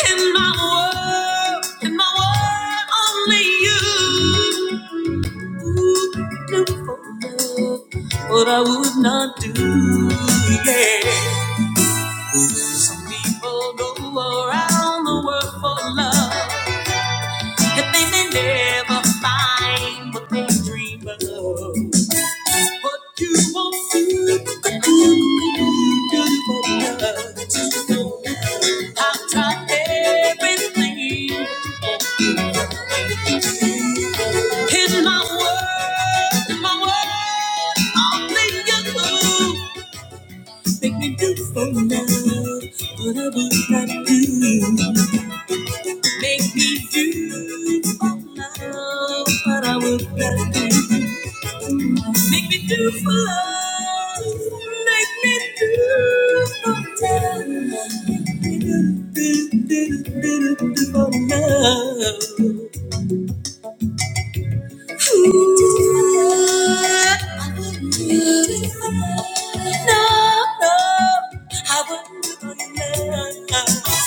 Speaker 5: In my world, in my world, only you. Ooh, you do for love what I would not do. Yeah. Some people go around the world for love, and they may never find what they dream of. What you want to do, beautiful girl, just know now. I've tried everything. In my world, in my world, only you make me beautiful now. What I would not do. Make me do for love what I would not do. Make me do for love. Make me do for love. Make me Do, do, do, do, do, do for love. Ooh. No, no, I wouldn't do for love.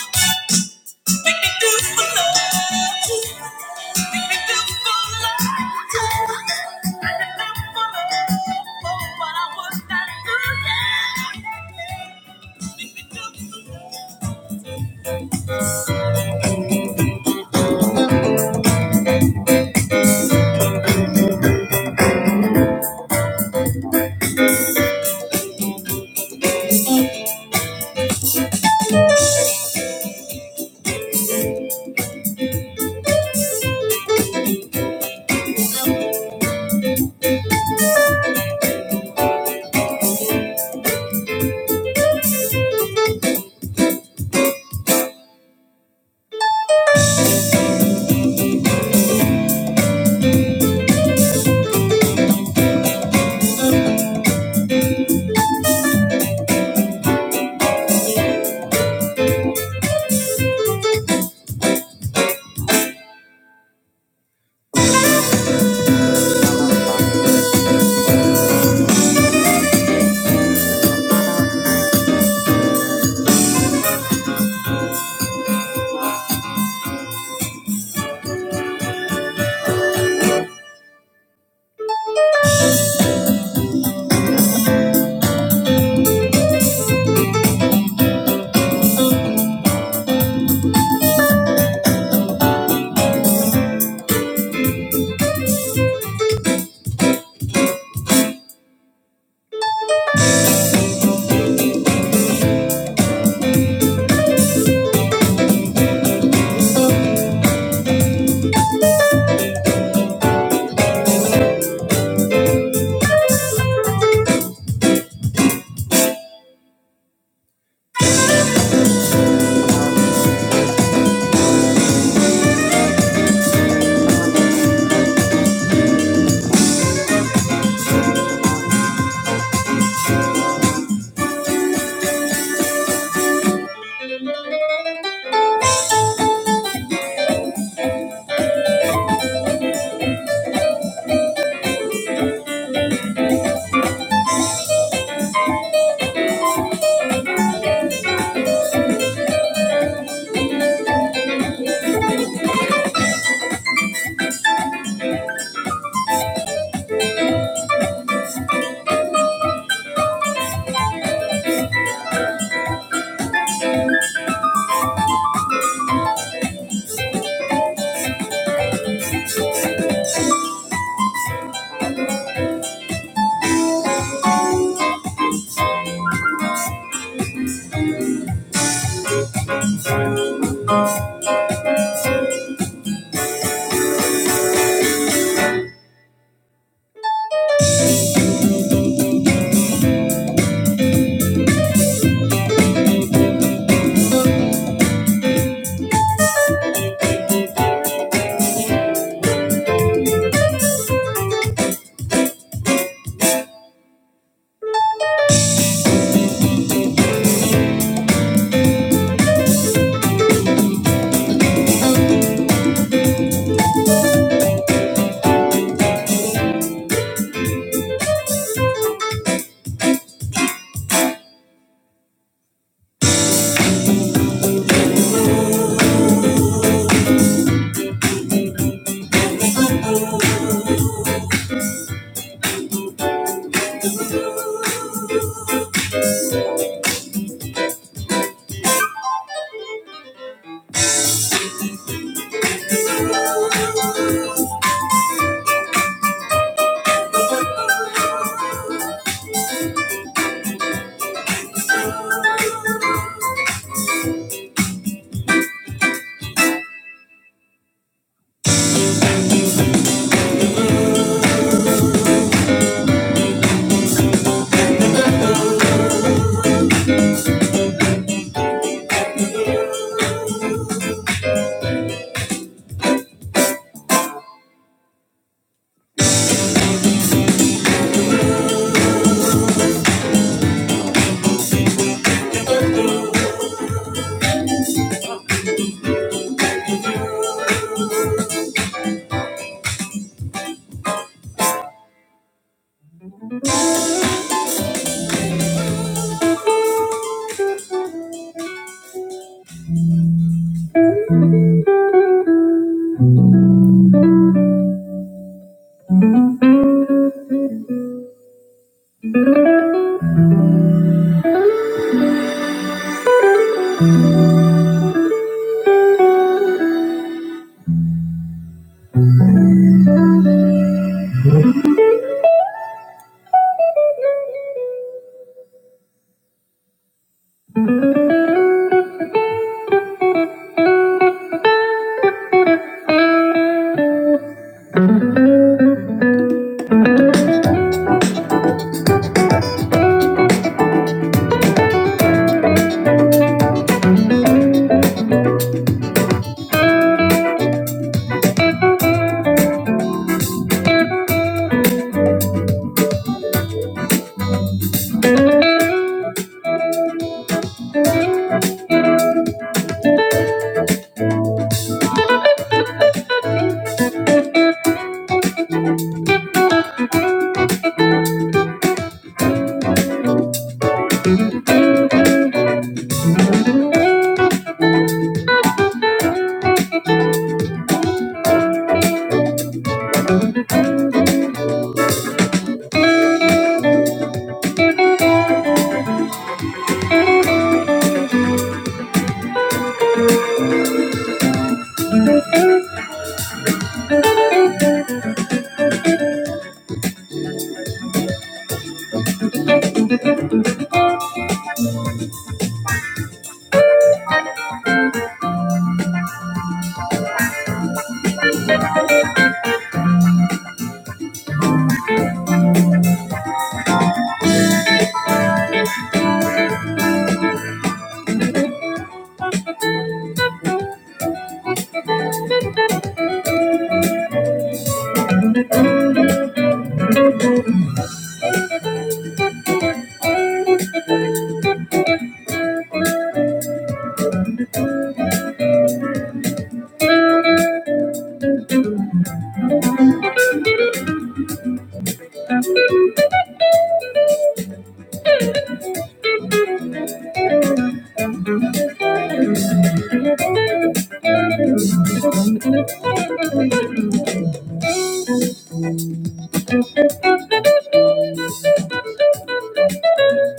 Speaker 5: Thank you.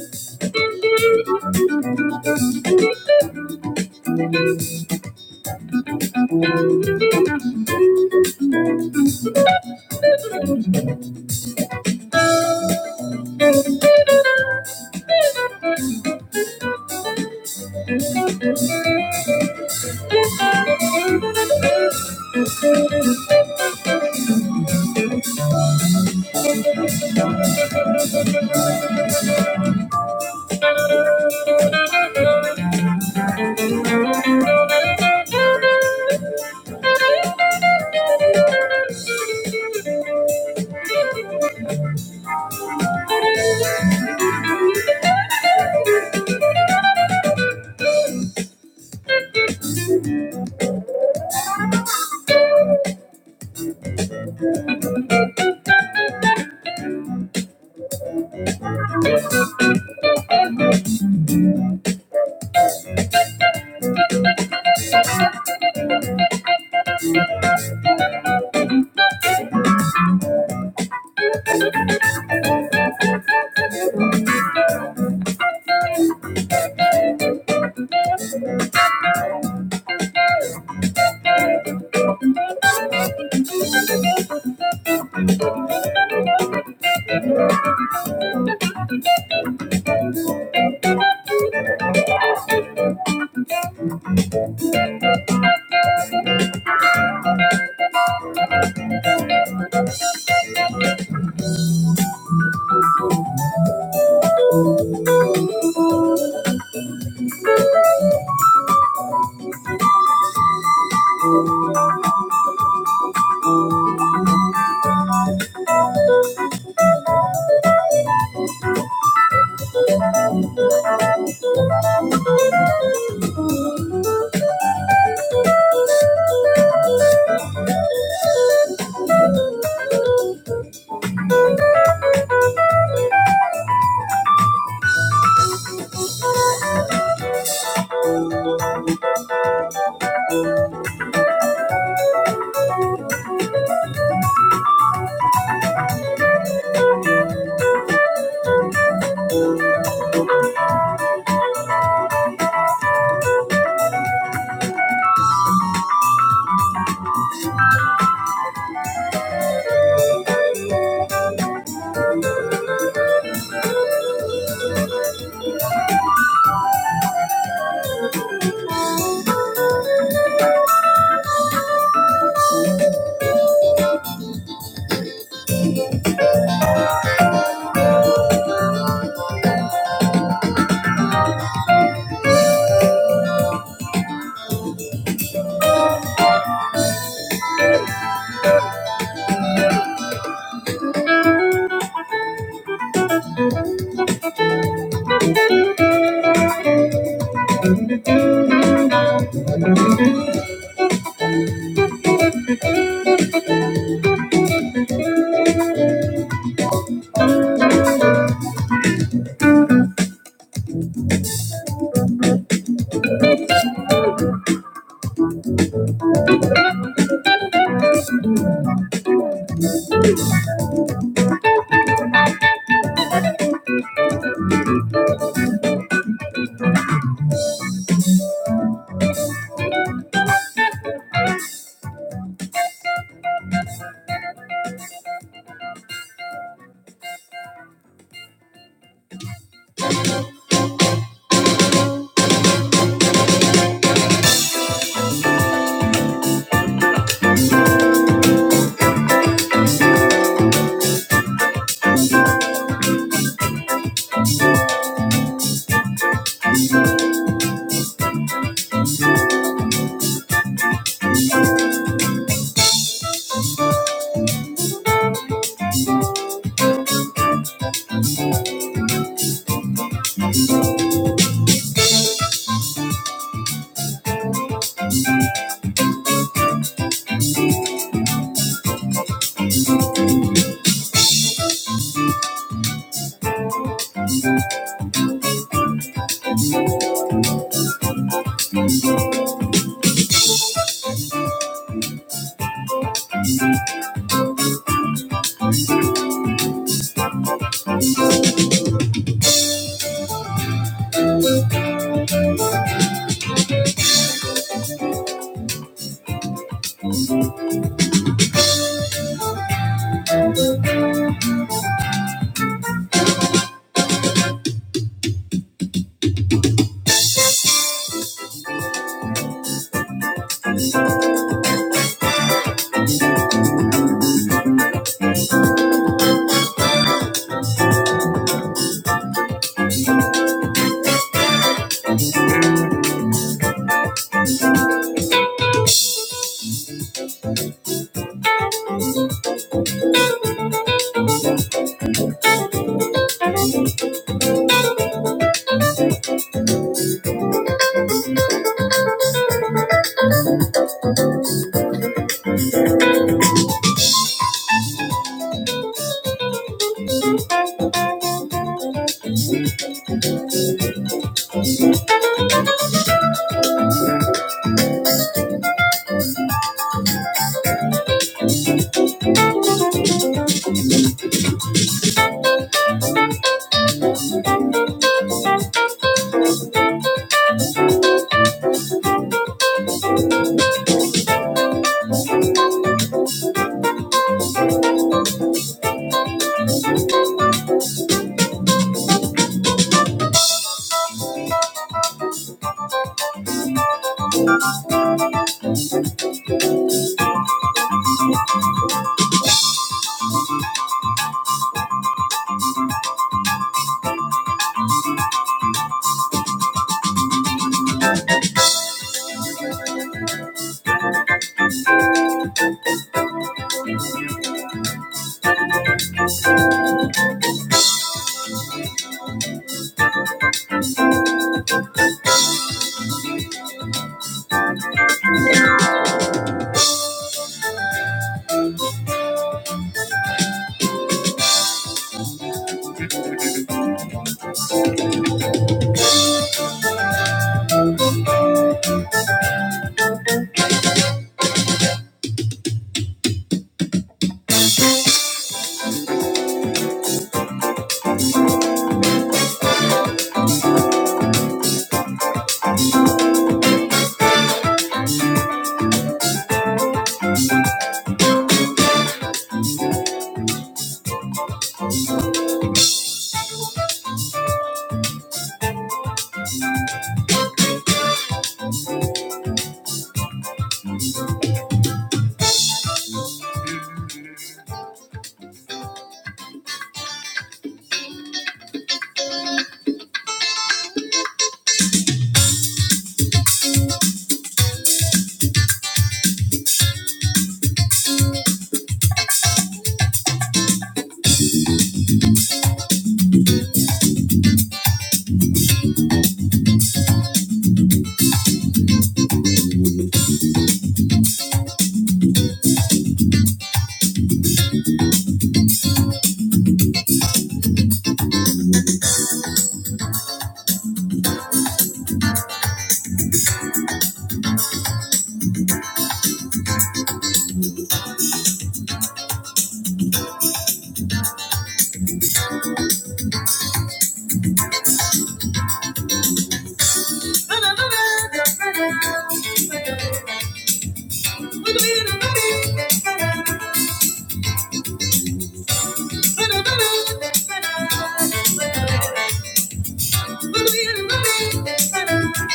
Speaker 5: Thank you.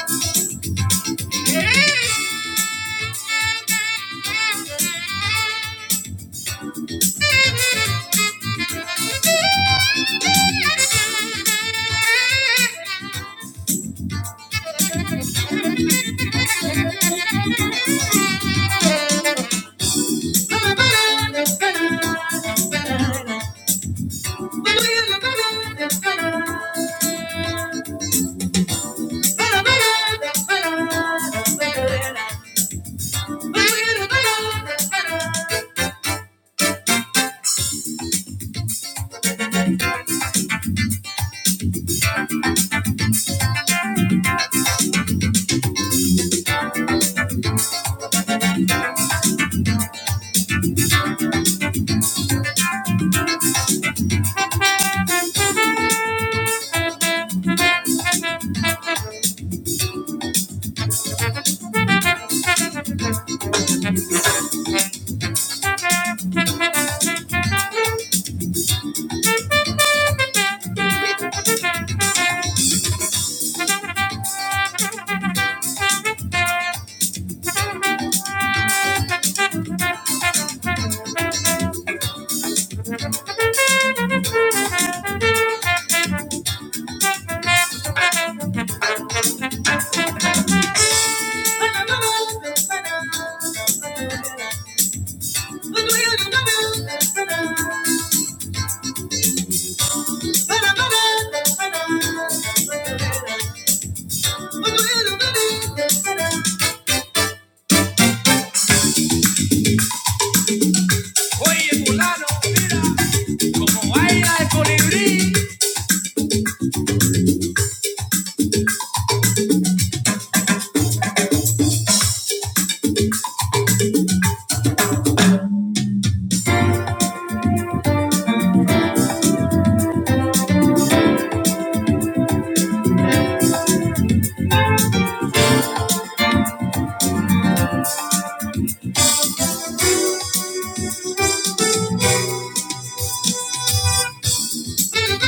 Speaker 5: Thank you. Thank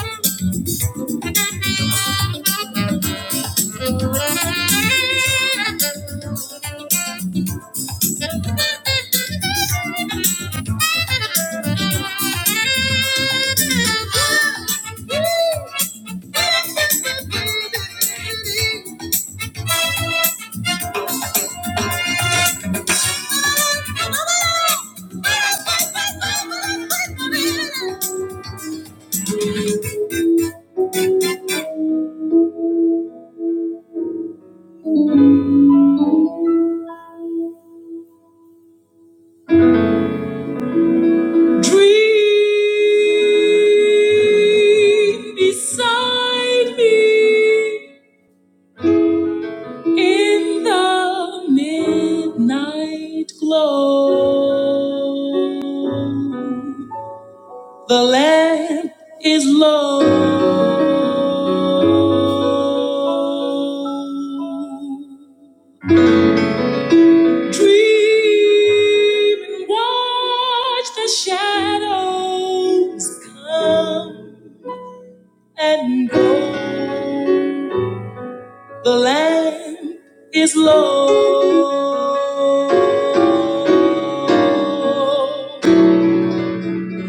Speaker 5: you. Dream beside me. In the midnight glow, the lamp is low. Dream and watch the shadows come and go. The land is low.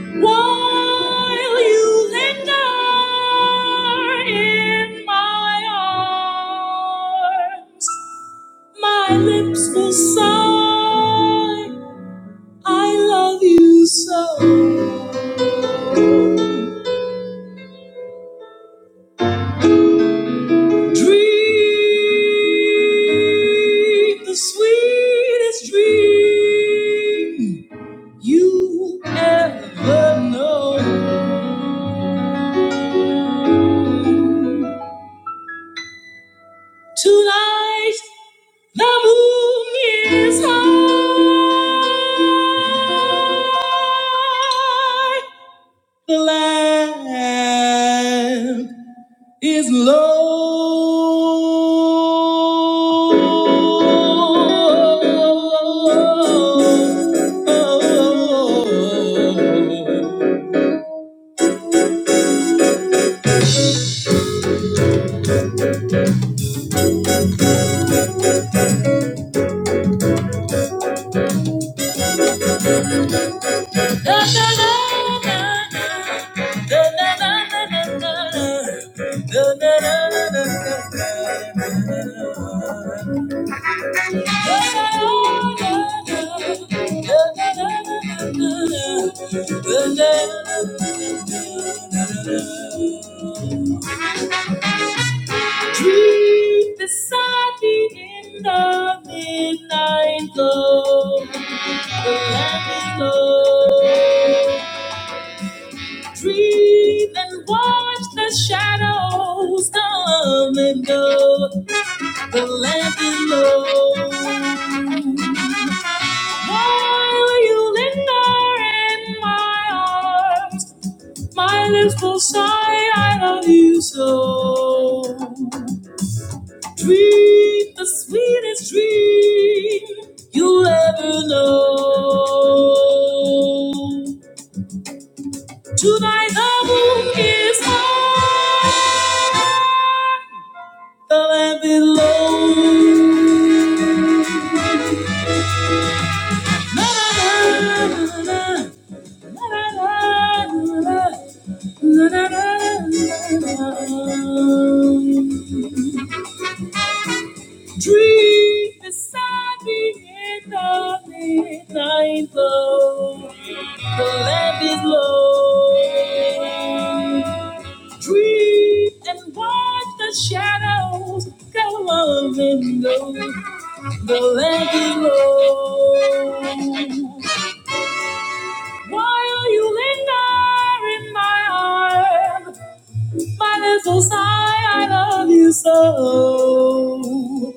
Speaker 5: While you linger in my arms, my lips will sigh, I love you so. Dream the sweetest dream you ever know. Tonight the moon is high. The land. is low. Sleep beside me in the midnight glow, the lamp is low. Dream and watch the shadows come and go, the lamp is low. While you linger in my arms, my lips will sigh, I love you so. Dream the sweetest dream you ever know. Tonight the moon is high, the land below. La, la, la, la, la, la, la, la, la, la, la, la, la, la, la. Dream beside me in the midnight glow. The lamp is low. Dream and watch the shadows go on and go. The lamp is low. While you linger in my arms, my little sigh, I love you so.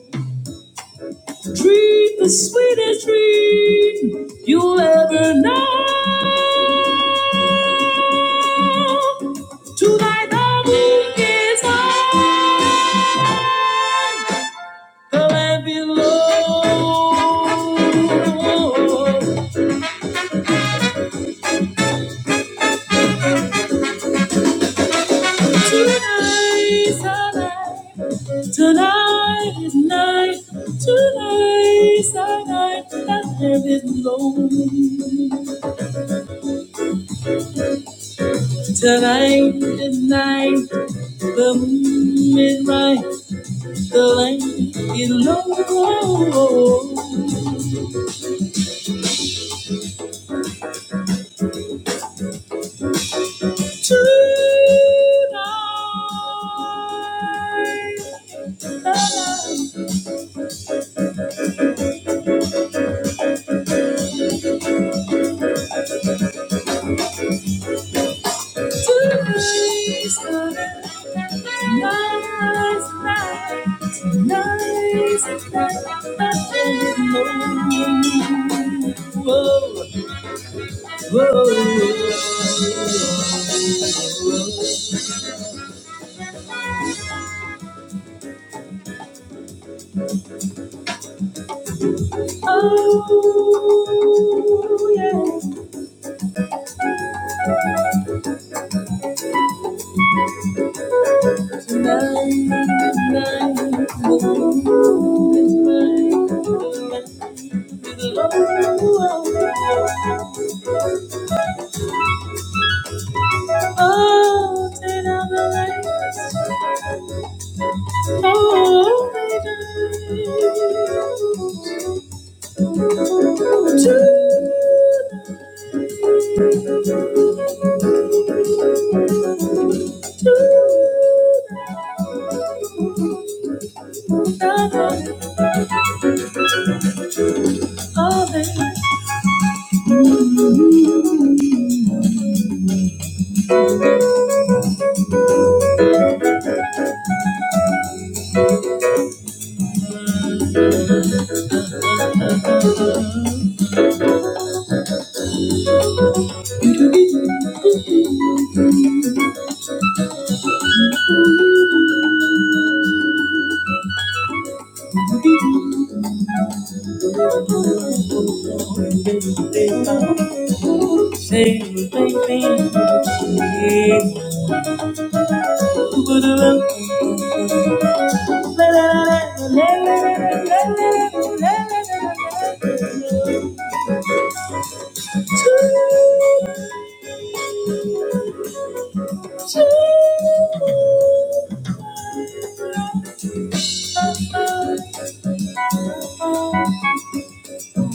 Speaker 5: Dream the sweetest dream you'll ever know. Tonight the week is mine. The land below. Tonight's our night. Tonight is night. Tonight's our night. The land below. Tonight is night. The moon is right. like you know tonight. Eyes gonna gaze at that whoa, whoa. Oh yeah, they don't shame, baby. Yeah.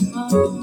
Speaker 5: Here's a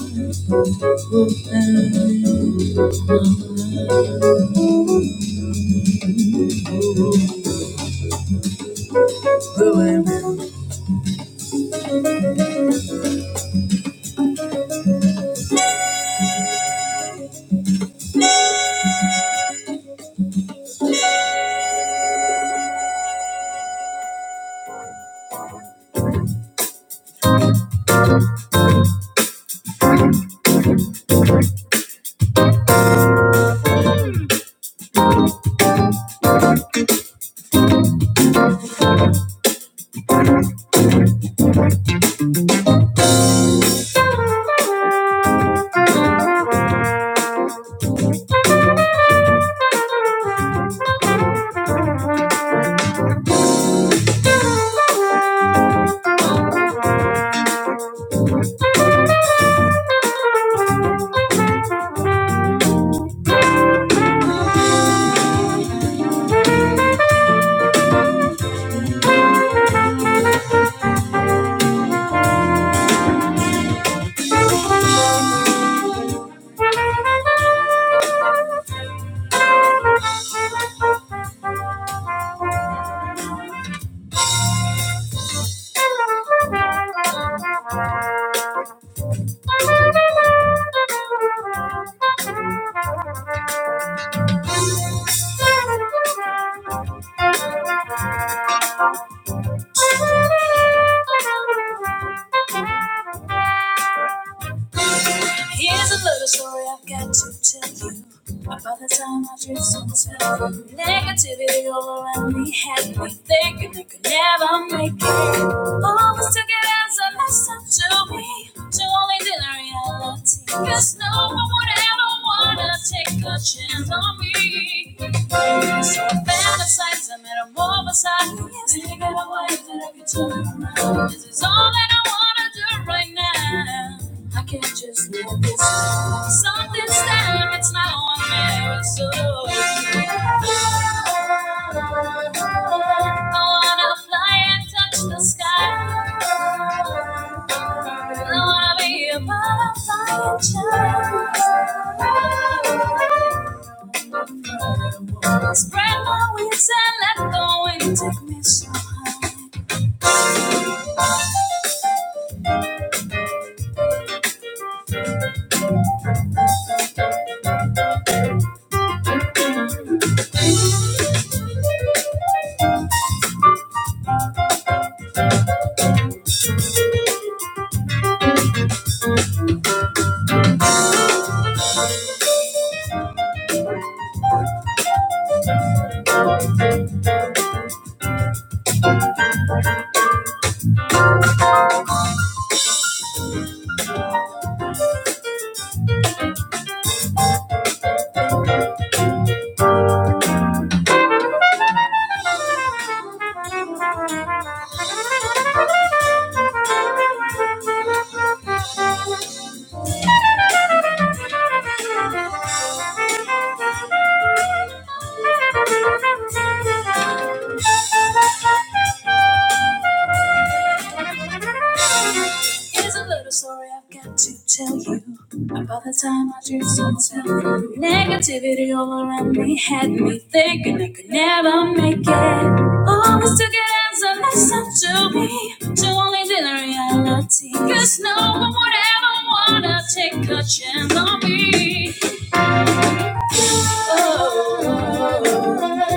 Speaker 5: little story I've got to tell you. About the time I drifted in this hell. Negativity all around me had me thinking I could never make it. Always took it as a lesson to me. To only deny reality. Cause no one would ever wanna take a chance on me. me. So I fantasize, I metamorphosize. Thinking of away, that I can turn around. This is all that I wanna do right now. I can't just let this go. Something's there, it's now or never. So I wanna fly and touch the sky. I wanna be a butterfly and shine. Spread my wings and let go and take me so high. Here's a little story I've got to tell you about the time I drew so tell. Negativity all around me had me thinking I could never make it. Always took it as a lesson to me, to only did the reality. Cause no one would ever wanna take a chance on me. Oh,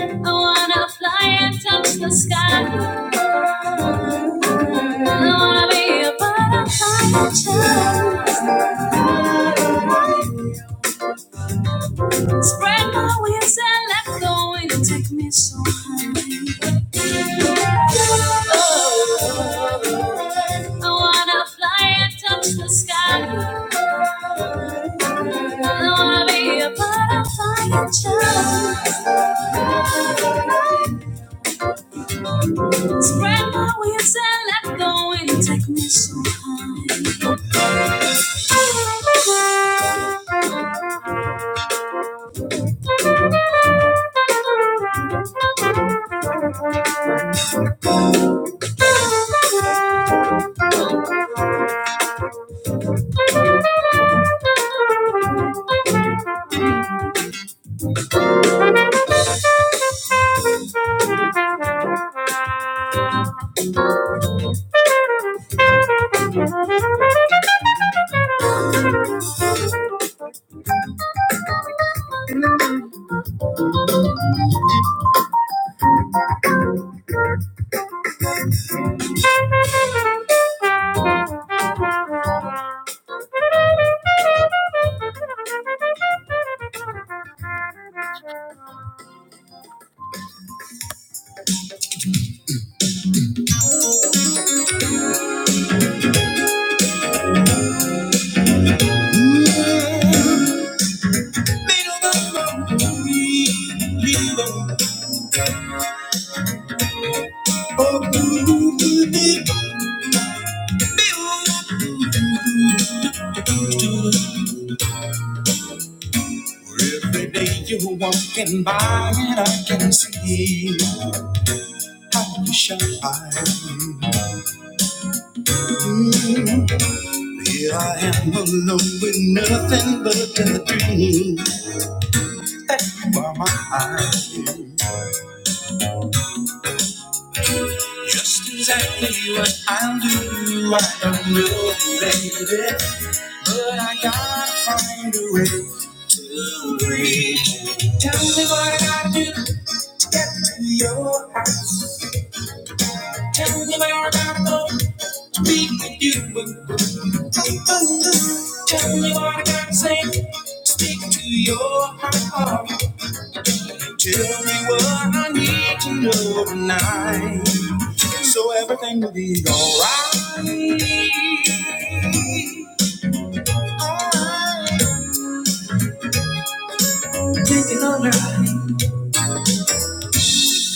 Speaker 5: I wanna fly and touch the sky. I wanna be a butterfly. Spread my wings and let go and take me so high. I wanna fly and touch the sky. I wanna be a butterfly and child. Spread my wings and let go and take me so high. Every day you're walking by and I can see how you shine. Mm. Here I am alone with nothing but a dream by my eyes. I will do, what I don't know, baby, but I gotta find a way to breathe. Tell me what I gotta do to get to your house. Tell me where I gotta go to be with you. But Tell me what I gotta say to speak to your heart. Tell me what I need to know tonight, so everything will be alright.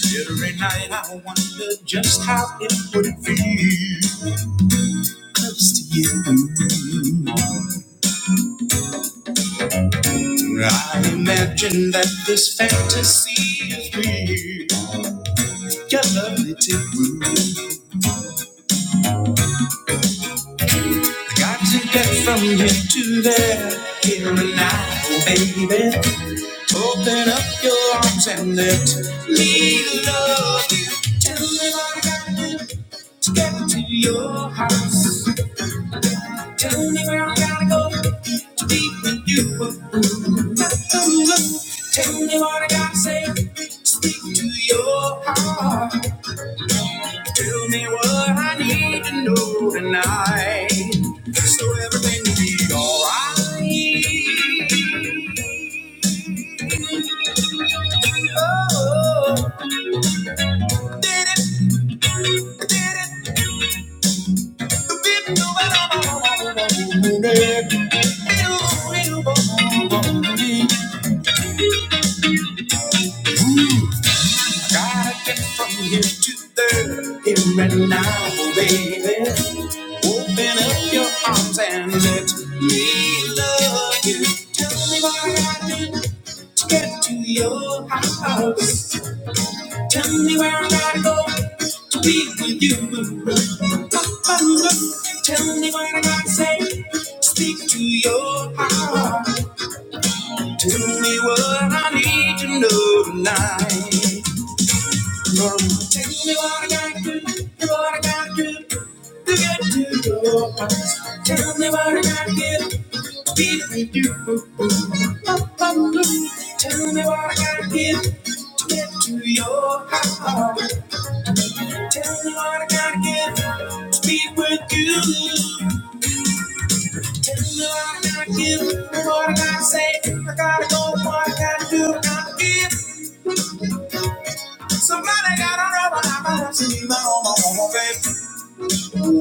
Speaker 5: Every night I wonder just how it would feel close to you. I imagine that this fantasy is real. Your lovely too. Got to get from here to there, here and now, baby. Open up your arms and let me love you. Tell me what I gotta do to get to your house. Tell me where I gotta go to be with you. Tell me what I gotta say. to Speak to your heart. Tell me what I need to know tonight. So everything will be alright. Oh, I did it, I did it, well, I'm Gotta get from here to there, here and now, baby. Open up your arms and let me love you. Tell me what I gotta do to get to your house. Tell me where I gotta go to be with you. tell me what I gotta say. to Speak to your heart. Tell me what I need to know tonight. Tell me what I gotta do, what I gotta do to get to your house. Tell me what I gotta get, be with you. Tell me what I gotta get to get to your house. Tell me what I gotta get to be with you. Tell me what I gotta give, what I gotta say. I gotta go, what I gotta do, I gotta give. Somebody gotta know what I'm gonna see my own, my own, my baby. Deep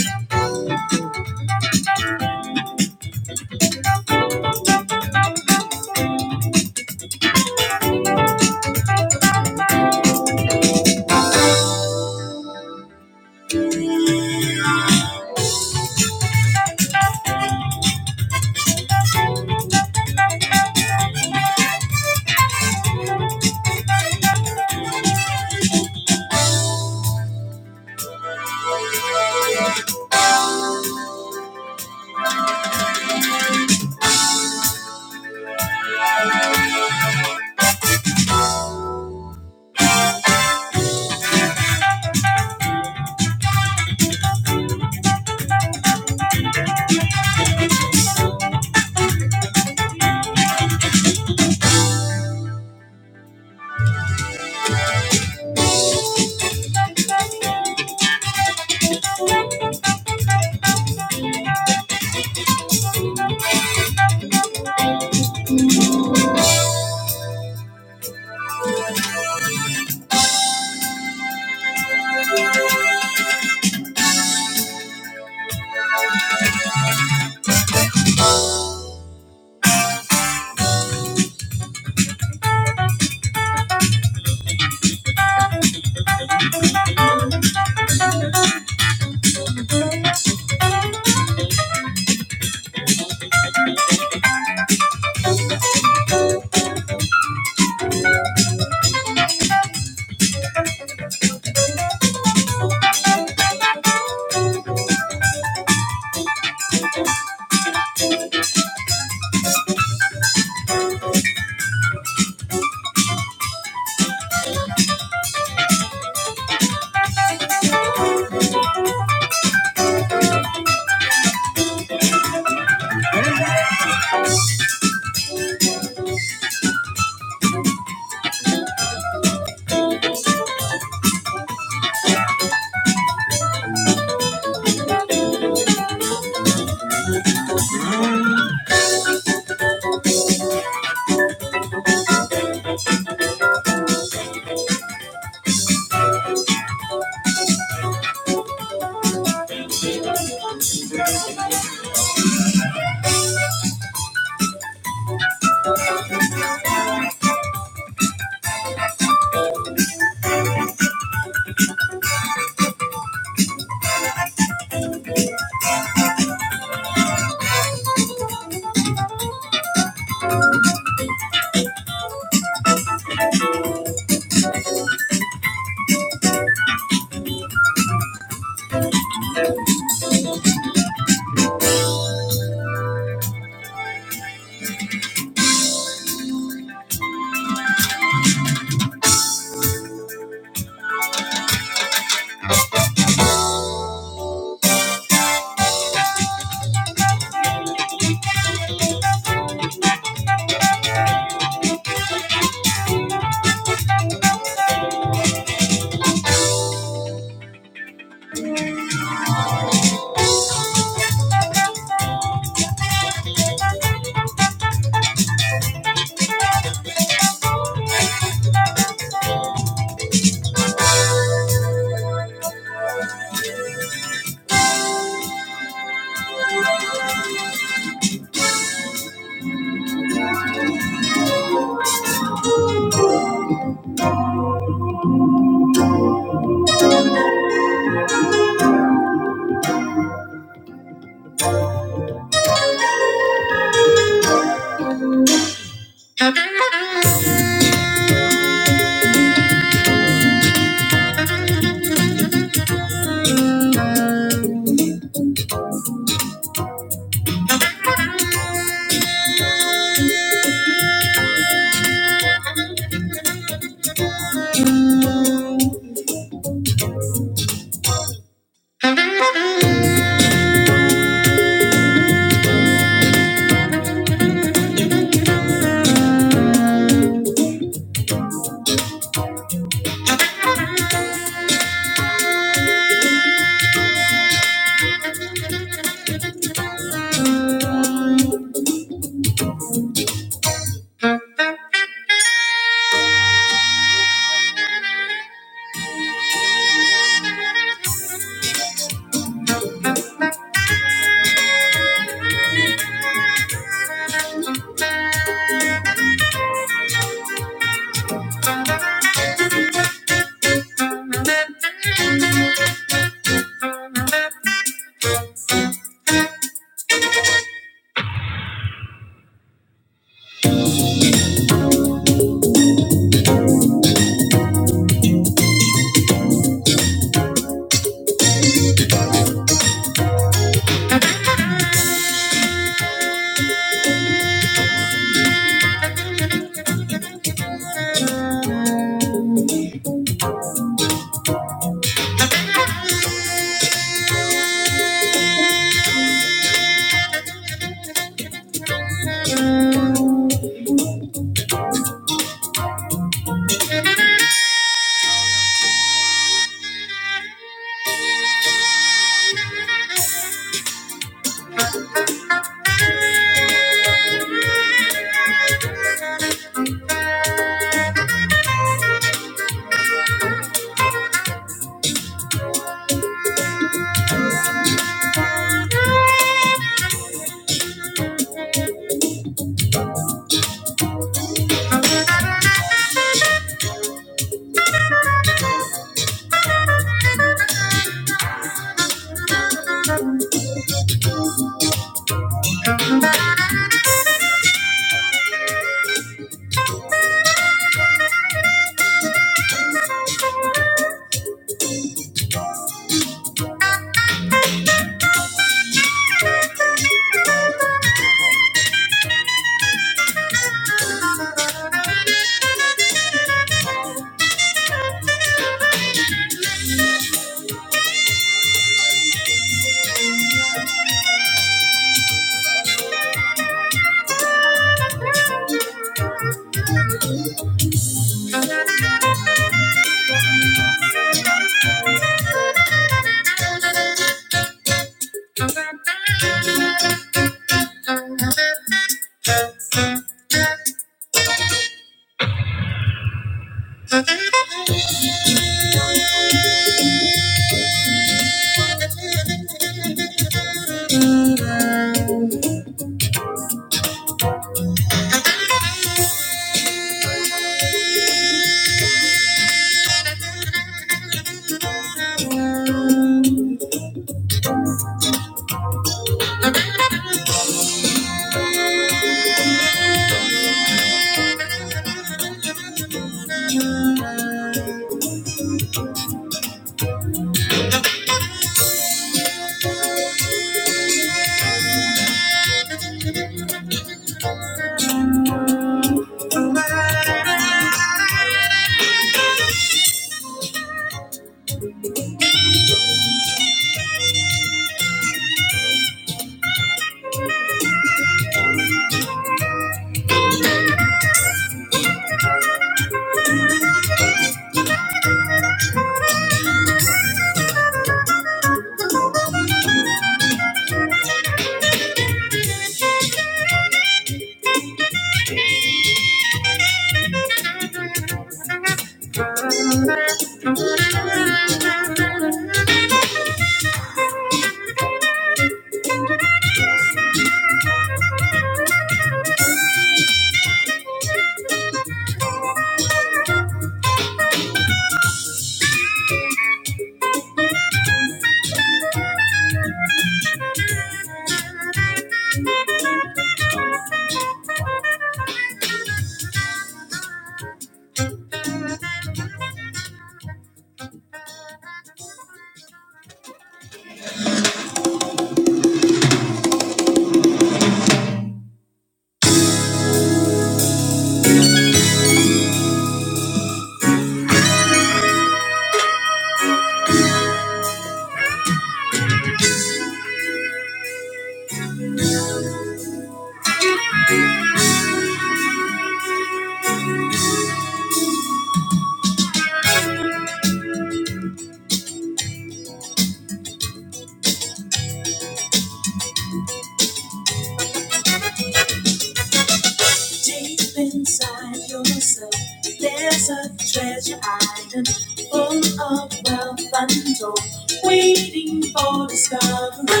Speaker 5: inside yourself, there's a treasure island full of wealth untold, waiting for discovery.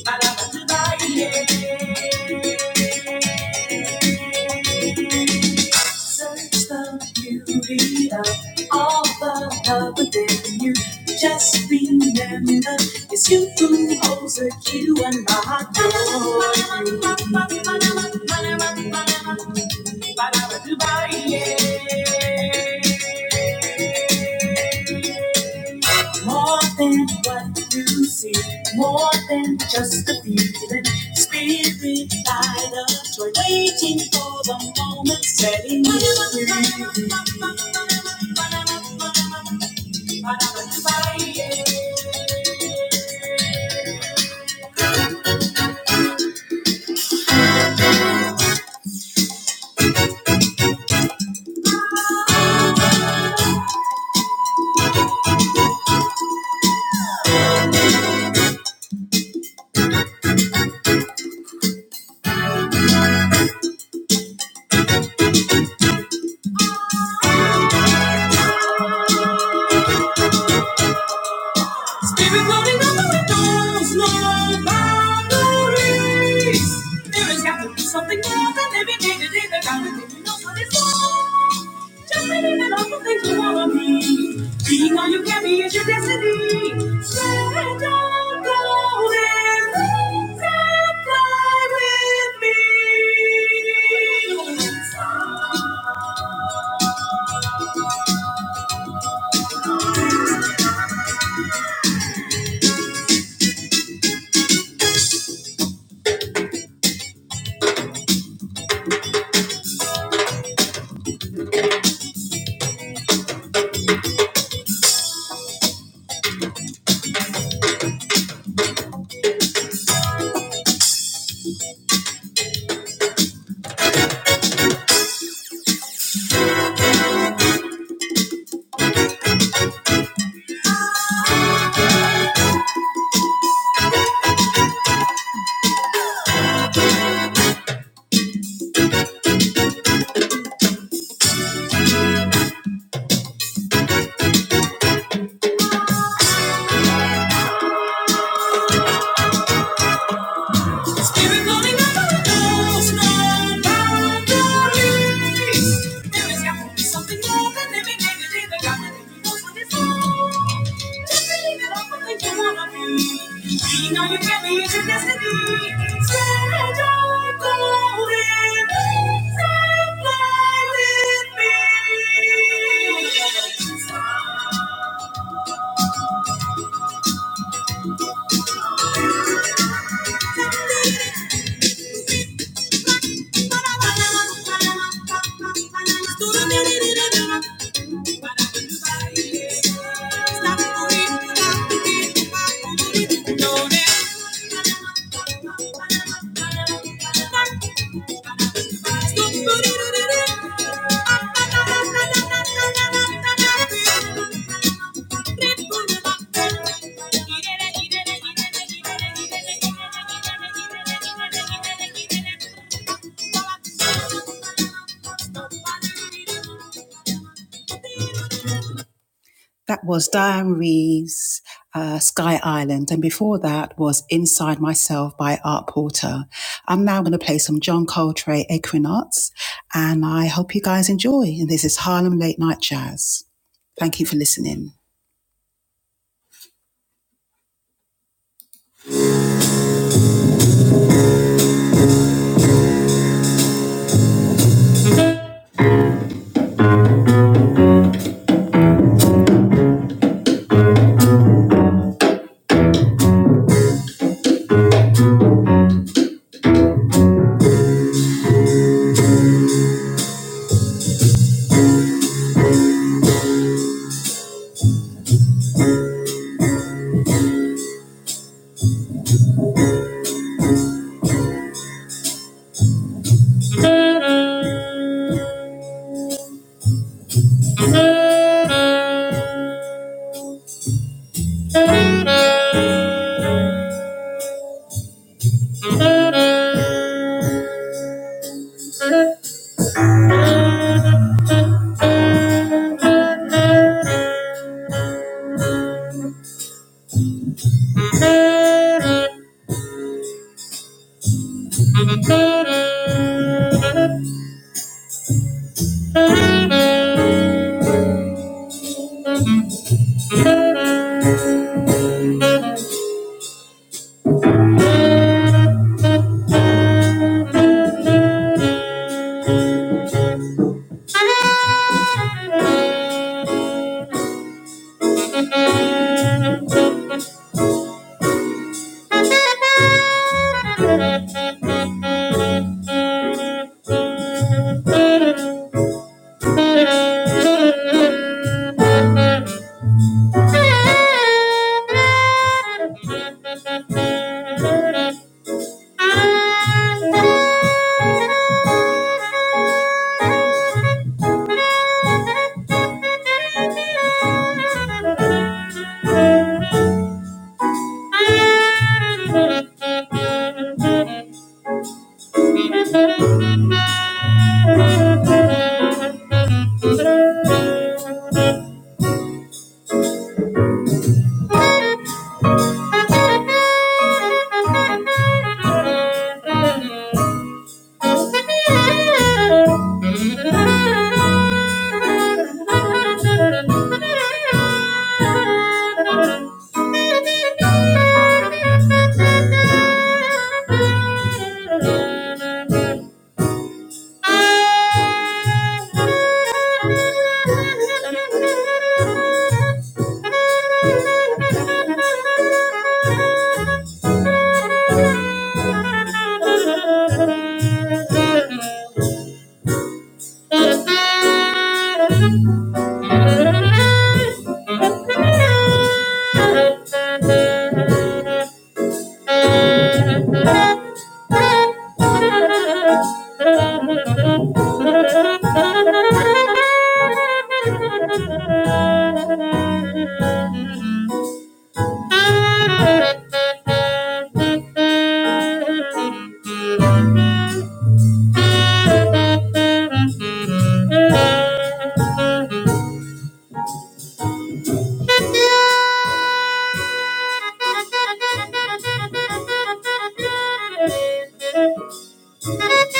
Speaker 5: Search the beauty of all the love within you. Just remember, it's you who holds the key to unlock your more than what you see, more than just a feeling. Spirit light of joy, waiting for the moment, setting you free. Spirit floating on the windows, no boundaries. There has got to be something more than every day to day that God is giving us what it's for. Don't believe in all the things you wanna be. Being all you can be is your destiny. Stand up, go and things that fly with me. Spirit blowing up on the windows, no boundaries. There has got to be something more than living day to day. There got to be more for this. Thank you. Thank you. That was Diane Reeves, uh, Sky Island, and before that was Inside Myself by Art Porter. I'm now going to play some John Coltrane Equinox, and I hope you guys enjoy. And this is Harlem Late Night Jazz. Thank you for listening. Thank you. Thank you. Thank you. Thank you. Thank you. Thank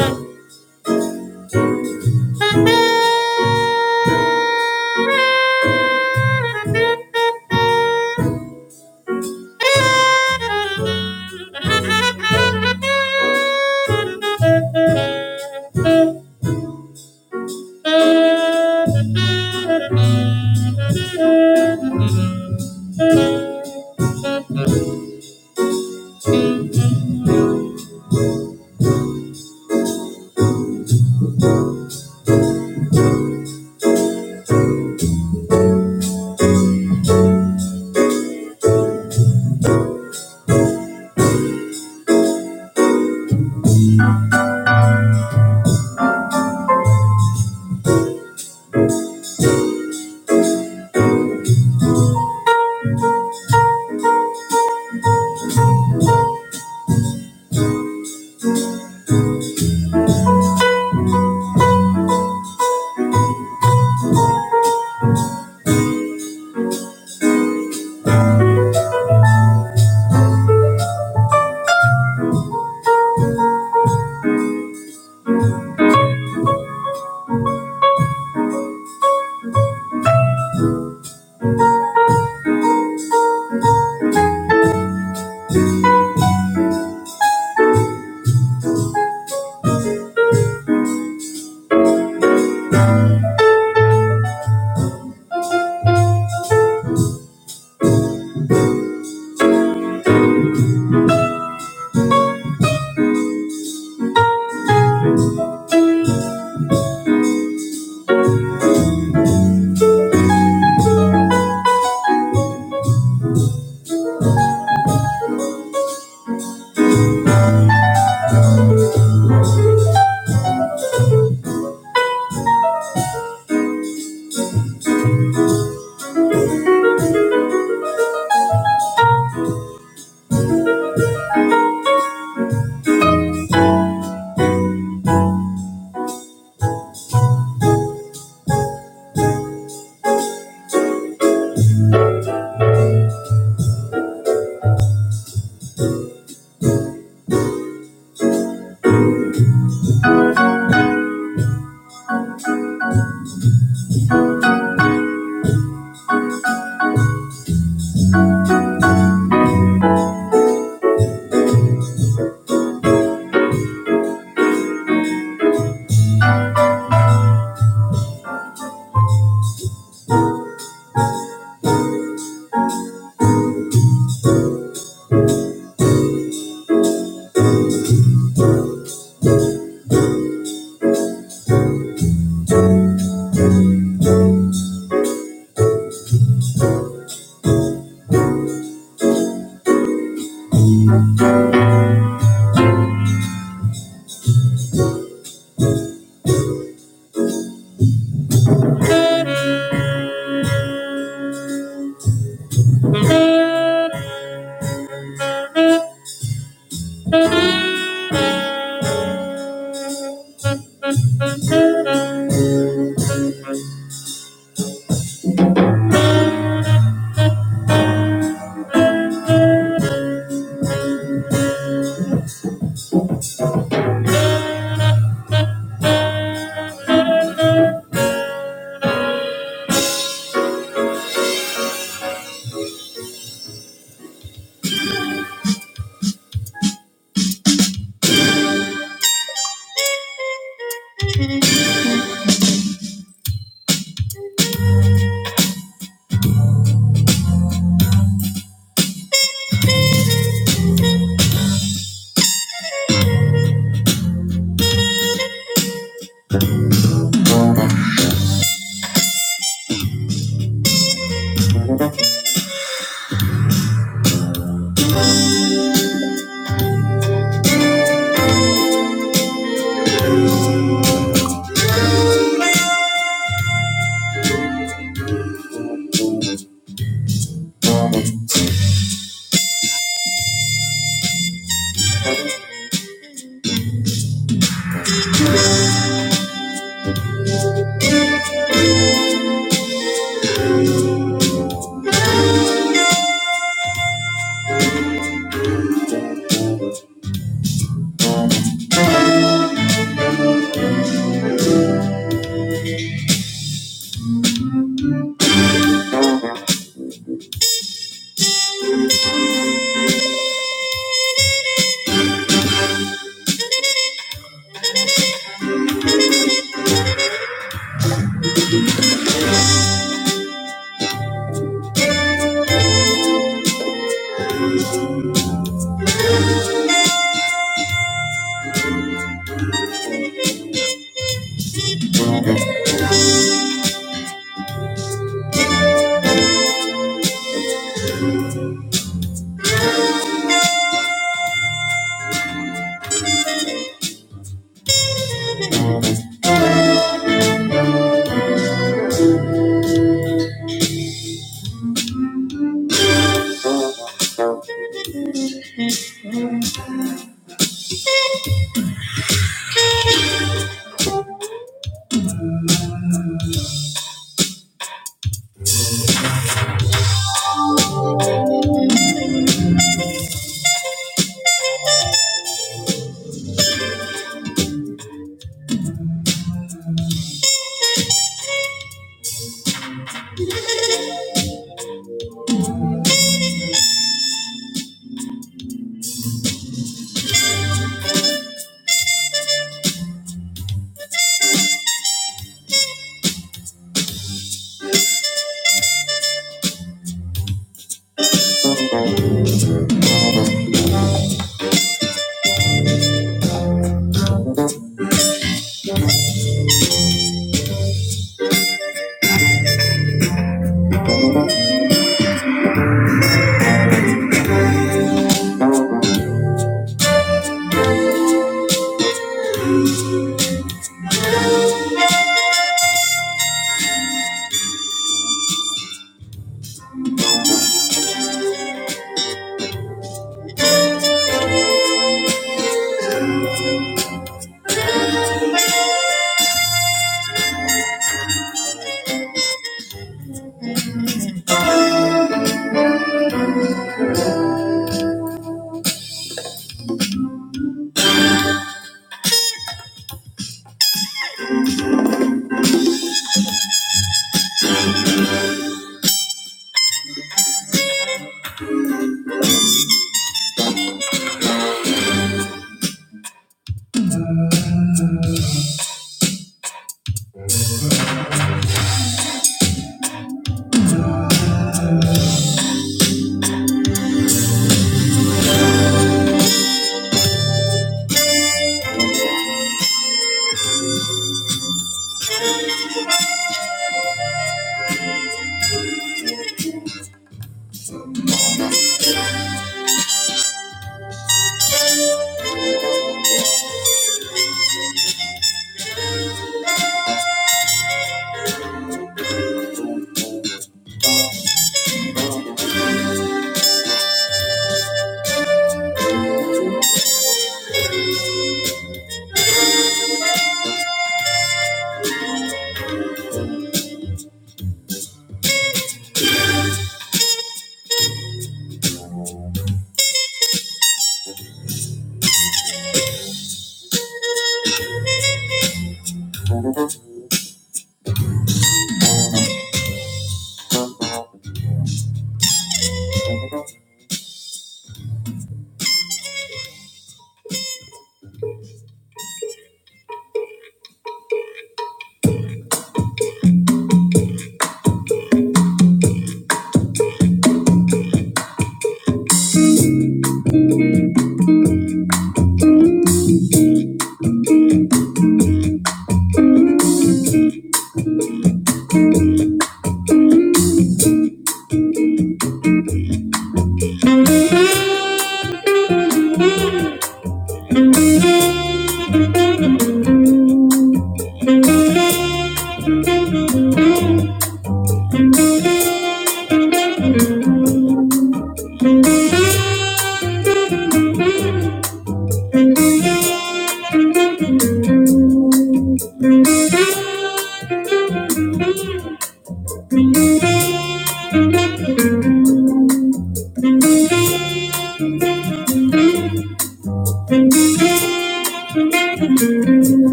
Speaker 5: you. Thank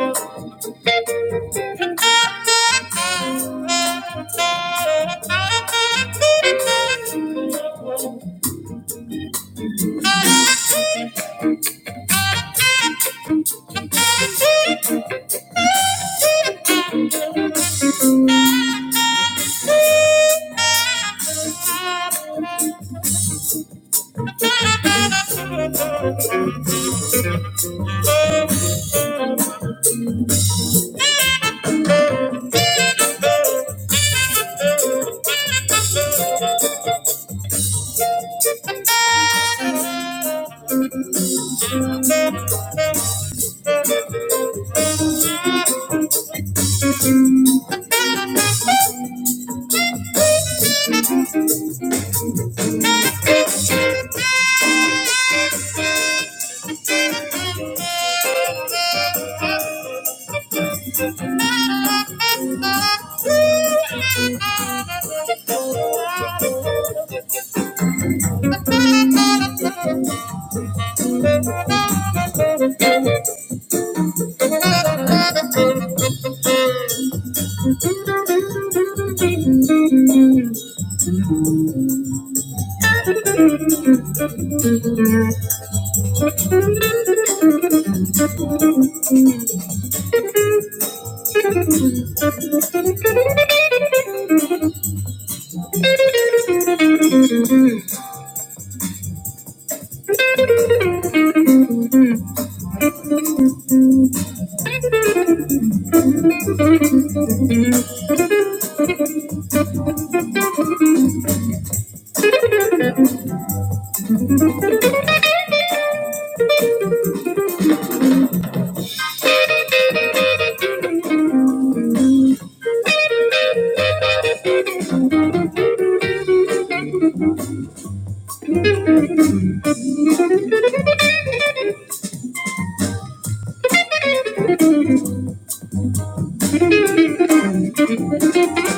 Speaker 5: you. Thank you. Thank you. Thank you.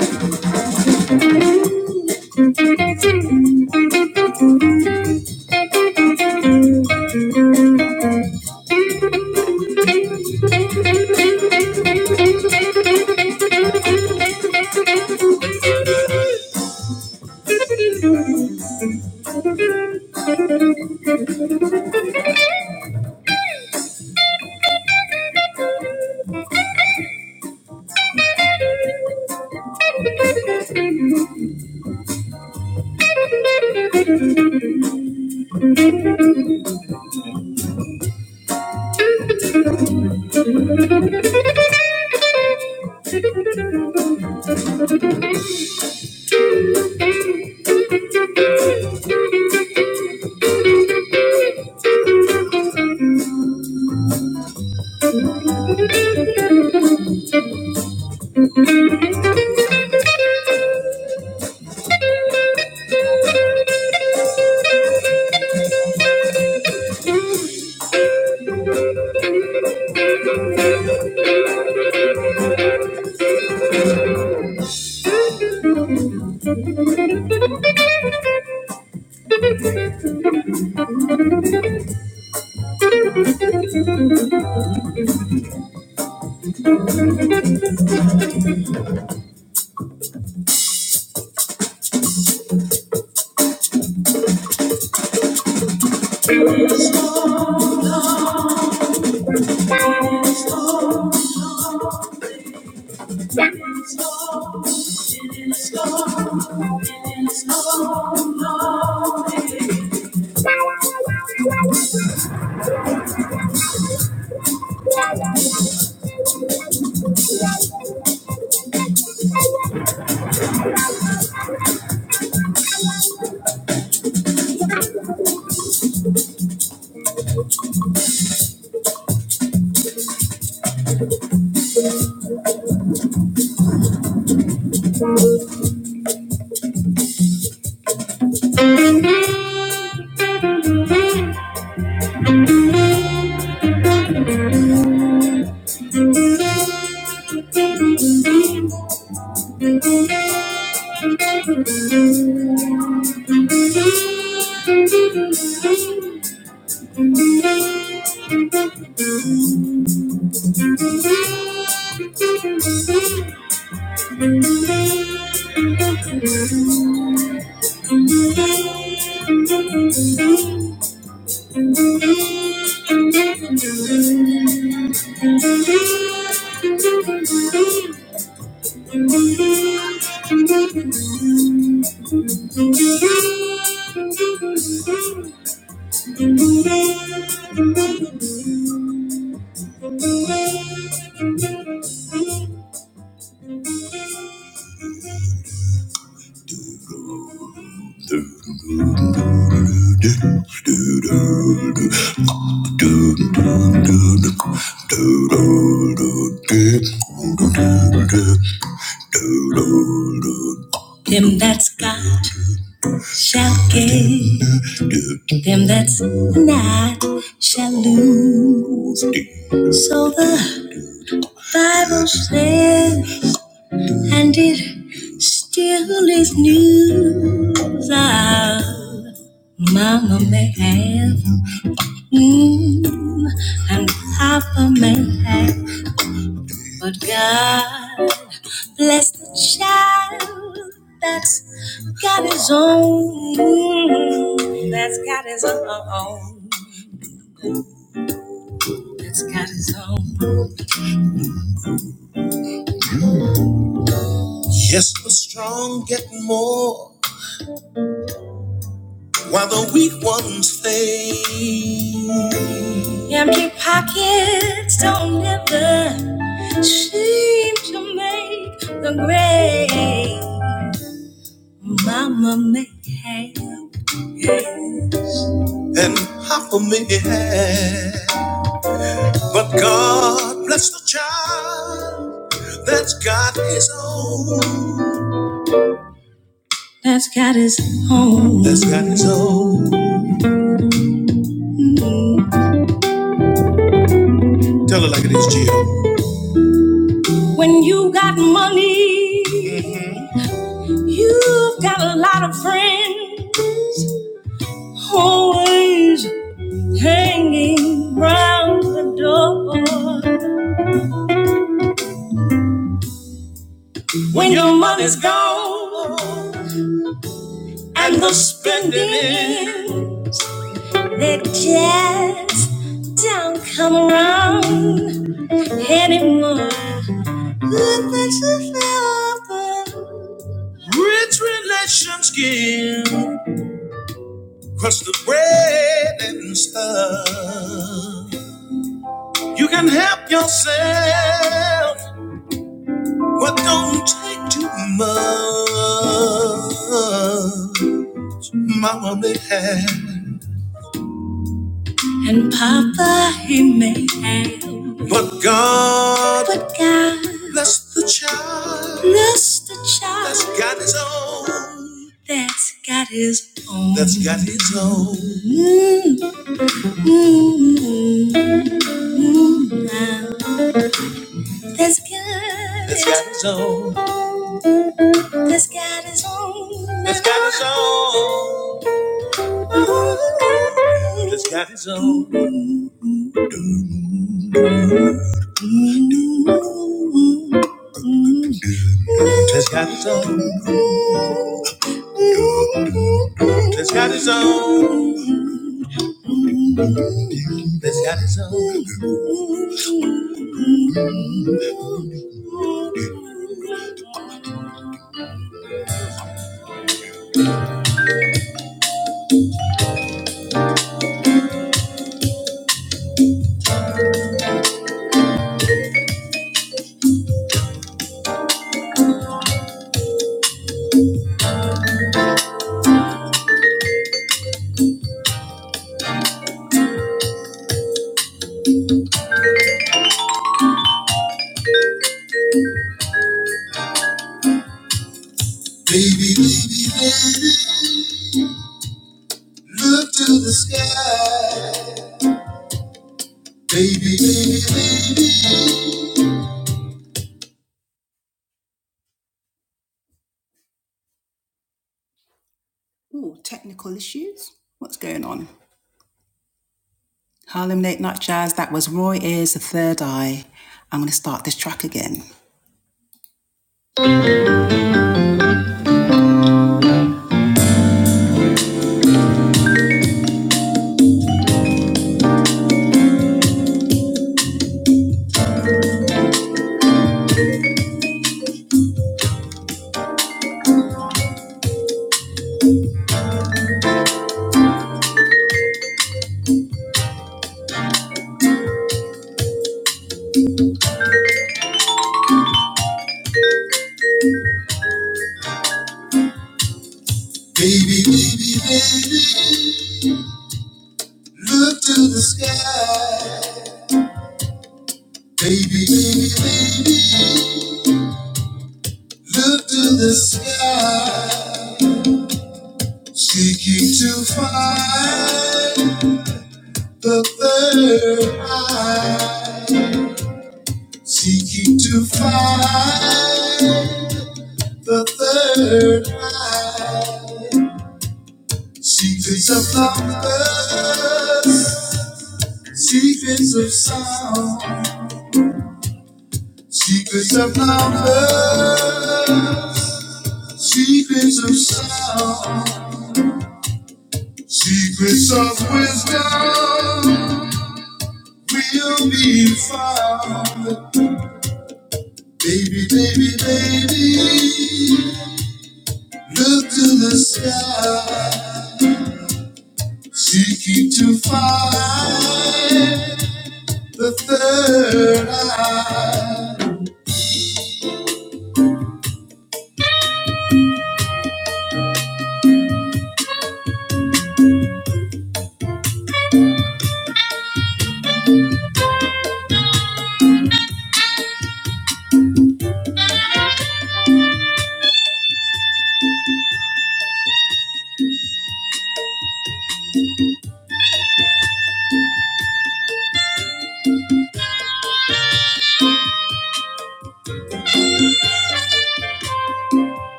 Speaker 5: Thank you. Thank you. Yeah. Thank you. Good. Him that's now. So the Bible said, and it still is news. Ah. Mama may have, mm, and Papa may have, but God bless the child that's got his own, mm, that's got his own, that's got his own. Yes, the strong get more, while the weak ones fade. Empty pockets don't ever seem to make the grave. Mama may have and Papa may have, but God bless the child that's got his own. That's got his own. That's got his own. Tell it like it is, Jill. When you got money, you've got a lot of friends always hanging round the door. When your money's gone and the spending is. That just don't come around anymore. Good things to feel open. Rich relations give. Crust of bread and stuff. You can help yourself, but don't take too much. Mama may have. And Papa, he may have. But God. But God. Bless the child. Bless the child. That's got his own. That's got his own. That's got his own. Mm, mm, mm, mm, That's good. That's got his own. That's got his own. That's got his own. That's got his own. That's got his own. That's got his own. That's got his own. Look to the sky. Ooh, technical issues. What's going on? Harlem Late Night Jazz. That was Roy Ayers, The Third Eye. I'm going to start this track again. To the sky, baby. Look to the sky. Seeking to find the third eye. Seeking to find the third eye. Secrets of the universe. Secrets of sound, secrets of number, secrets of sound, secrets of wisdom will be found. Baby, baby, baby, look to the sky, seeking to find the third eye.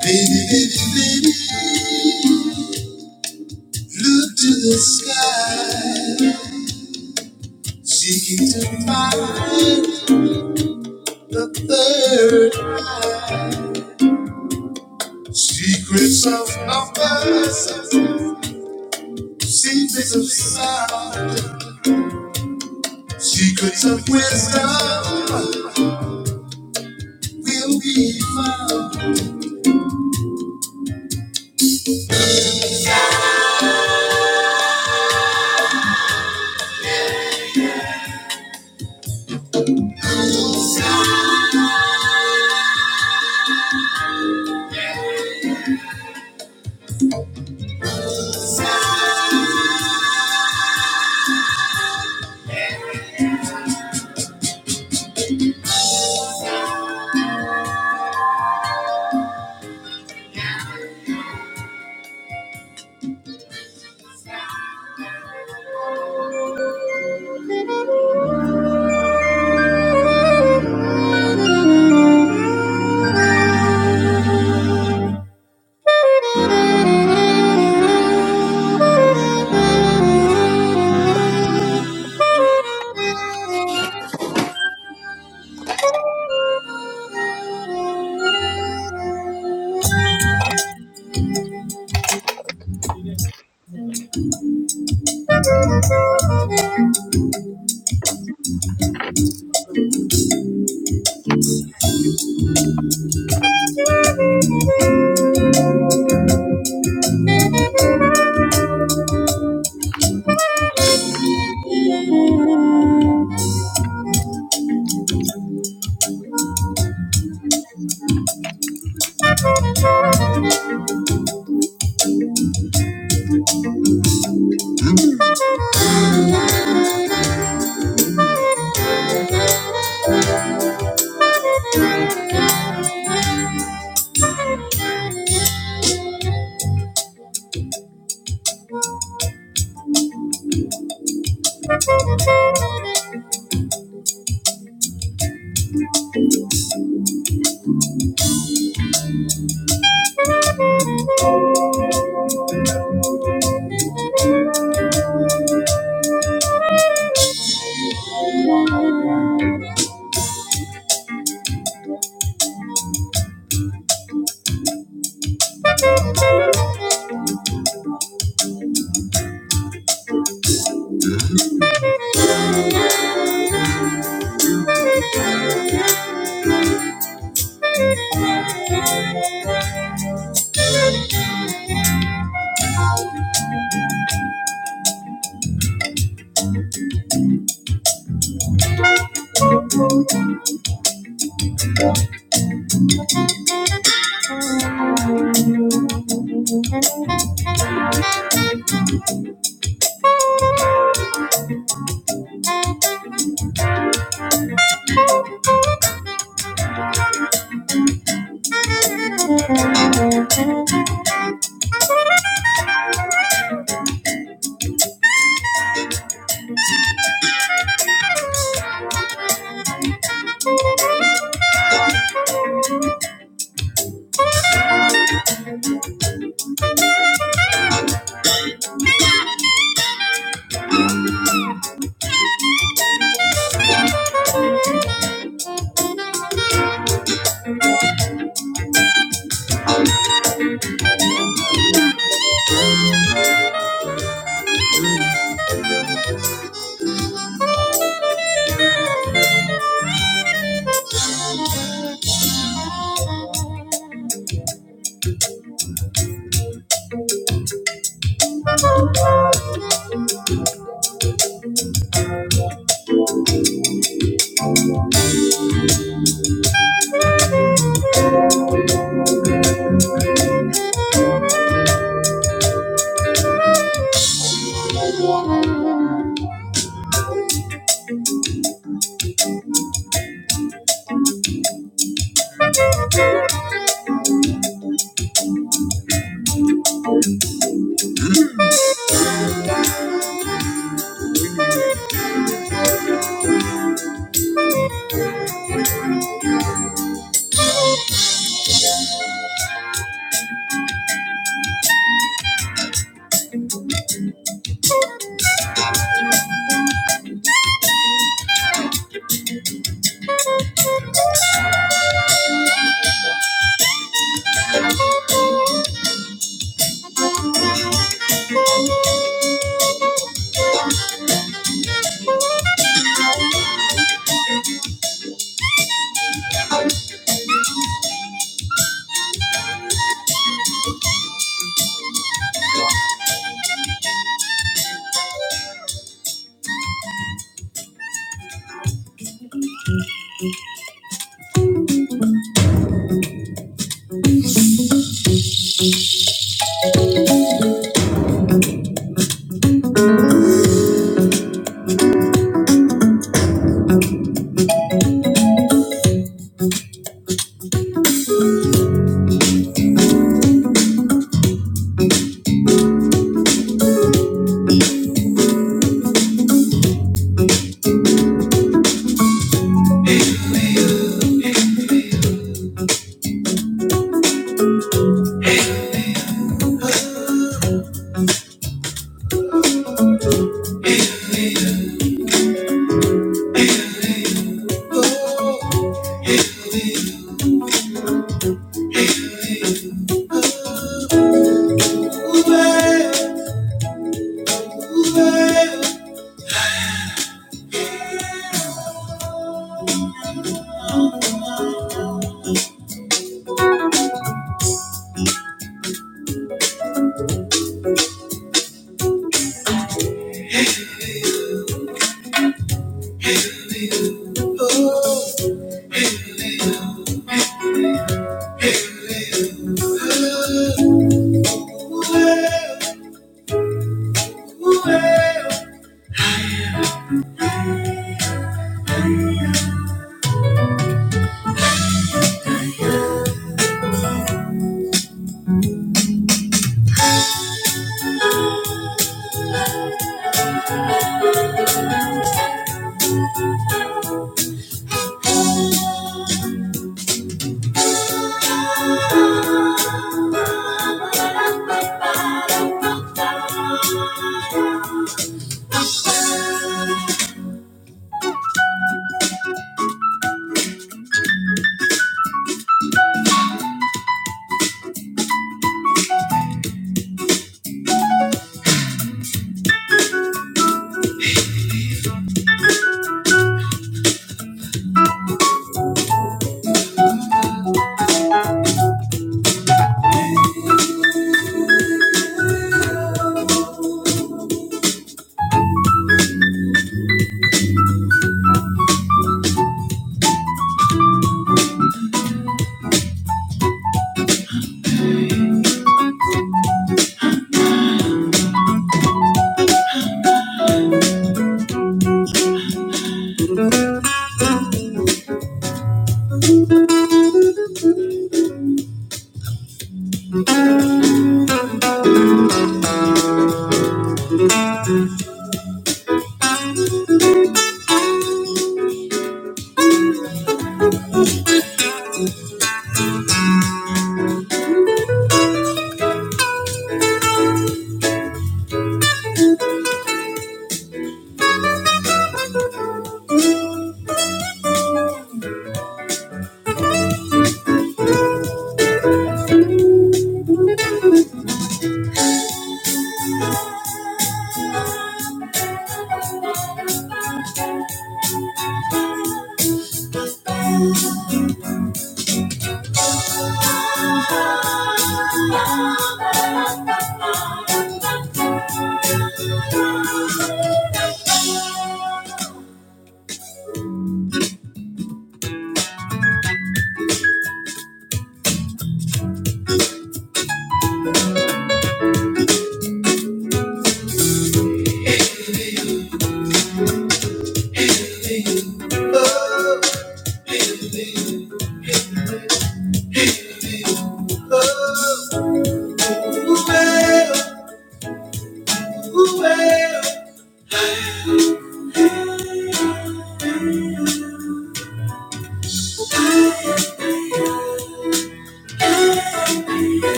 Speaker 5: Baby, baby, baby, look to the sky Seeking to find the third secrets of numbers, secrets of sound, secrets of wisdom will be found.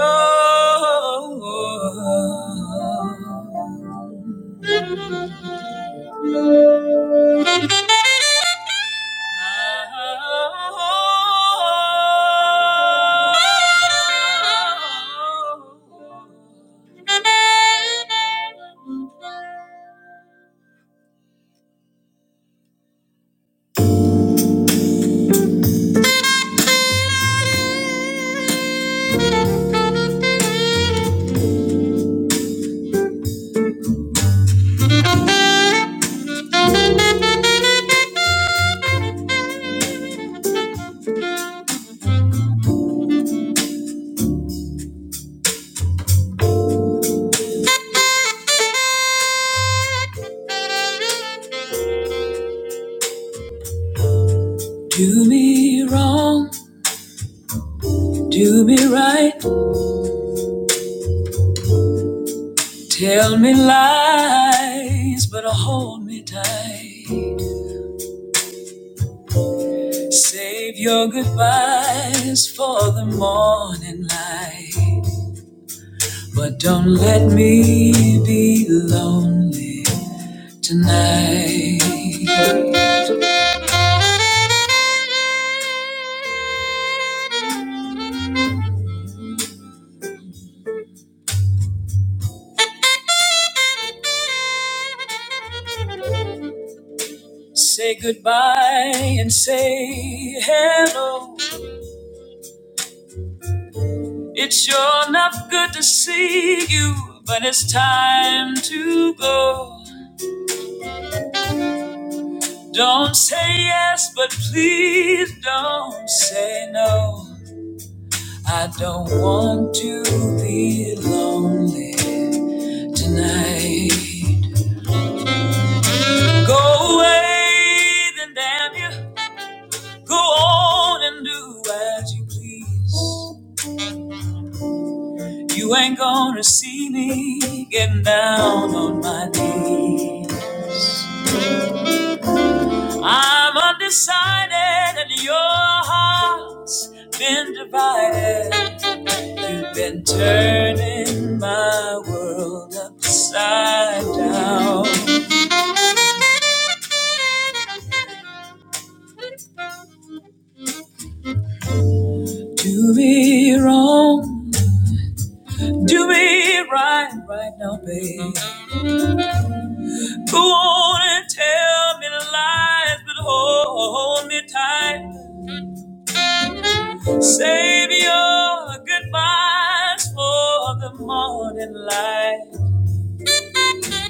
Speaker 5: Oh, oh, oh. Do me wrong, do me right, tell me lies, but hold me tight. Save your goodbyes for the morning light, but don't let me be lonely tonight. Say goodbye and say hello. It's sure enough good to see you, but it's time to go. Don't say yes, but please don't say no. I don't want to be lonely tonight. Go away, then damn you. Go on and do as you please. You ain't gonna see me getting down on my knees. I'm undecided, and your heart's been divided. You've been turning my world upside down. Do me wrong, do me right, right now, babe. Go on and tell me lies, but hold me tight. Save your goodbyes for the morning light.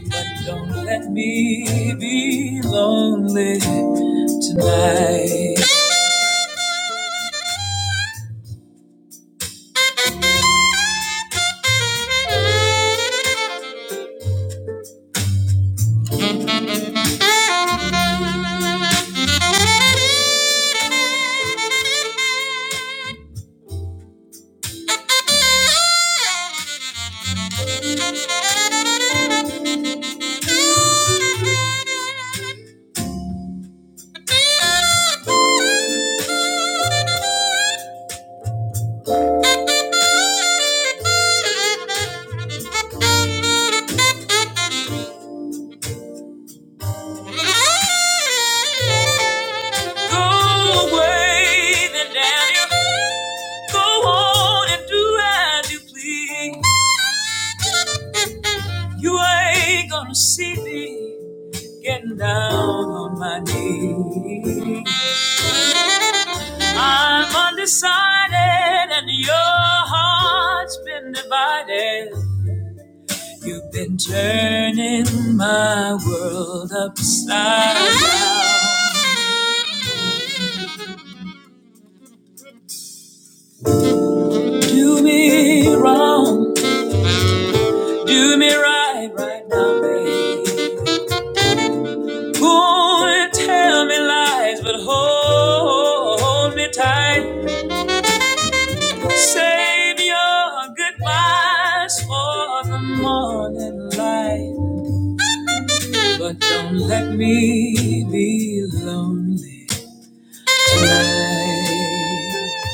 Speaker 5: But don't let me be lonely tonight. Go away, then Daniel. Go on and do as you please. You ain't gonna see me getting down on my knees. I'm undecided and your heart's been divided. You've been turning my world upside down. Do me wrong, do me right right now, babe. Won't tell me lies, but hold me tight. Save your goodbyes for the morning light. But don't let me be lonely tonight.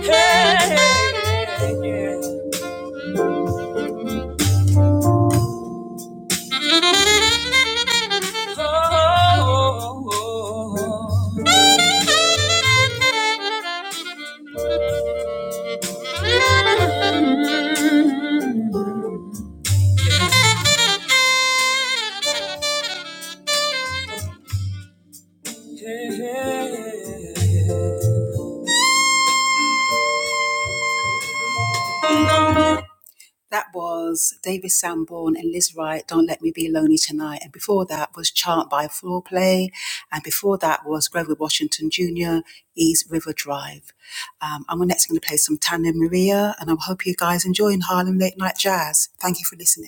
Speaker 5: Hey, yeah. Oh, oh, oh. Mm-hmm. That was David Sanborn and Liz Wright, Don't Let Me Be Lonely Tonight. And before that was Chant by Floor Play. And before that was Grover Washington Jr., East River Drive. Um, I'm next going to play some Tanya Maria, and I hope you guys enjoying Harlem Late Night Jazz. Thank you for listening.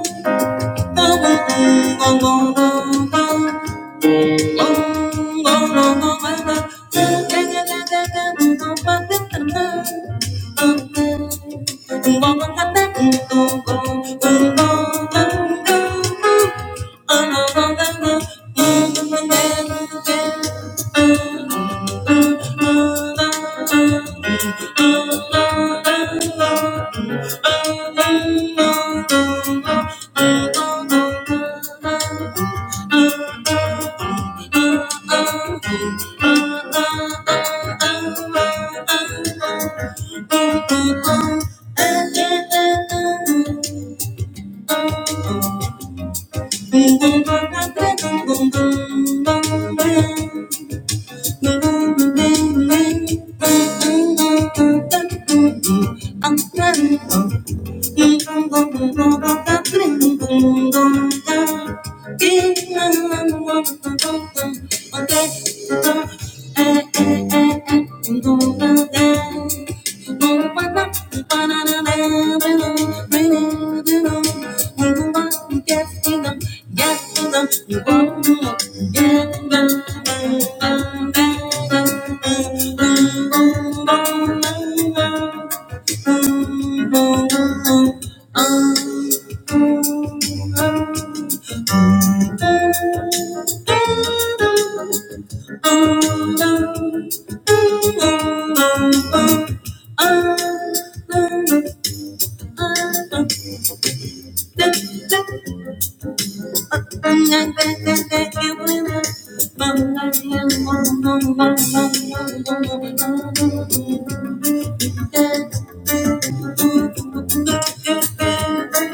Speaker 5: Oh, I'm Thank you. Thank you.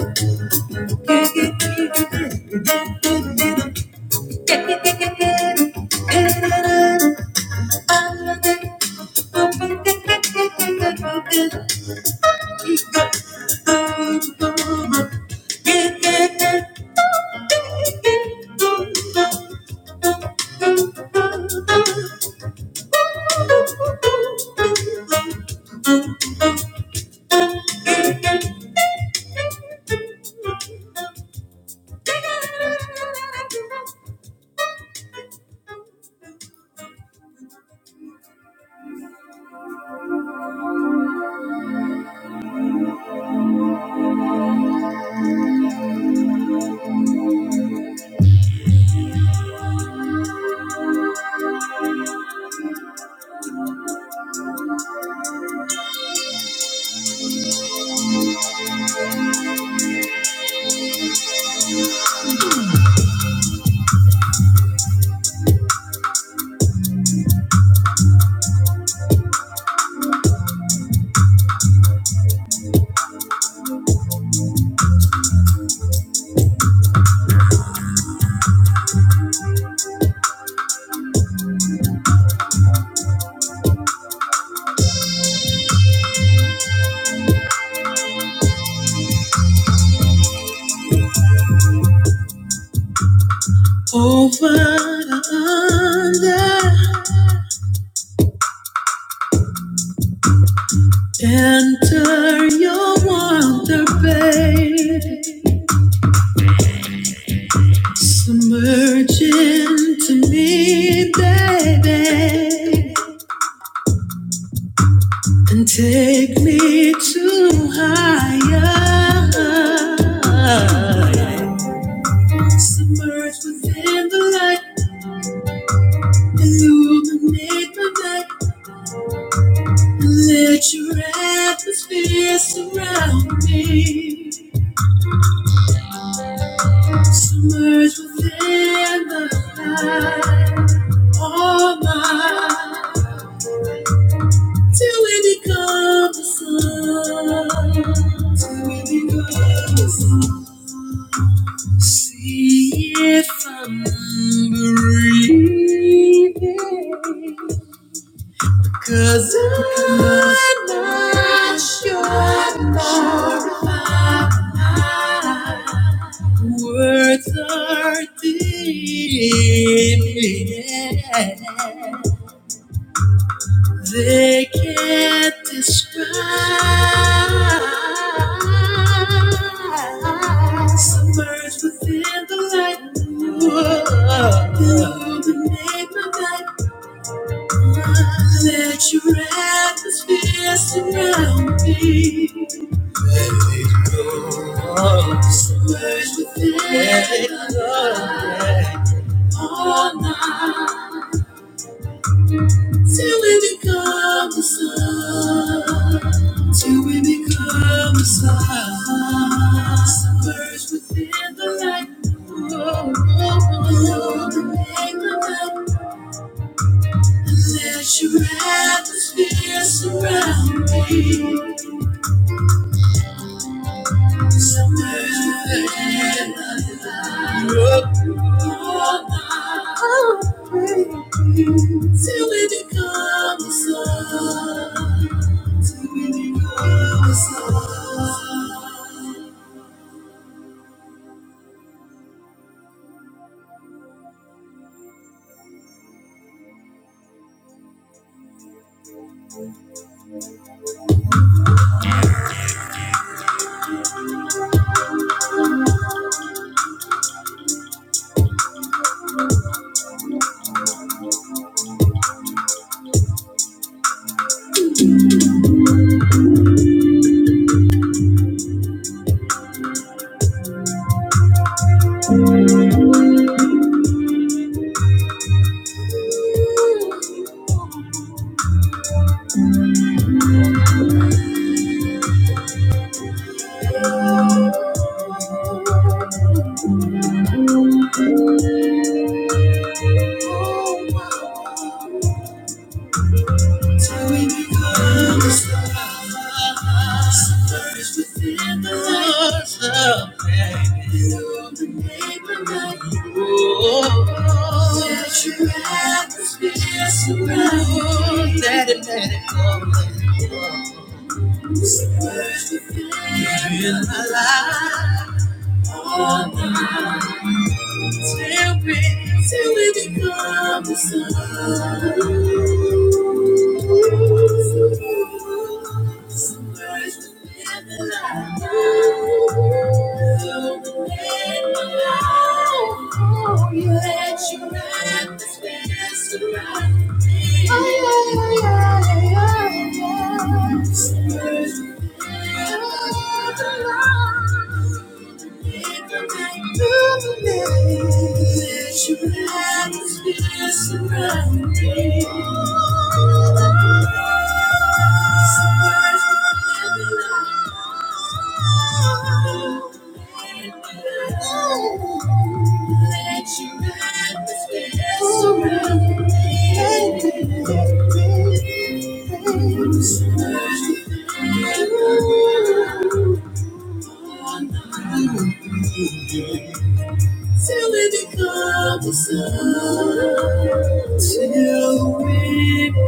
Speaker 5: Over under, enter your wonder, baby. Submerge into me, baby, and take me to higher. Submerge within the light, illuminate my night, and let your atmosphere surround me. Submerged within the light, all mine, till we become the sun, till we become the sun. See it from breathing. Cause I'm not sure if my words are deep. Yeah. They can't describe. Submerged within the light. you illuminate my Whoa. Let your atmosphere surround me. Submerge within us all night till we become the sun. Till we become the sun. Submerge within the light. Oh, oh, oh, oh, oh. Let your atmosphere surround me. all night. till it becomes a song. Oh, let your atmosphere surround. Let it, let it go, let it go. It's the first thing in my life. All night, till we, till it becomes a song. It's the first thing in my life. Let you Till it becomes a till it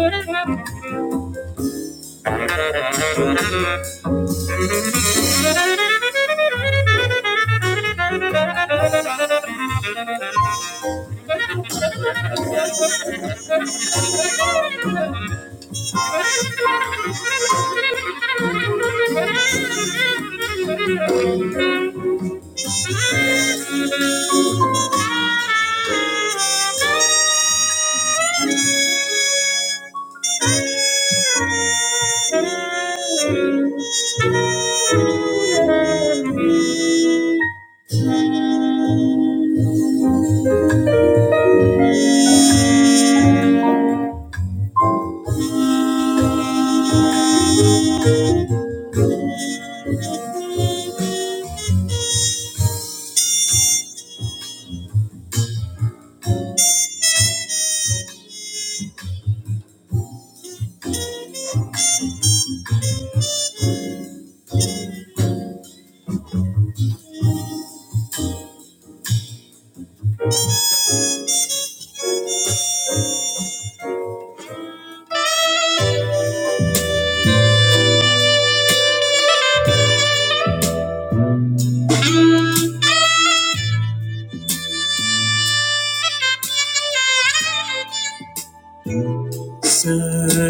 Speaker 5: Thank you.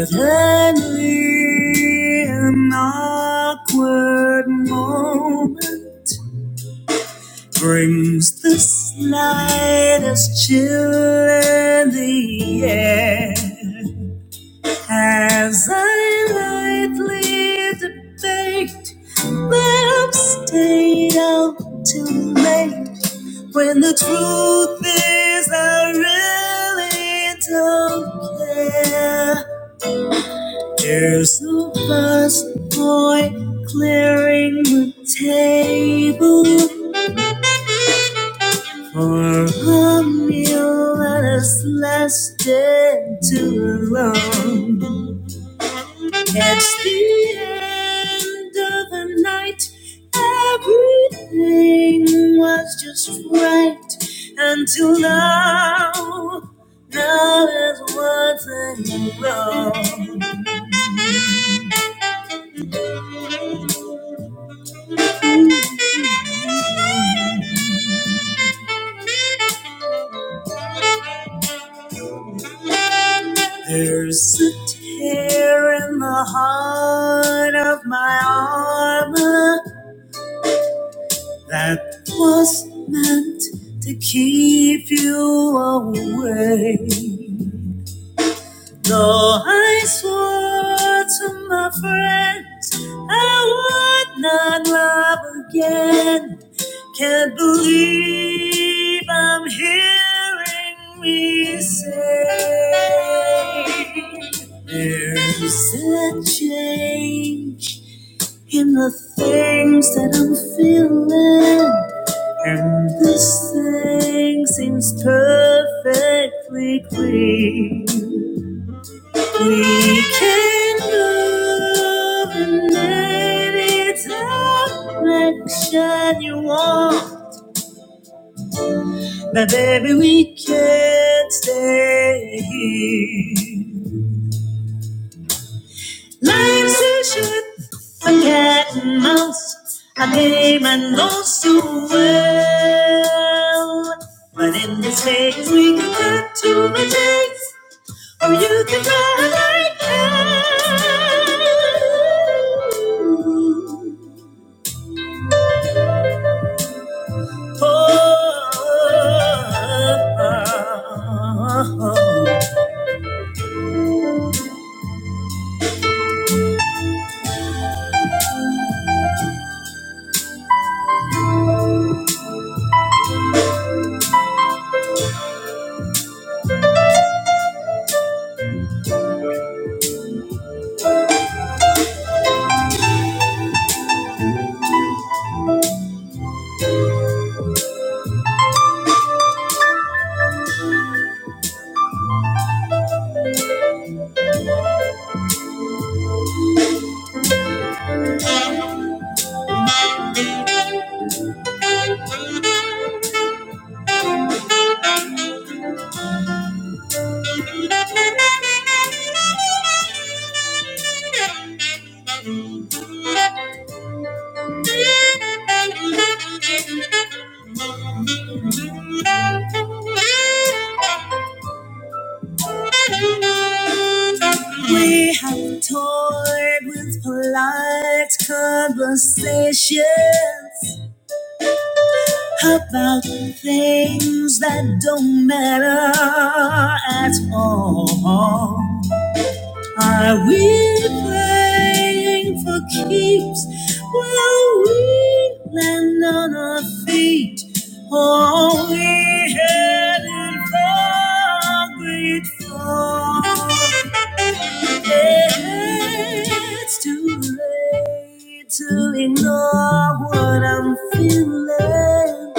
Speaker 5: Suddenly, an awkward moment. brings the slightest chill in the air as I lightly debate that I've stayed out too late when the truth is I really don't care. There's no past point clearing the table. A meal that has lasted too long. It's the end of the night. Everything was just right until now. Now there's one thing wrong. There's a tear in the heart of my armor. that was meant to keep you away. Though I swore to my friends I would not love again. Can't believe I'm hearing me say there's a change in the things that I'm feeling. And this thing seems perfectly clean. We can move and any direction you want, but baby, we can't stay here. Life's a shit, a cat and mouse, a game I know so well. But in this phase, we can cut to the chase, or you can run like hell. oh. oh, oh, oh. Thank you. We have toyed with polite conversations about things that don't matter at all. Are we playing for keeps? Will we land on our feet? Or we headed for great fall? It's too late to ignore what I'm feeling,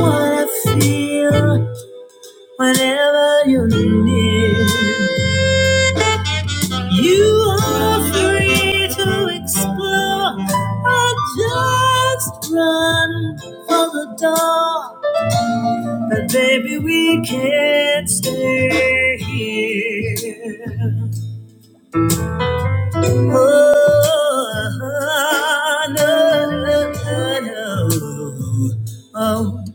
Speaker 5: what I feel whenever you're near. You are free to explore or just run for the door. But baby, we can't stay here. Oh, no, no, no, no. Oh.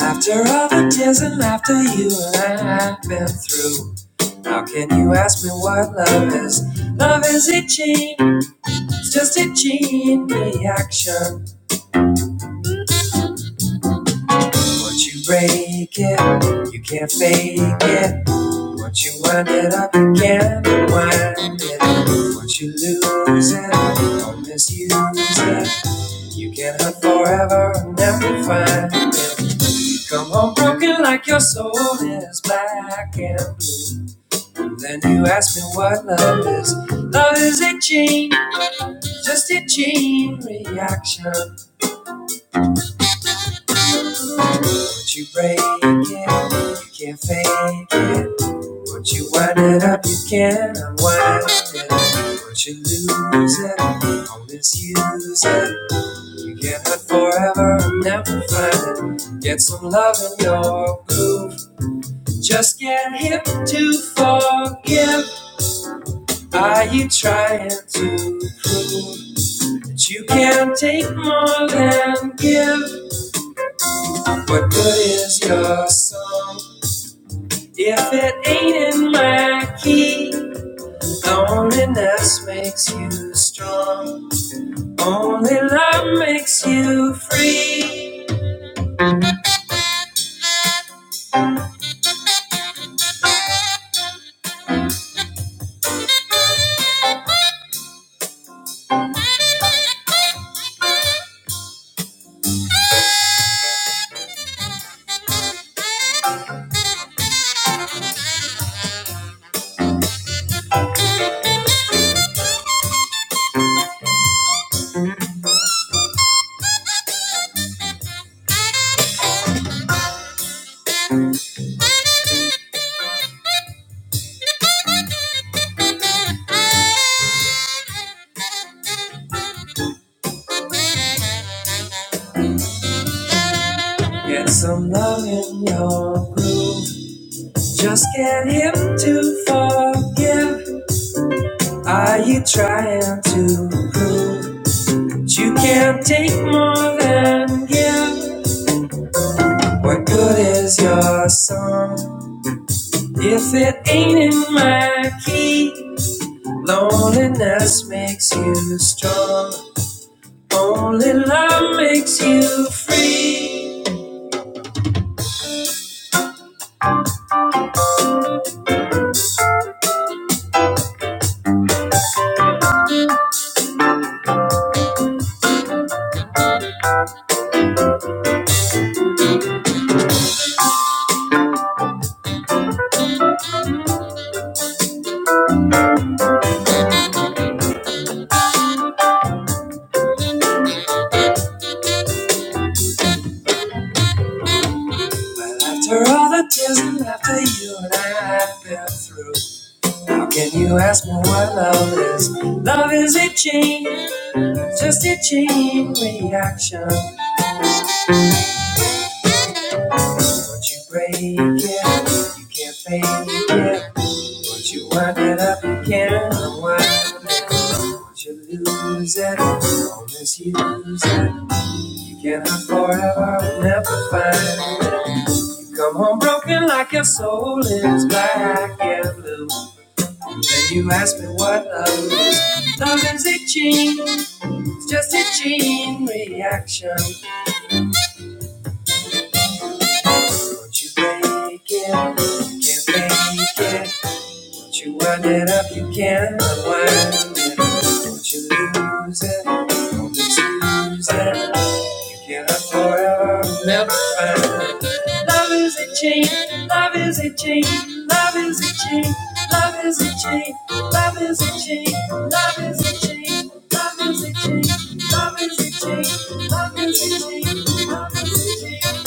Speaker 5: After all the tears and laughter you and I have been through, how can you ask me what love is? Love is a change. Just a chain reaction. Once you break it, you can't fake it. Once you wind it up, you can't unwind it. Once you lose it or misuse it, you can hunt forever and never find it. You come home broken like your soul is black and blue. Then you ask me what love is. Love is a chain, just a chain reaction. Once you break it, you can't fake it. Once you wind it up, you can't unwind it. Once you lose it, or misuse it, you get hurt forever and never find it. Get some love in your groove. Just get hip to forgive. Are you trying to prove that you can take more than give? What good is your song? If it ain't in my key, loneliness makes you strong. Only love makes you free. I'm loving your groove. Just get him to forgive. Are you trying to prove that you can't take more than give? What good is your song? Yes, it ain't in my key. Loneliness makes you strong. Only love makes you free. But after all the tears and after you and I have been through, how can you ask me what love is? Love is a chain, just a chain reaction. Once you break it, you can't fake it. Once you wind it up, you can't unwind it. Once you lose it, or misuse it, you can't have forever, and never find it. You come home broken like your soul is black and blue. Then you ask me what love is. Love is itching, it's just a chain reaction. Won't you break it, you can't fake it. Wind it up, you can't have forever, and never find it. Love is a chain, love is a chain, love is a chain, love is a chain, love is a chain, love is a chain, love is a chain, love is a chain, love is a chain, love is a chain.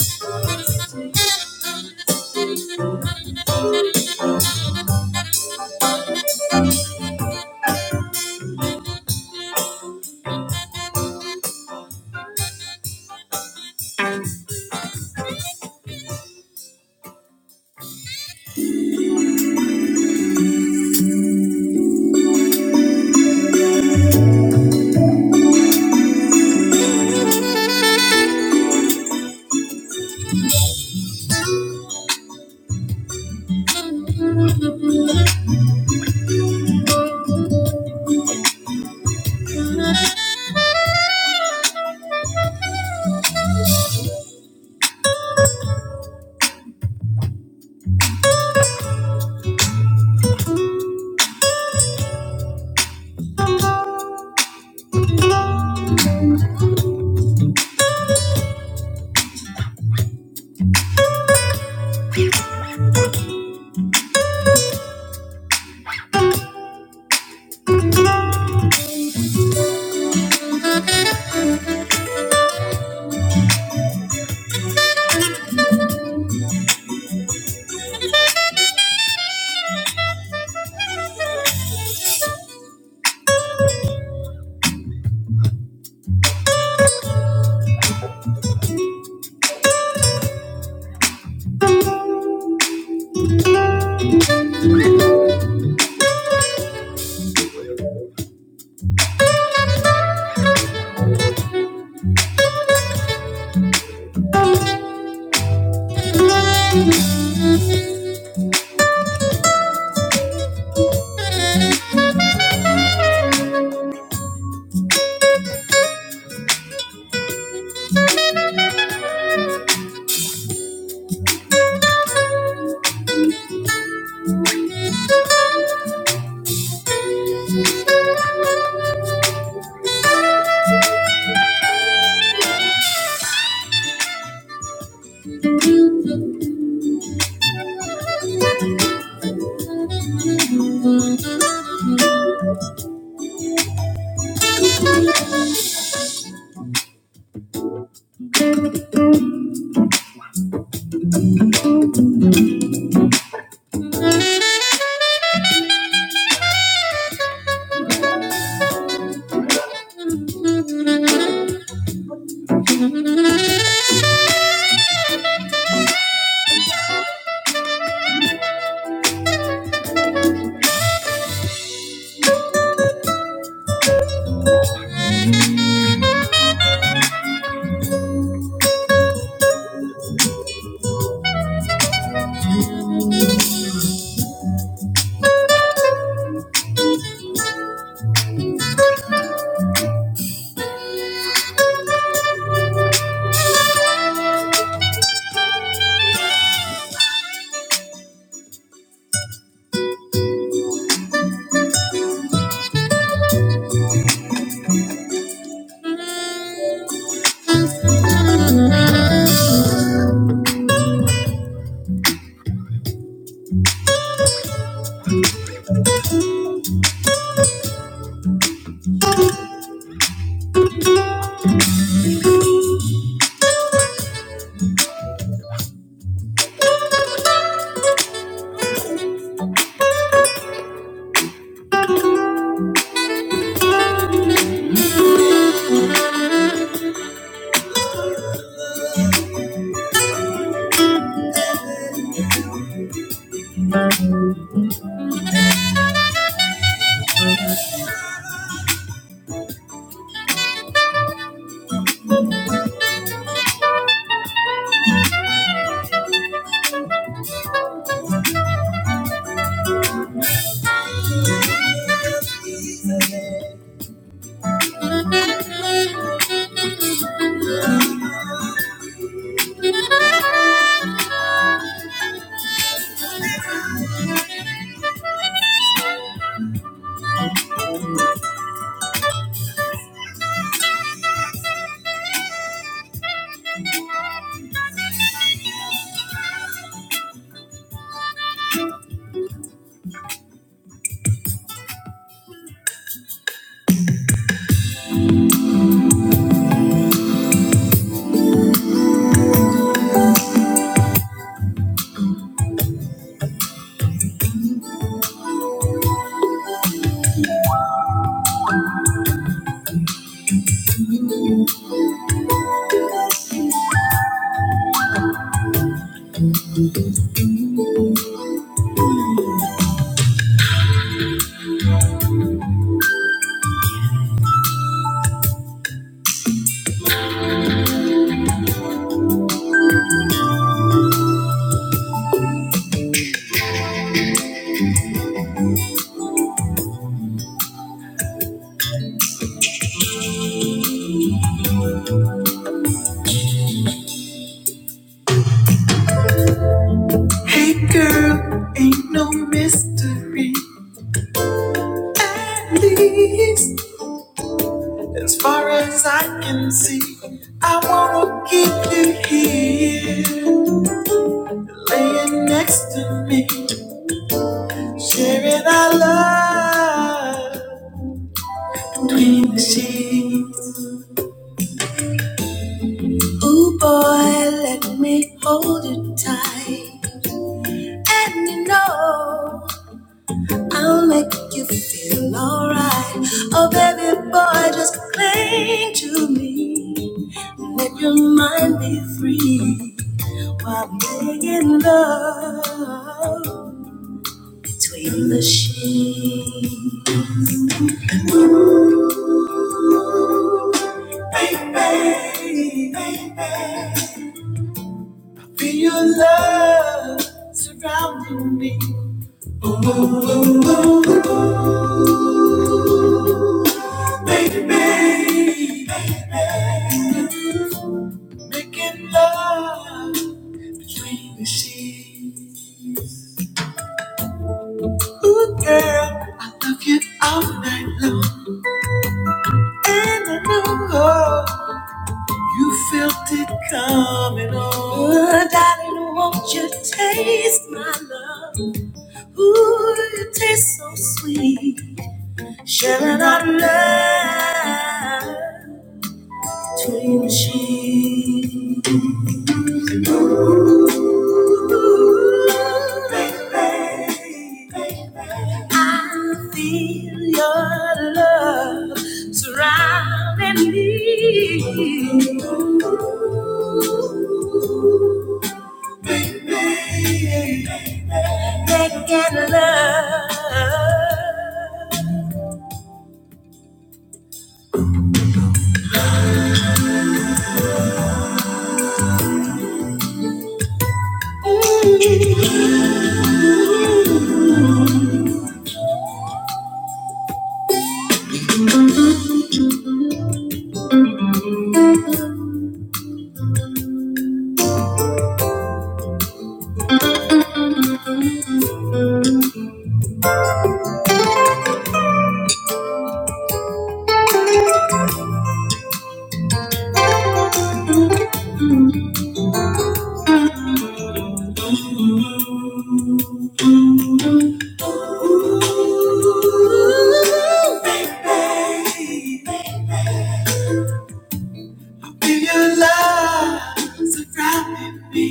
Speaker 5: Hey girl, ain't no mystery. At least, as far as I can see, I wanna keep you here, laying next to me, sharing our love. between the sheets. Ooh, boy, let me hold you tight. And you know, I'll make you feel alright. Oh, baby boy, just cling to me. Let your mind be free while making love between the sheets. Baby, baby, feel your love surrounding me. Ooh, ooh, ooh, ooh. Baby, making love between the sheets. Ooh, girl, I love you all night long. And I know oh, you felt it coming on. Ooh, darling, won't you taste my love? Ooh, it tastes so sweet. Sharing our love between the sheets. Ooh, baby, baby, I feel your love surrounding me. Ooh, Making love. Feel your love surrounding me.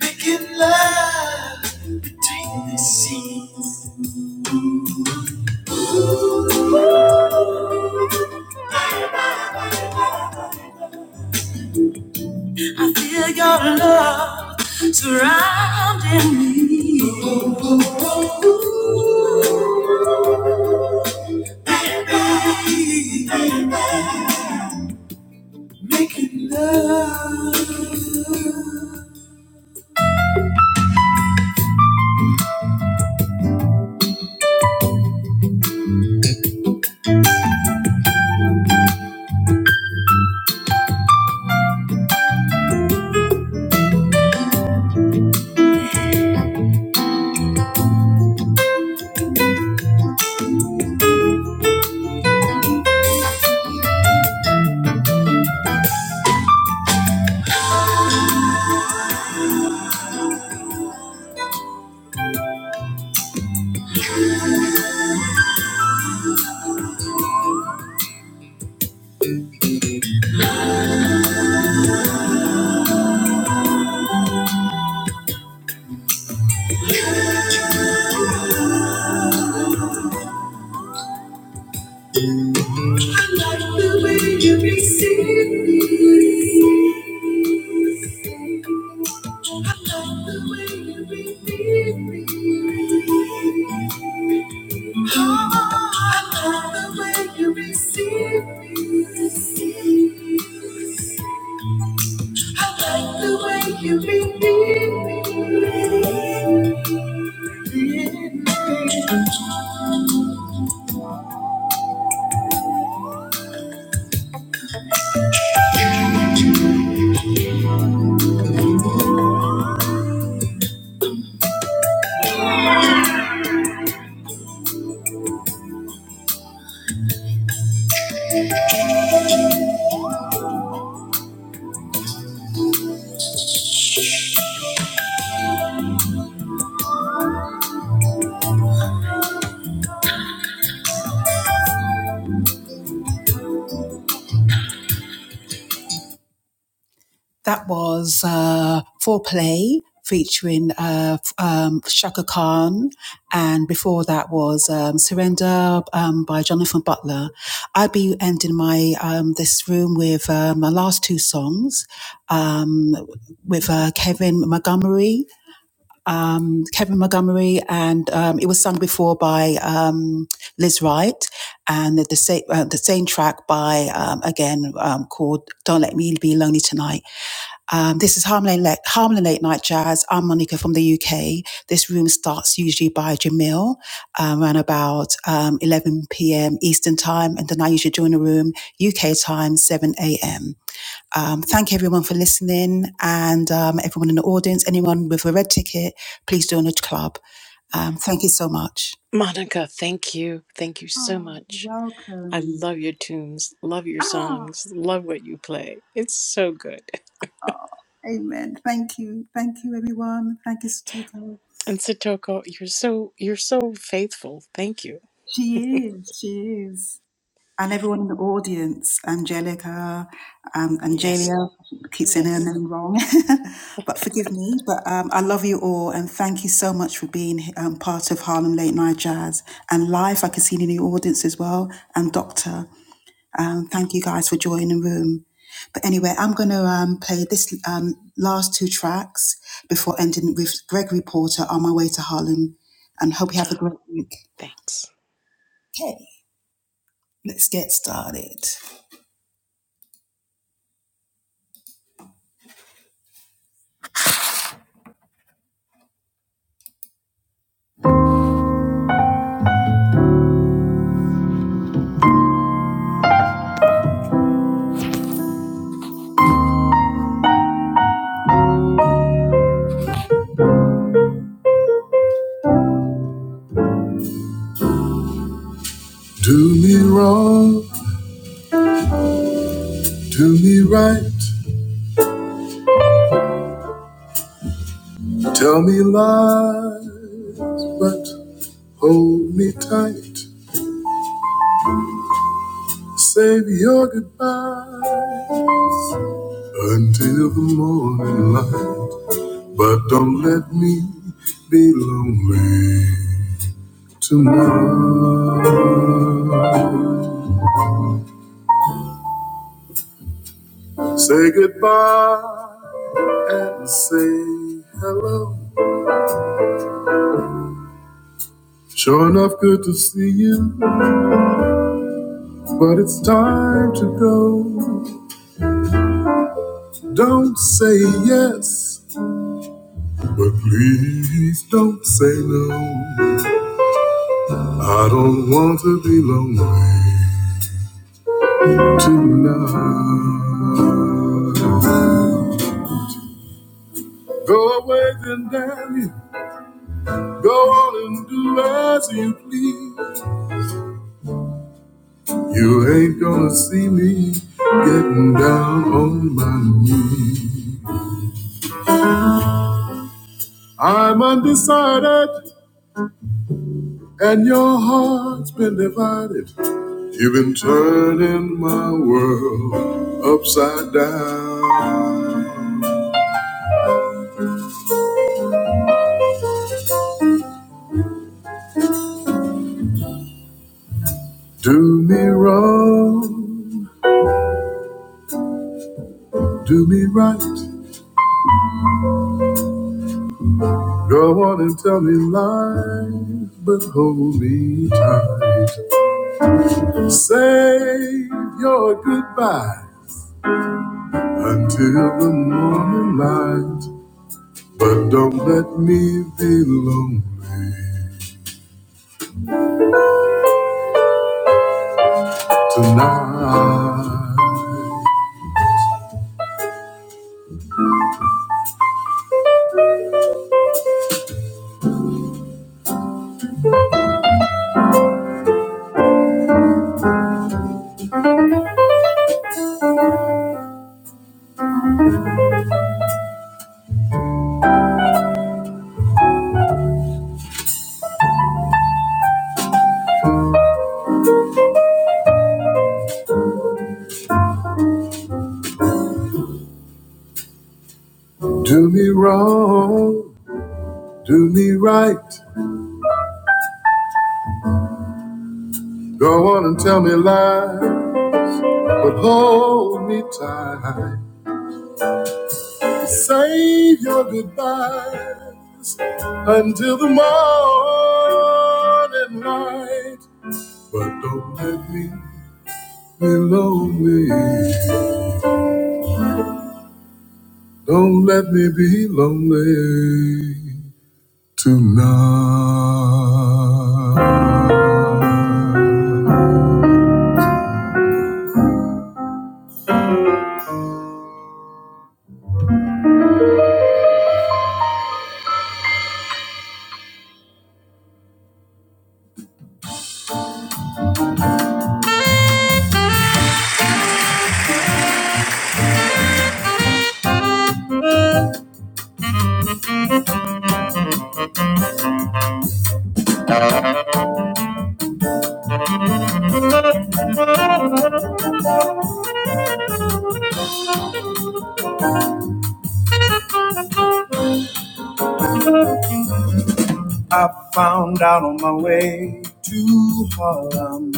Speaker 5: Making love. See. Feel your love surrounding me. That was uh, Foreplay featuring uh, um, Shaka Khan. And before that was um, Surrender um, by Jonathan Butler. I'll be ending my um, this room with uh, my last two songs um, with uh, Kevin Montgomery. Um, Kevin Montgomery, and um, it was sung before by um, Liz Wright, and the, the, sa- uh, the same track by um, again um, called "Don't Let Me Be Lonely Tonight." Um, this is Harmony Late, Harmony Late Night Jazz. I'm Monica from the UK. This room starts usually by Jamil um, around about um, 11 p.m. Eastern Time, and then I usually join the room UK time, 7 a.m. Um, thank everyone for listening, and um, everyone in the audience, anyone with a red ticket, please join the club. Um, thank you so much.
Speaker 2: Monica, thank you. Thank you so
Speaker 5: Oh,
Speaker 2: much.
Speaker 5: you're
Speaker 2: I
Speaker 5: welcome.
Speaker 2: love your tunes, love your
Speaker 5: Ah,
Speaker 2: songs, love what you play. It's so good.
Speaker 5: amen. Thank you. Thank you, everyone. Thank you, Satiko.
Speaker 2: And Satoko, you're so you're so faithful. Thank you.
Speaker 5: She is. She is. and everyone in the audience, Angelica, um,
Speaker 2: Yes.
Speaker 5: Angelia, keep saying her
Speaker 2: Yes.
Speaker 5: name wrong, but forgive me. But um, I love you all, and thank you so much for being um, part of Harlem Late Night Jazz and live. I can see you in the audience as well, and Doctor. Um, thank you guys for joining the room. But anyway, I'm going to um, play this um, last two tracks before ending with Gregory Porter on my way to Harlem, and hope you have a
Speaker 2: Ciao.
Speaker 5: great week.
Speaker 2: Thanks.
Speaker 5: Okay, let's get started. Do me wrong, do me right, tell me lie, but hold me tight. Save your goodbye until the morning light. But don't let me be lonely tomorrow. Say goodbye and say hello. Sure enough, good to see you, but it's time to go. Don't say yes But please don't say no. I don't want to be lonely tonight. Go away then, damn you. Go on and do as you please. You ain't gonna see me getting down on my knees. I'm undecided, and your heart's been divided. You've been turning my world upside down. Do me wrong. Do me right, go on and tell me lies, but hold me tight. Save your goodbye until the morning light, but don't let me be lonely tonight. Do me wrong, do me right, go on and tell me lies, but hold me tight. Save your goodbye until the morning light. But don't let me be lonely. Don't let me be lonely tonight. Found out on my way to Harlem.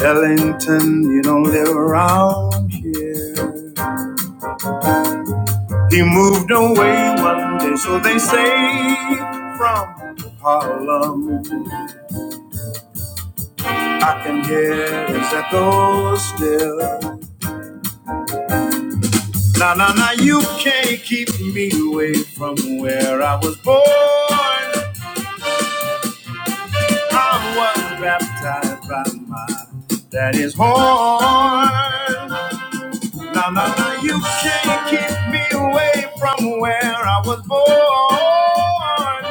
Speaker 5: Ellington, you don't live around here. He moved away one day, so they say, from Harlem. I can hear his echo still. Now, now, now, you can't keep me away from where I was born. I was baptized by my daddy's horn. Now, now, now, you can't keep me away from where I was born.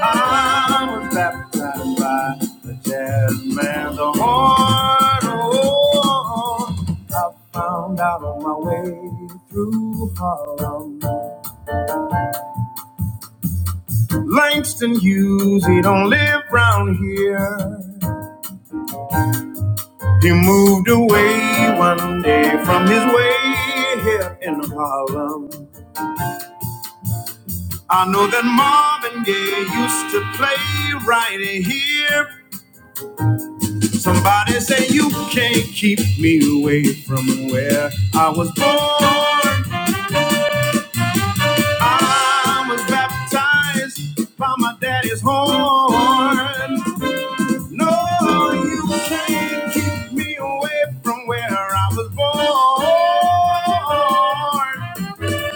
Speaker 5: I was baptized by the jazz man's horn. Oh, I found out on my way through Harlem. Langston Hughes, he don't live round here. He moved away one day from his way here in Harlem. I know that Marvin Gaye used to play right here Somebody say you can't keep me away from where I was born. I was baptized by my daddy's horn. No, you can't keep me away from where I was born.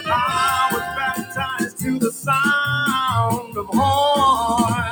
Speaker 5: I was baptized to the sound of horn.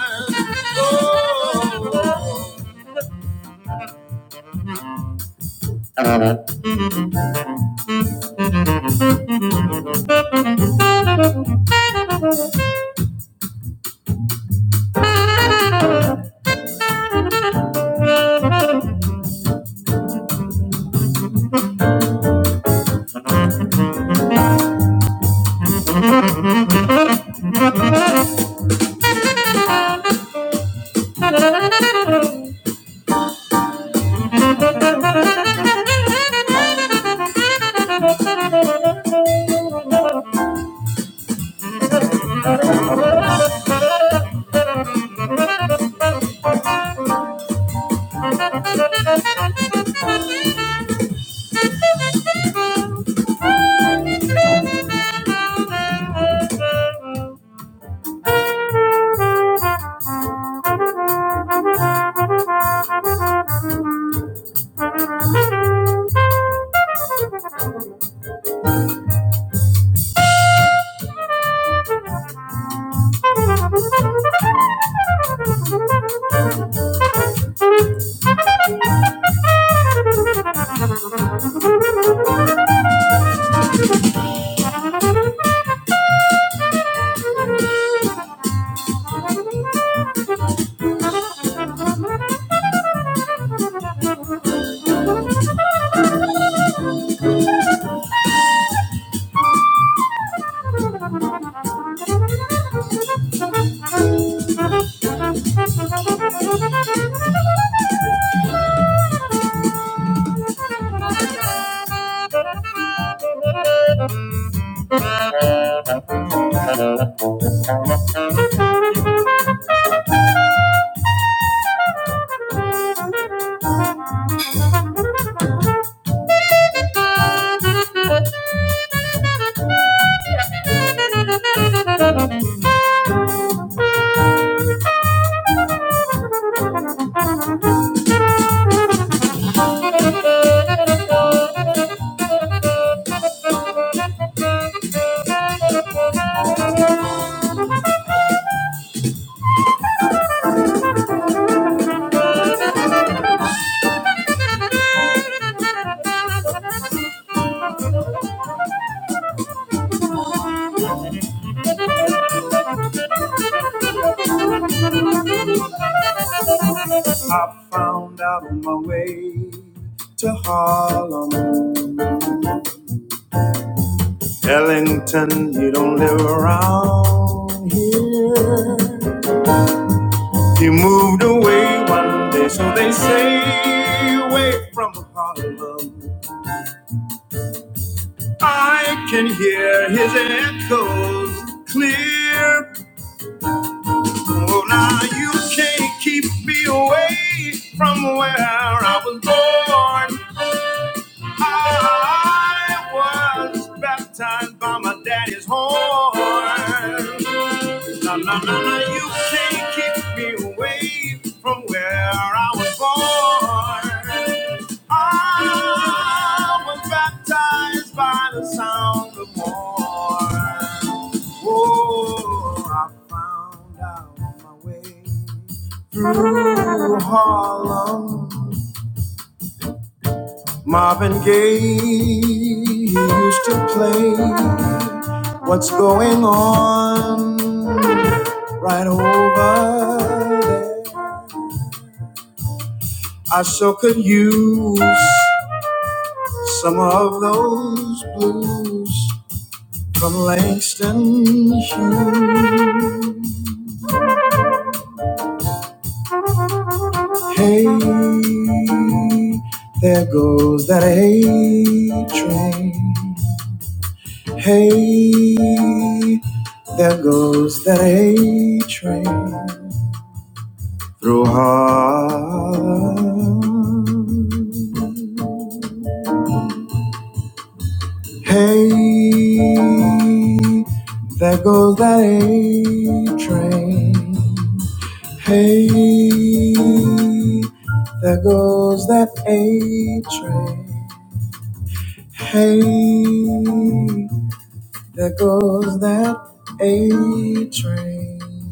Speaker 5: Oh. Thank you. Thank you. I found out on my way to Harlem. Ellington, you don't live around here. You moved away one day, so they say, away from Harlem. I can hear his echoes clear Oh, now you can't keep me away from where I was born. I was baptized by my daddy's horn. No, no, no, no, you can't keep me away from where I was born. I was baptized by the sound of morn. Oh, I found out my way through Harlem. Marvin Gaye he used to play What's going on right over there? I sure could use some of those blues from Langston Hughes. Hey, there goes that A train. Hey, there goes that A train through Harlem. Hey, there goes that A train. Hey, there goes that A train. Hey, there goes that A train.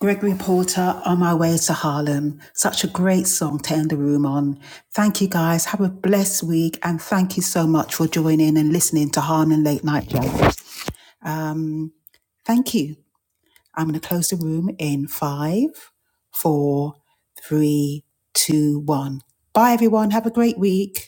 Speaker 5: Gregory Porter, On My Way to Harlem. Such a great song to end the room on. Thank you guys. Have a blessed week. And thank you so much for joining and listening to Harlem Late Night Jazz. Um, thank you. I'm going to close the room in five, four, three, two, one. Bye, everyone. Have a great week.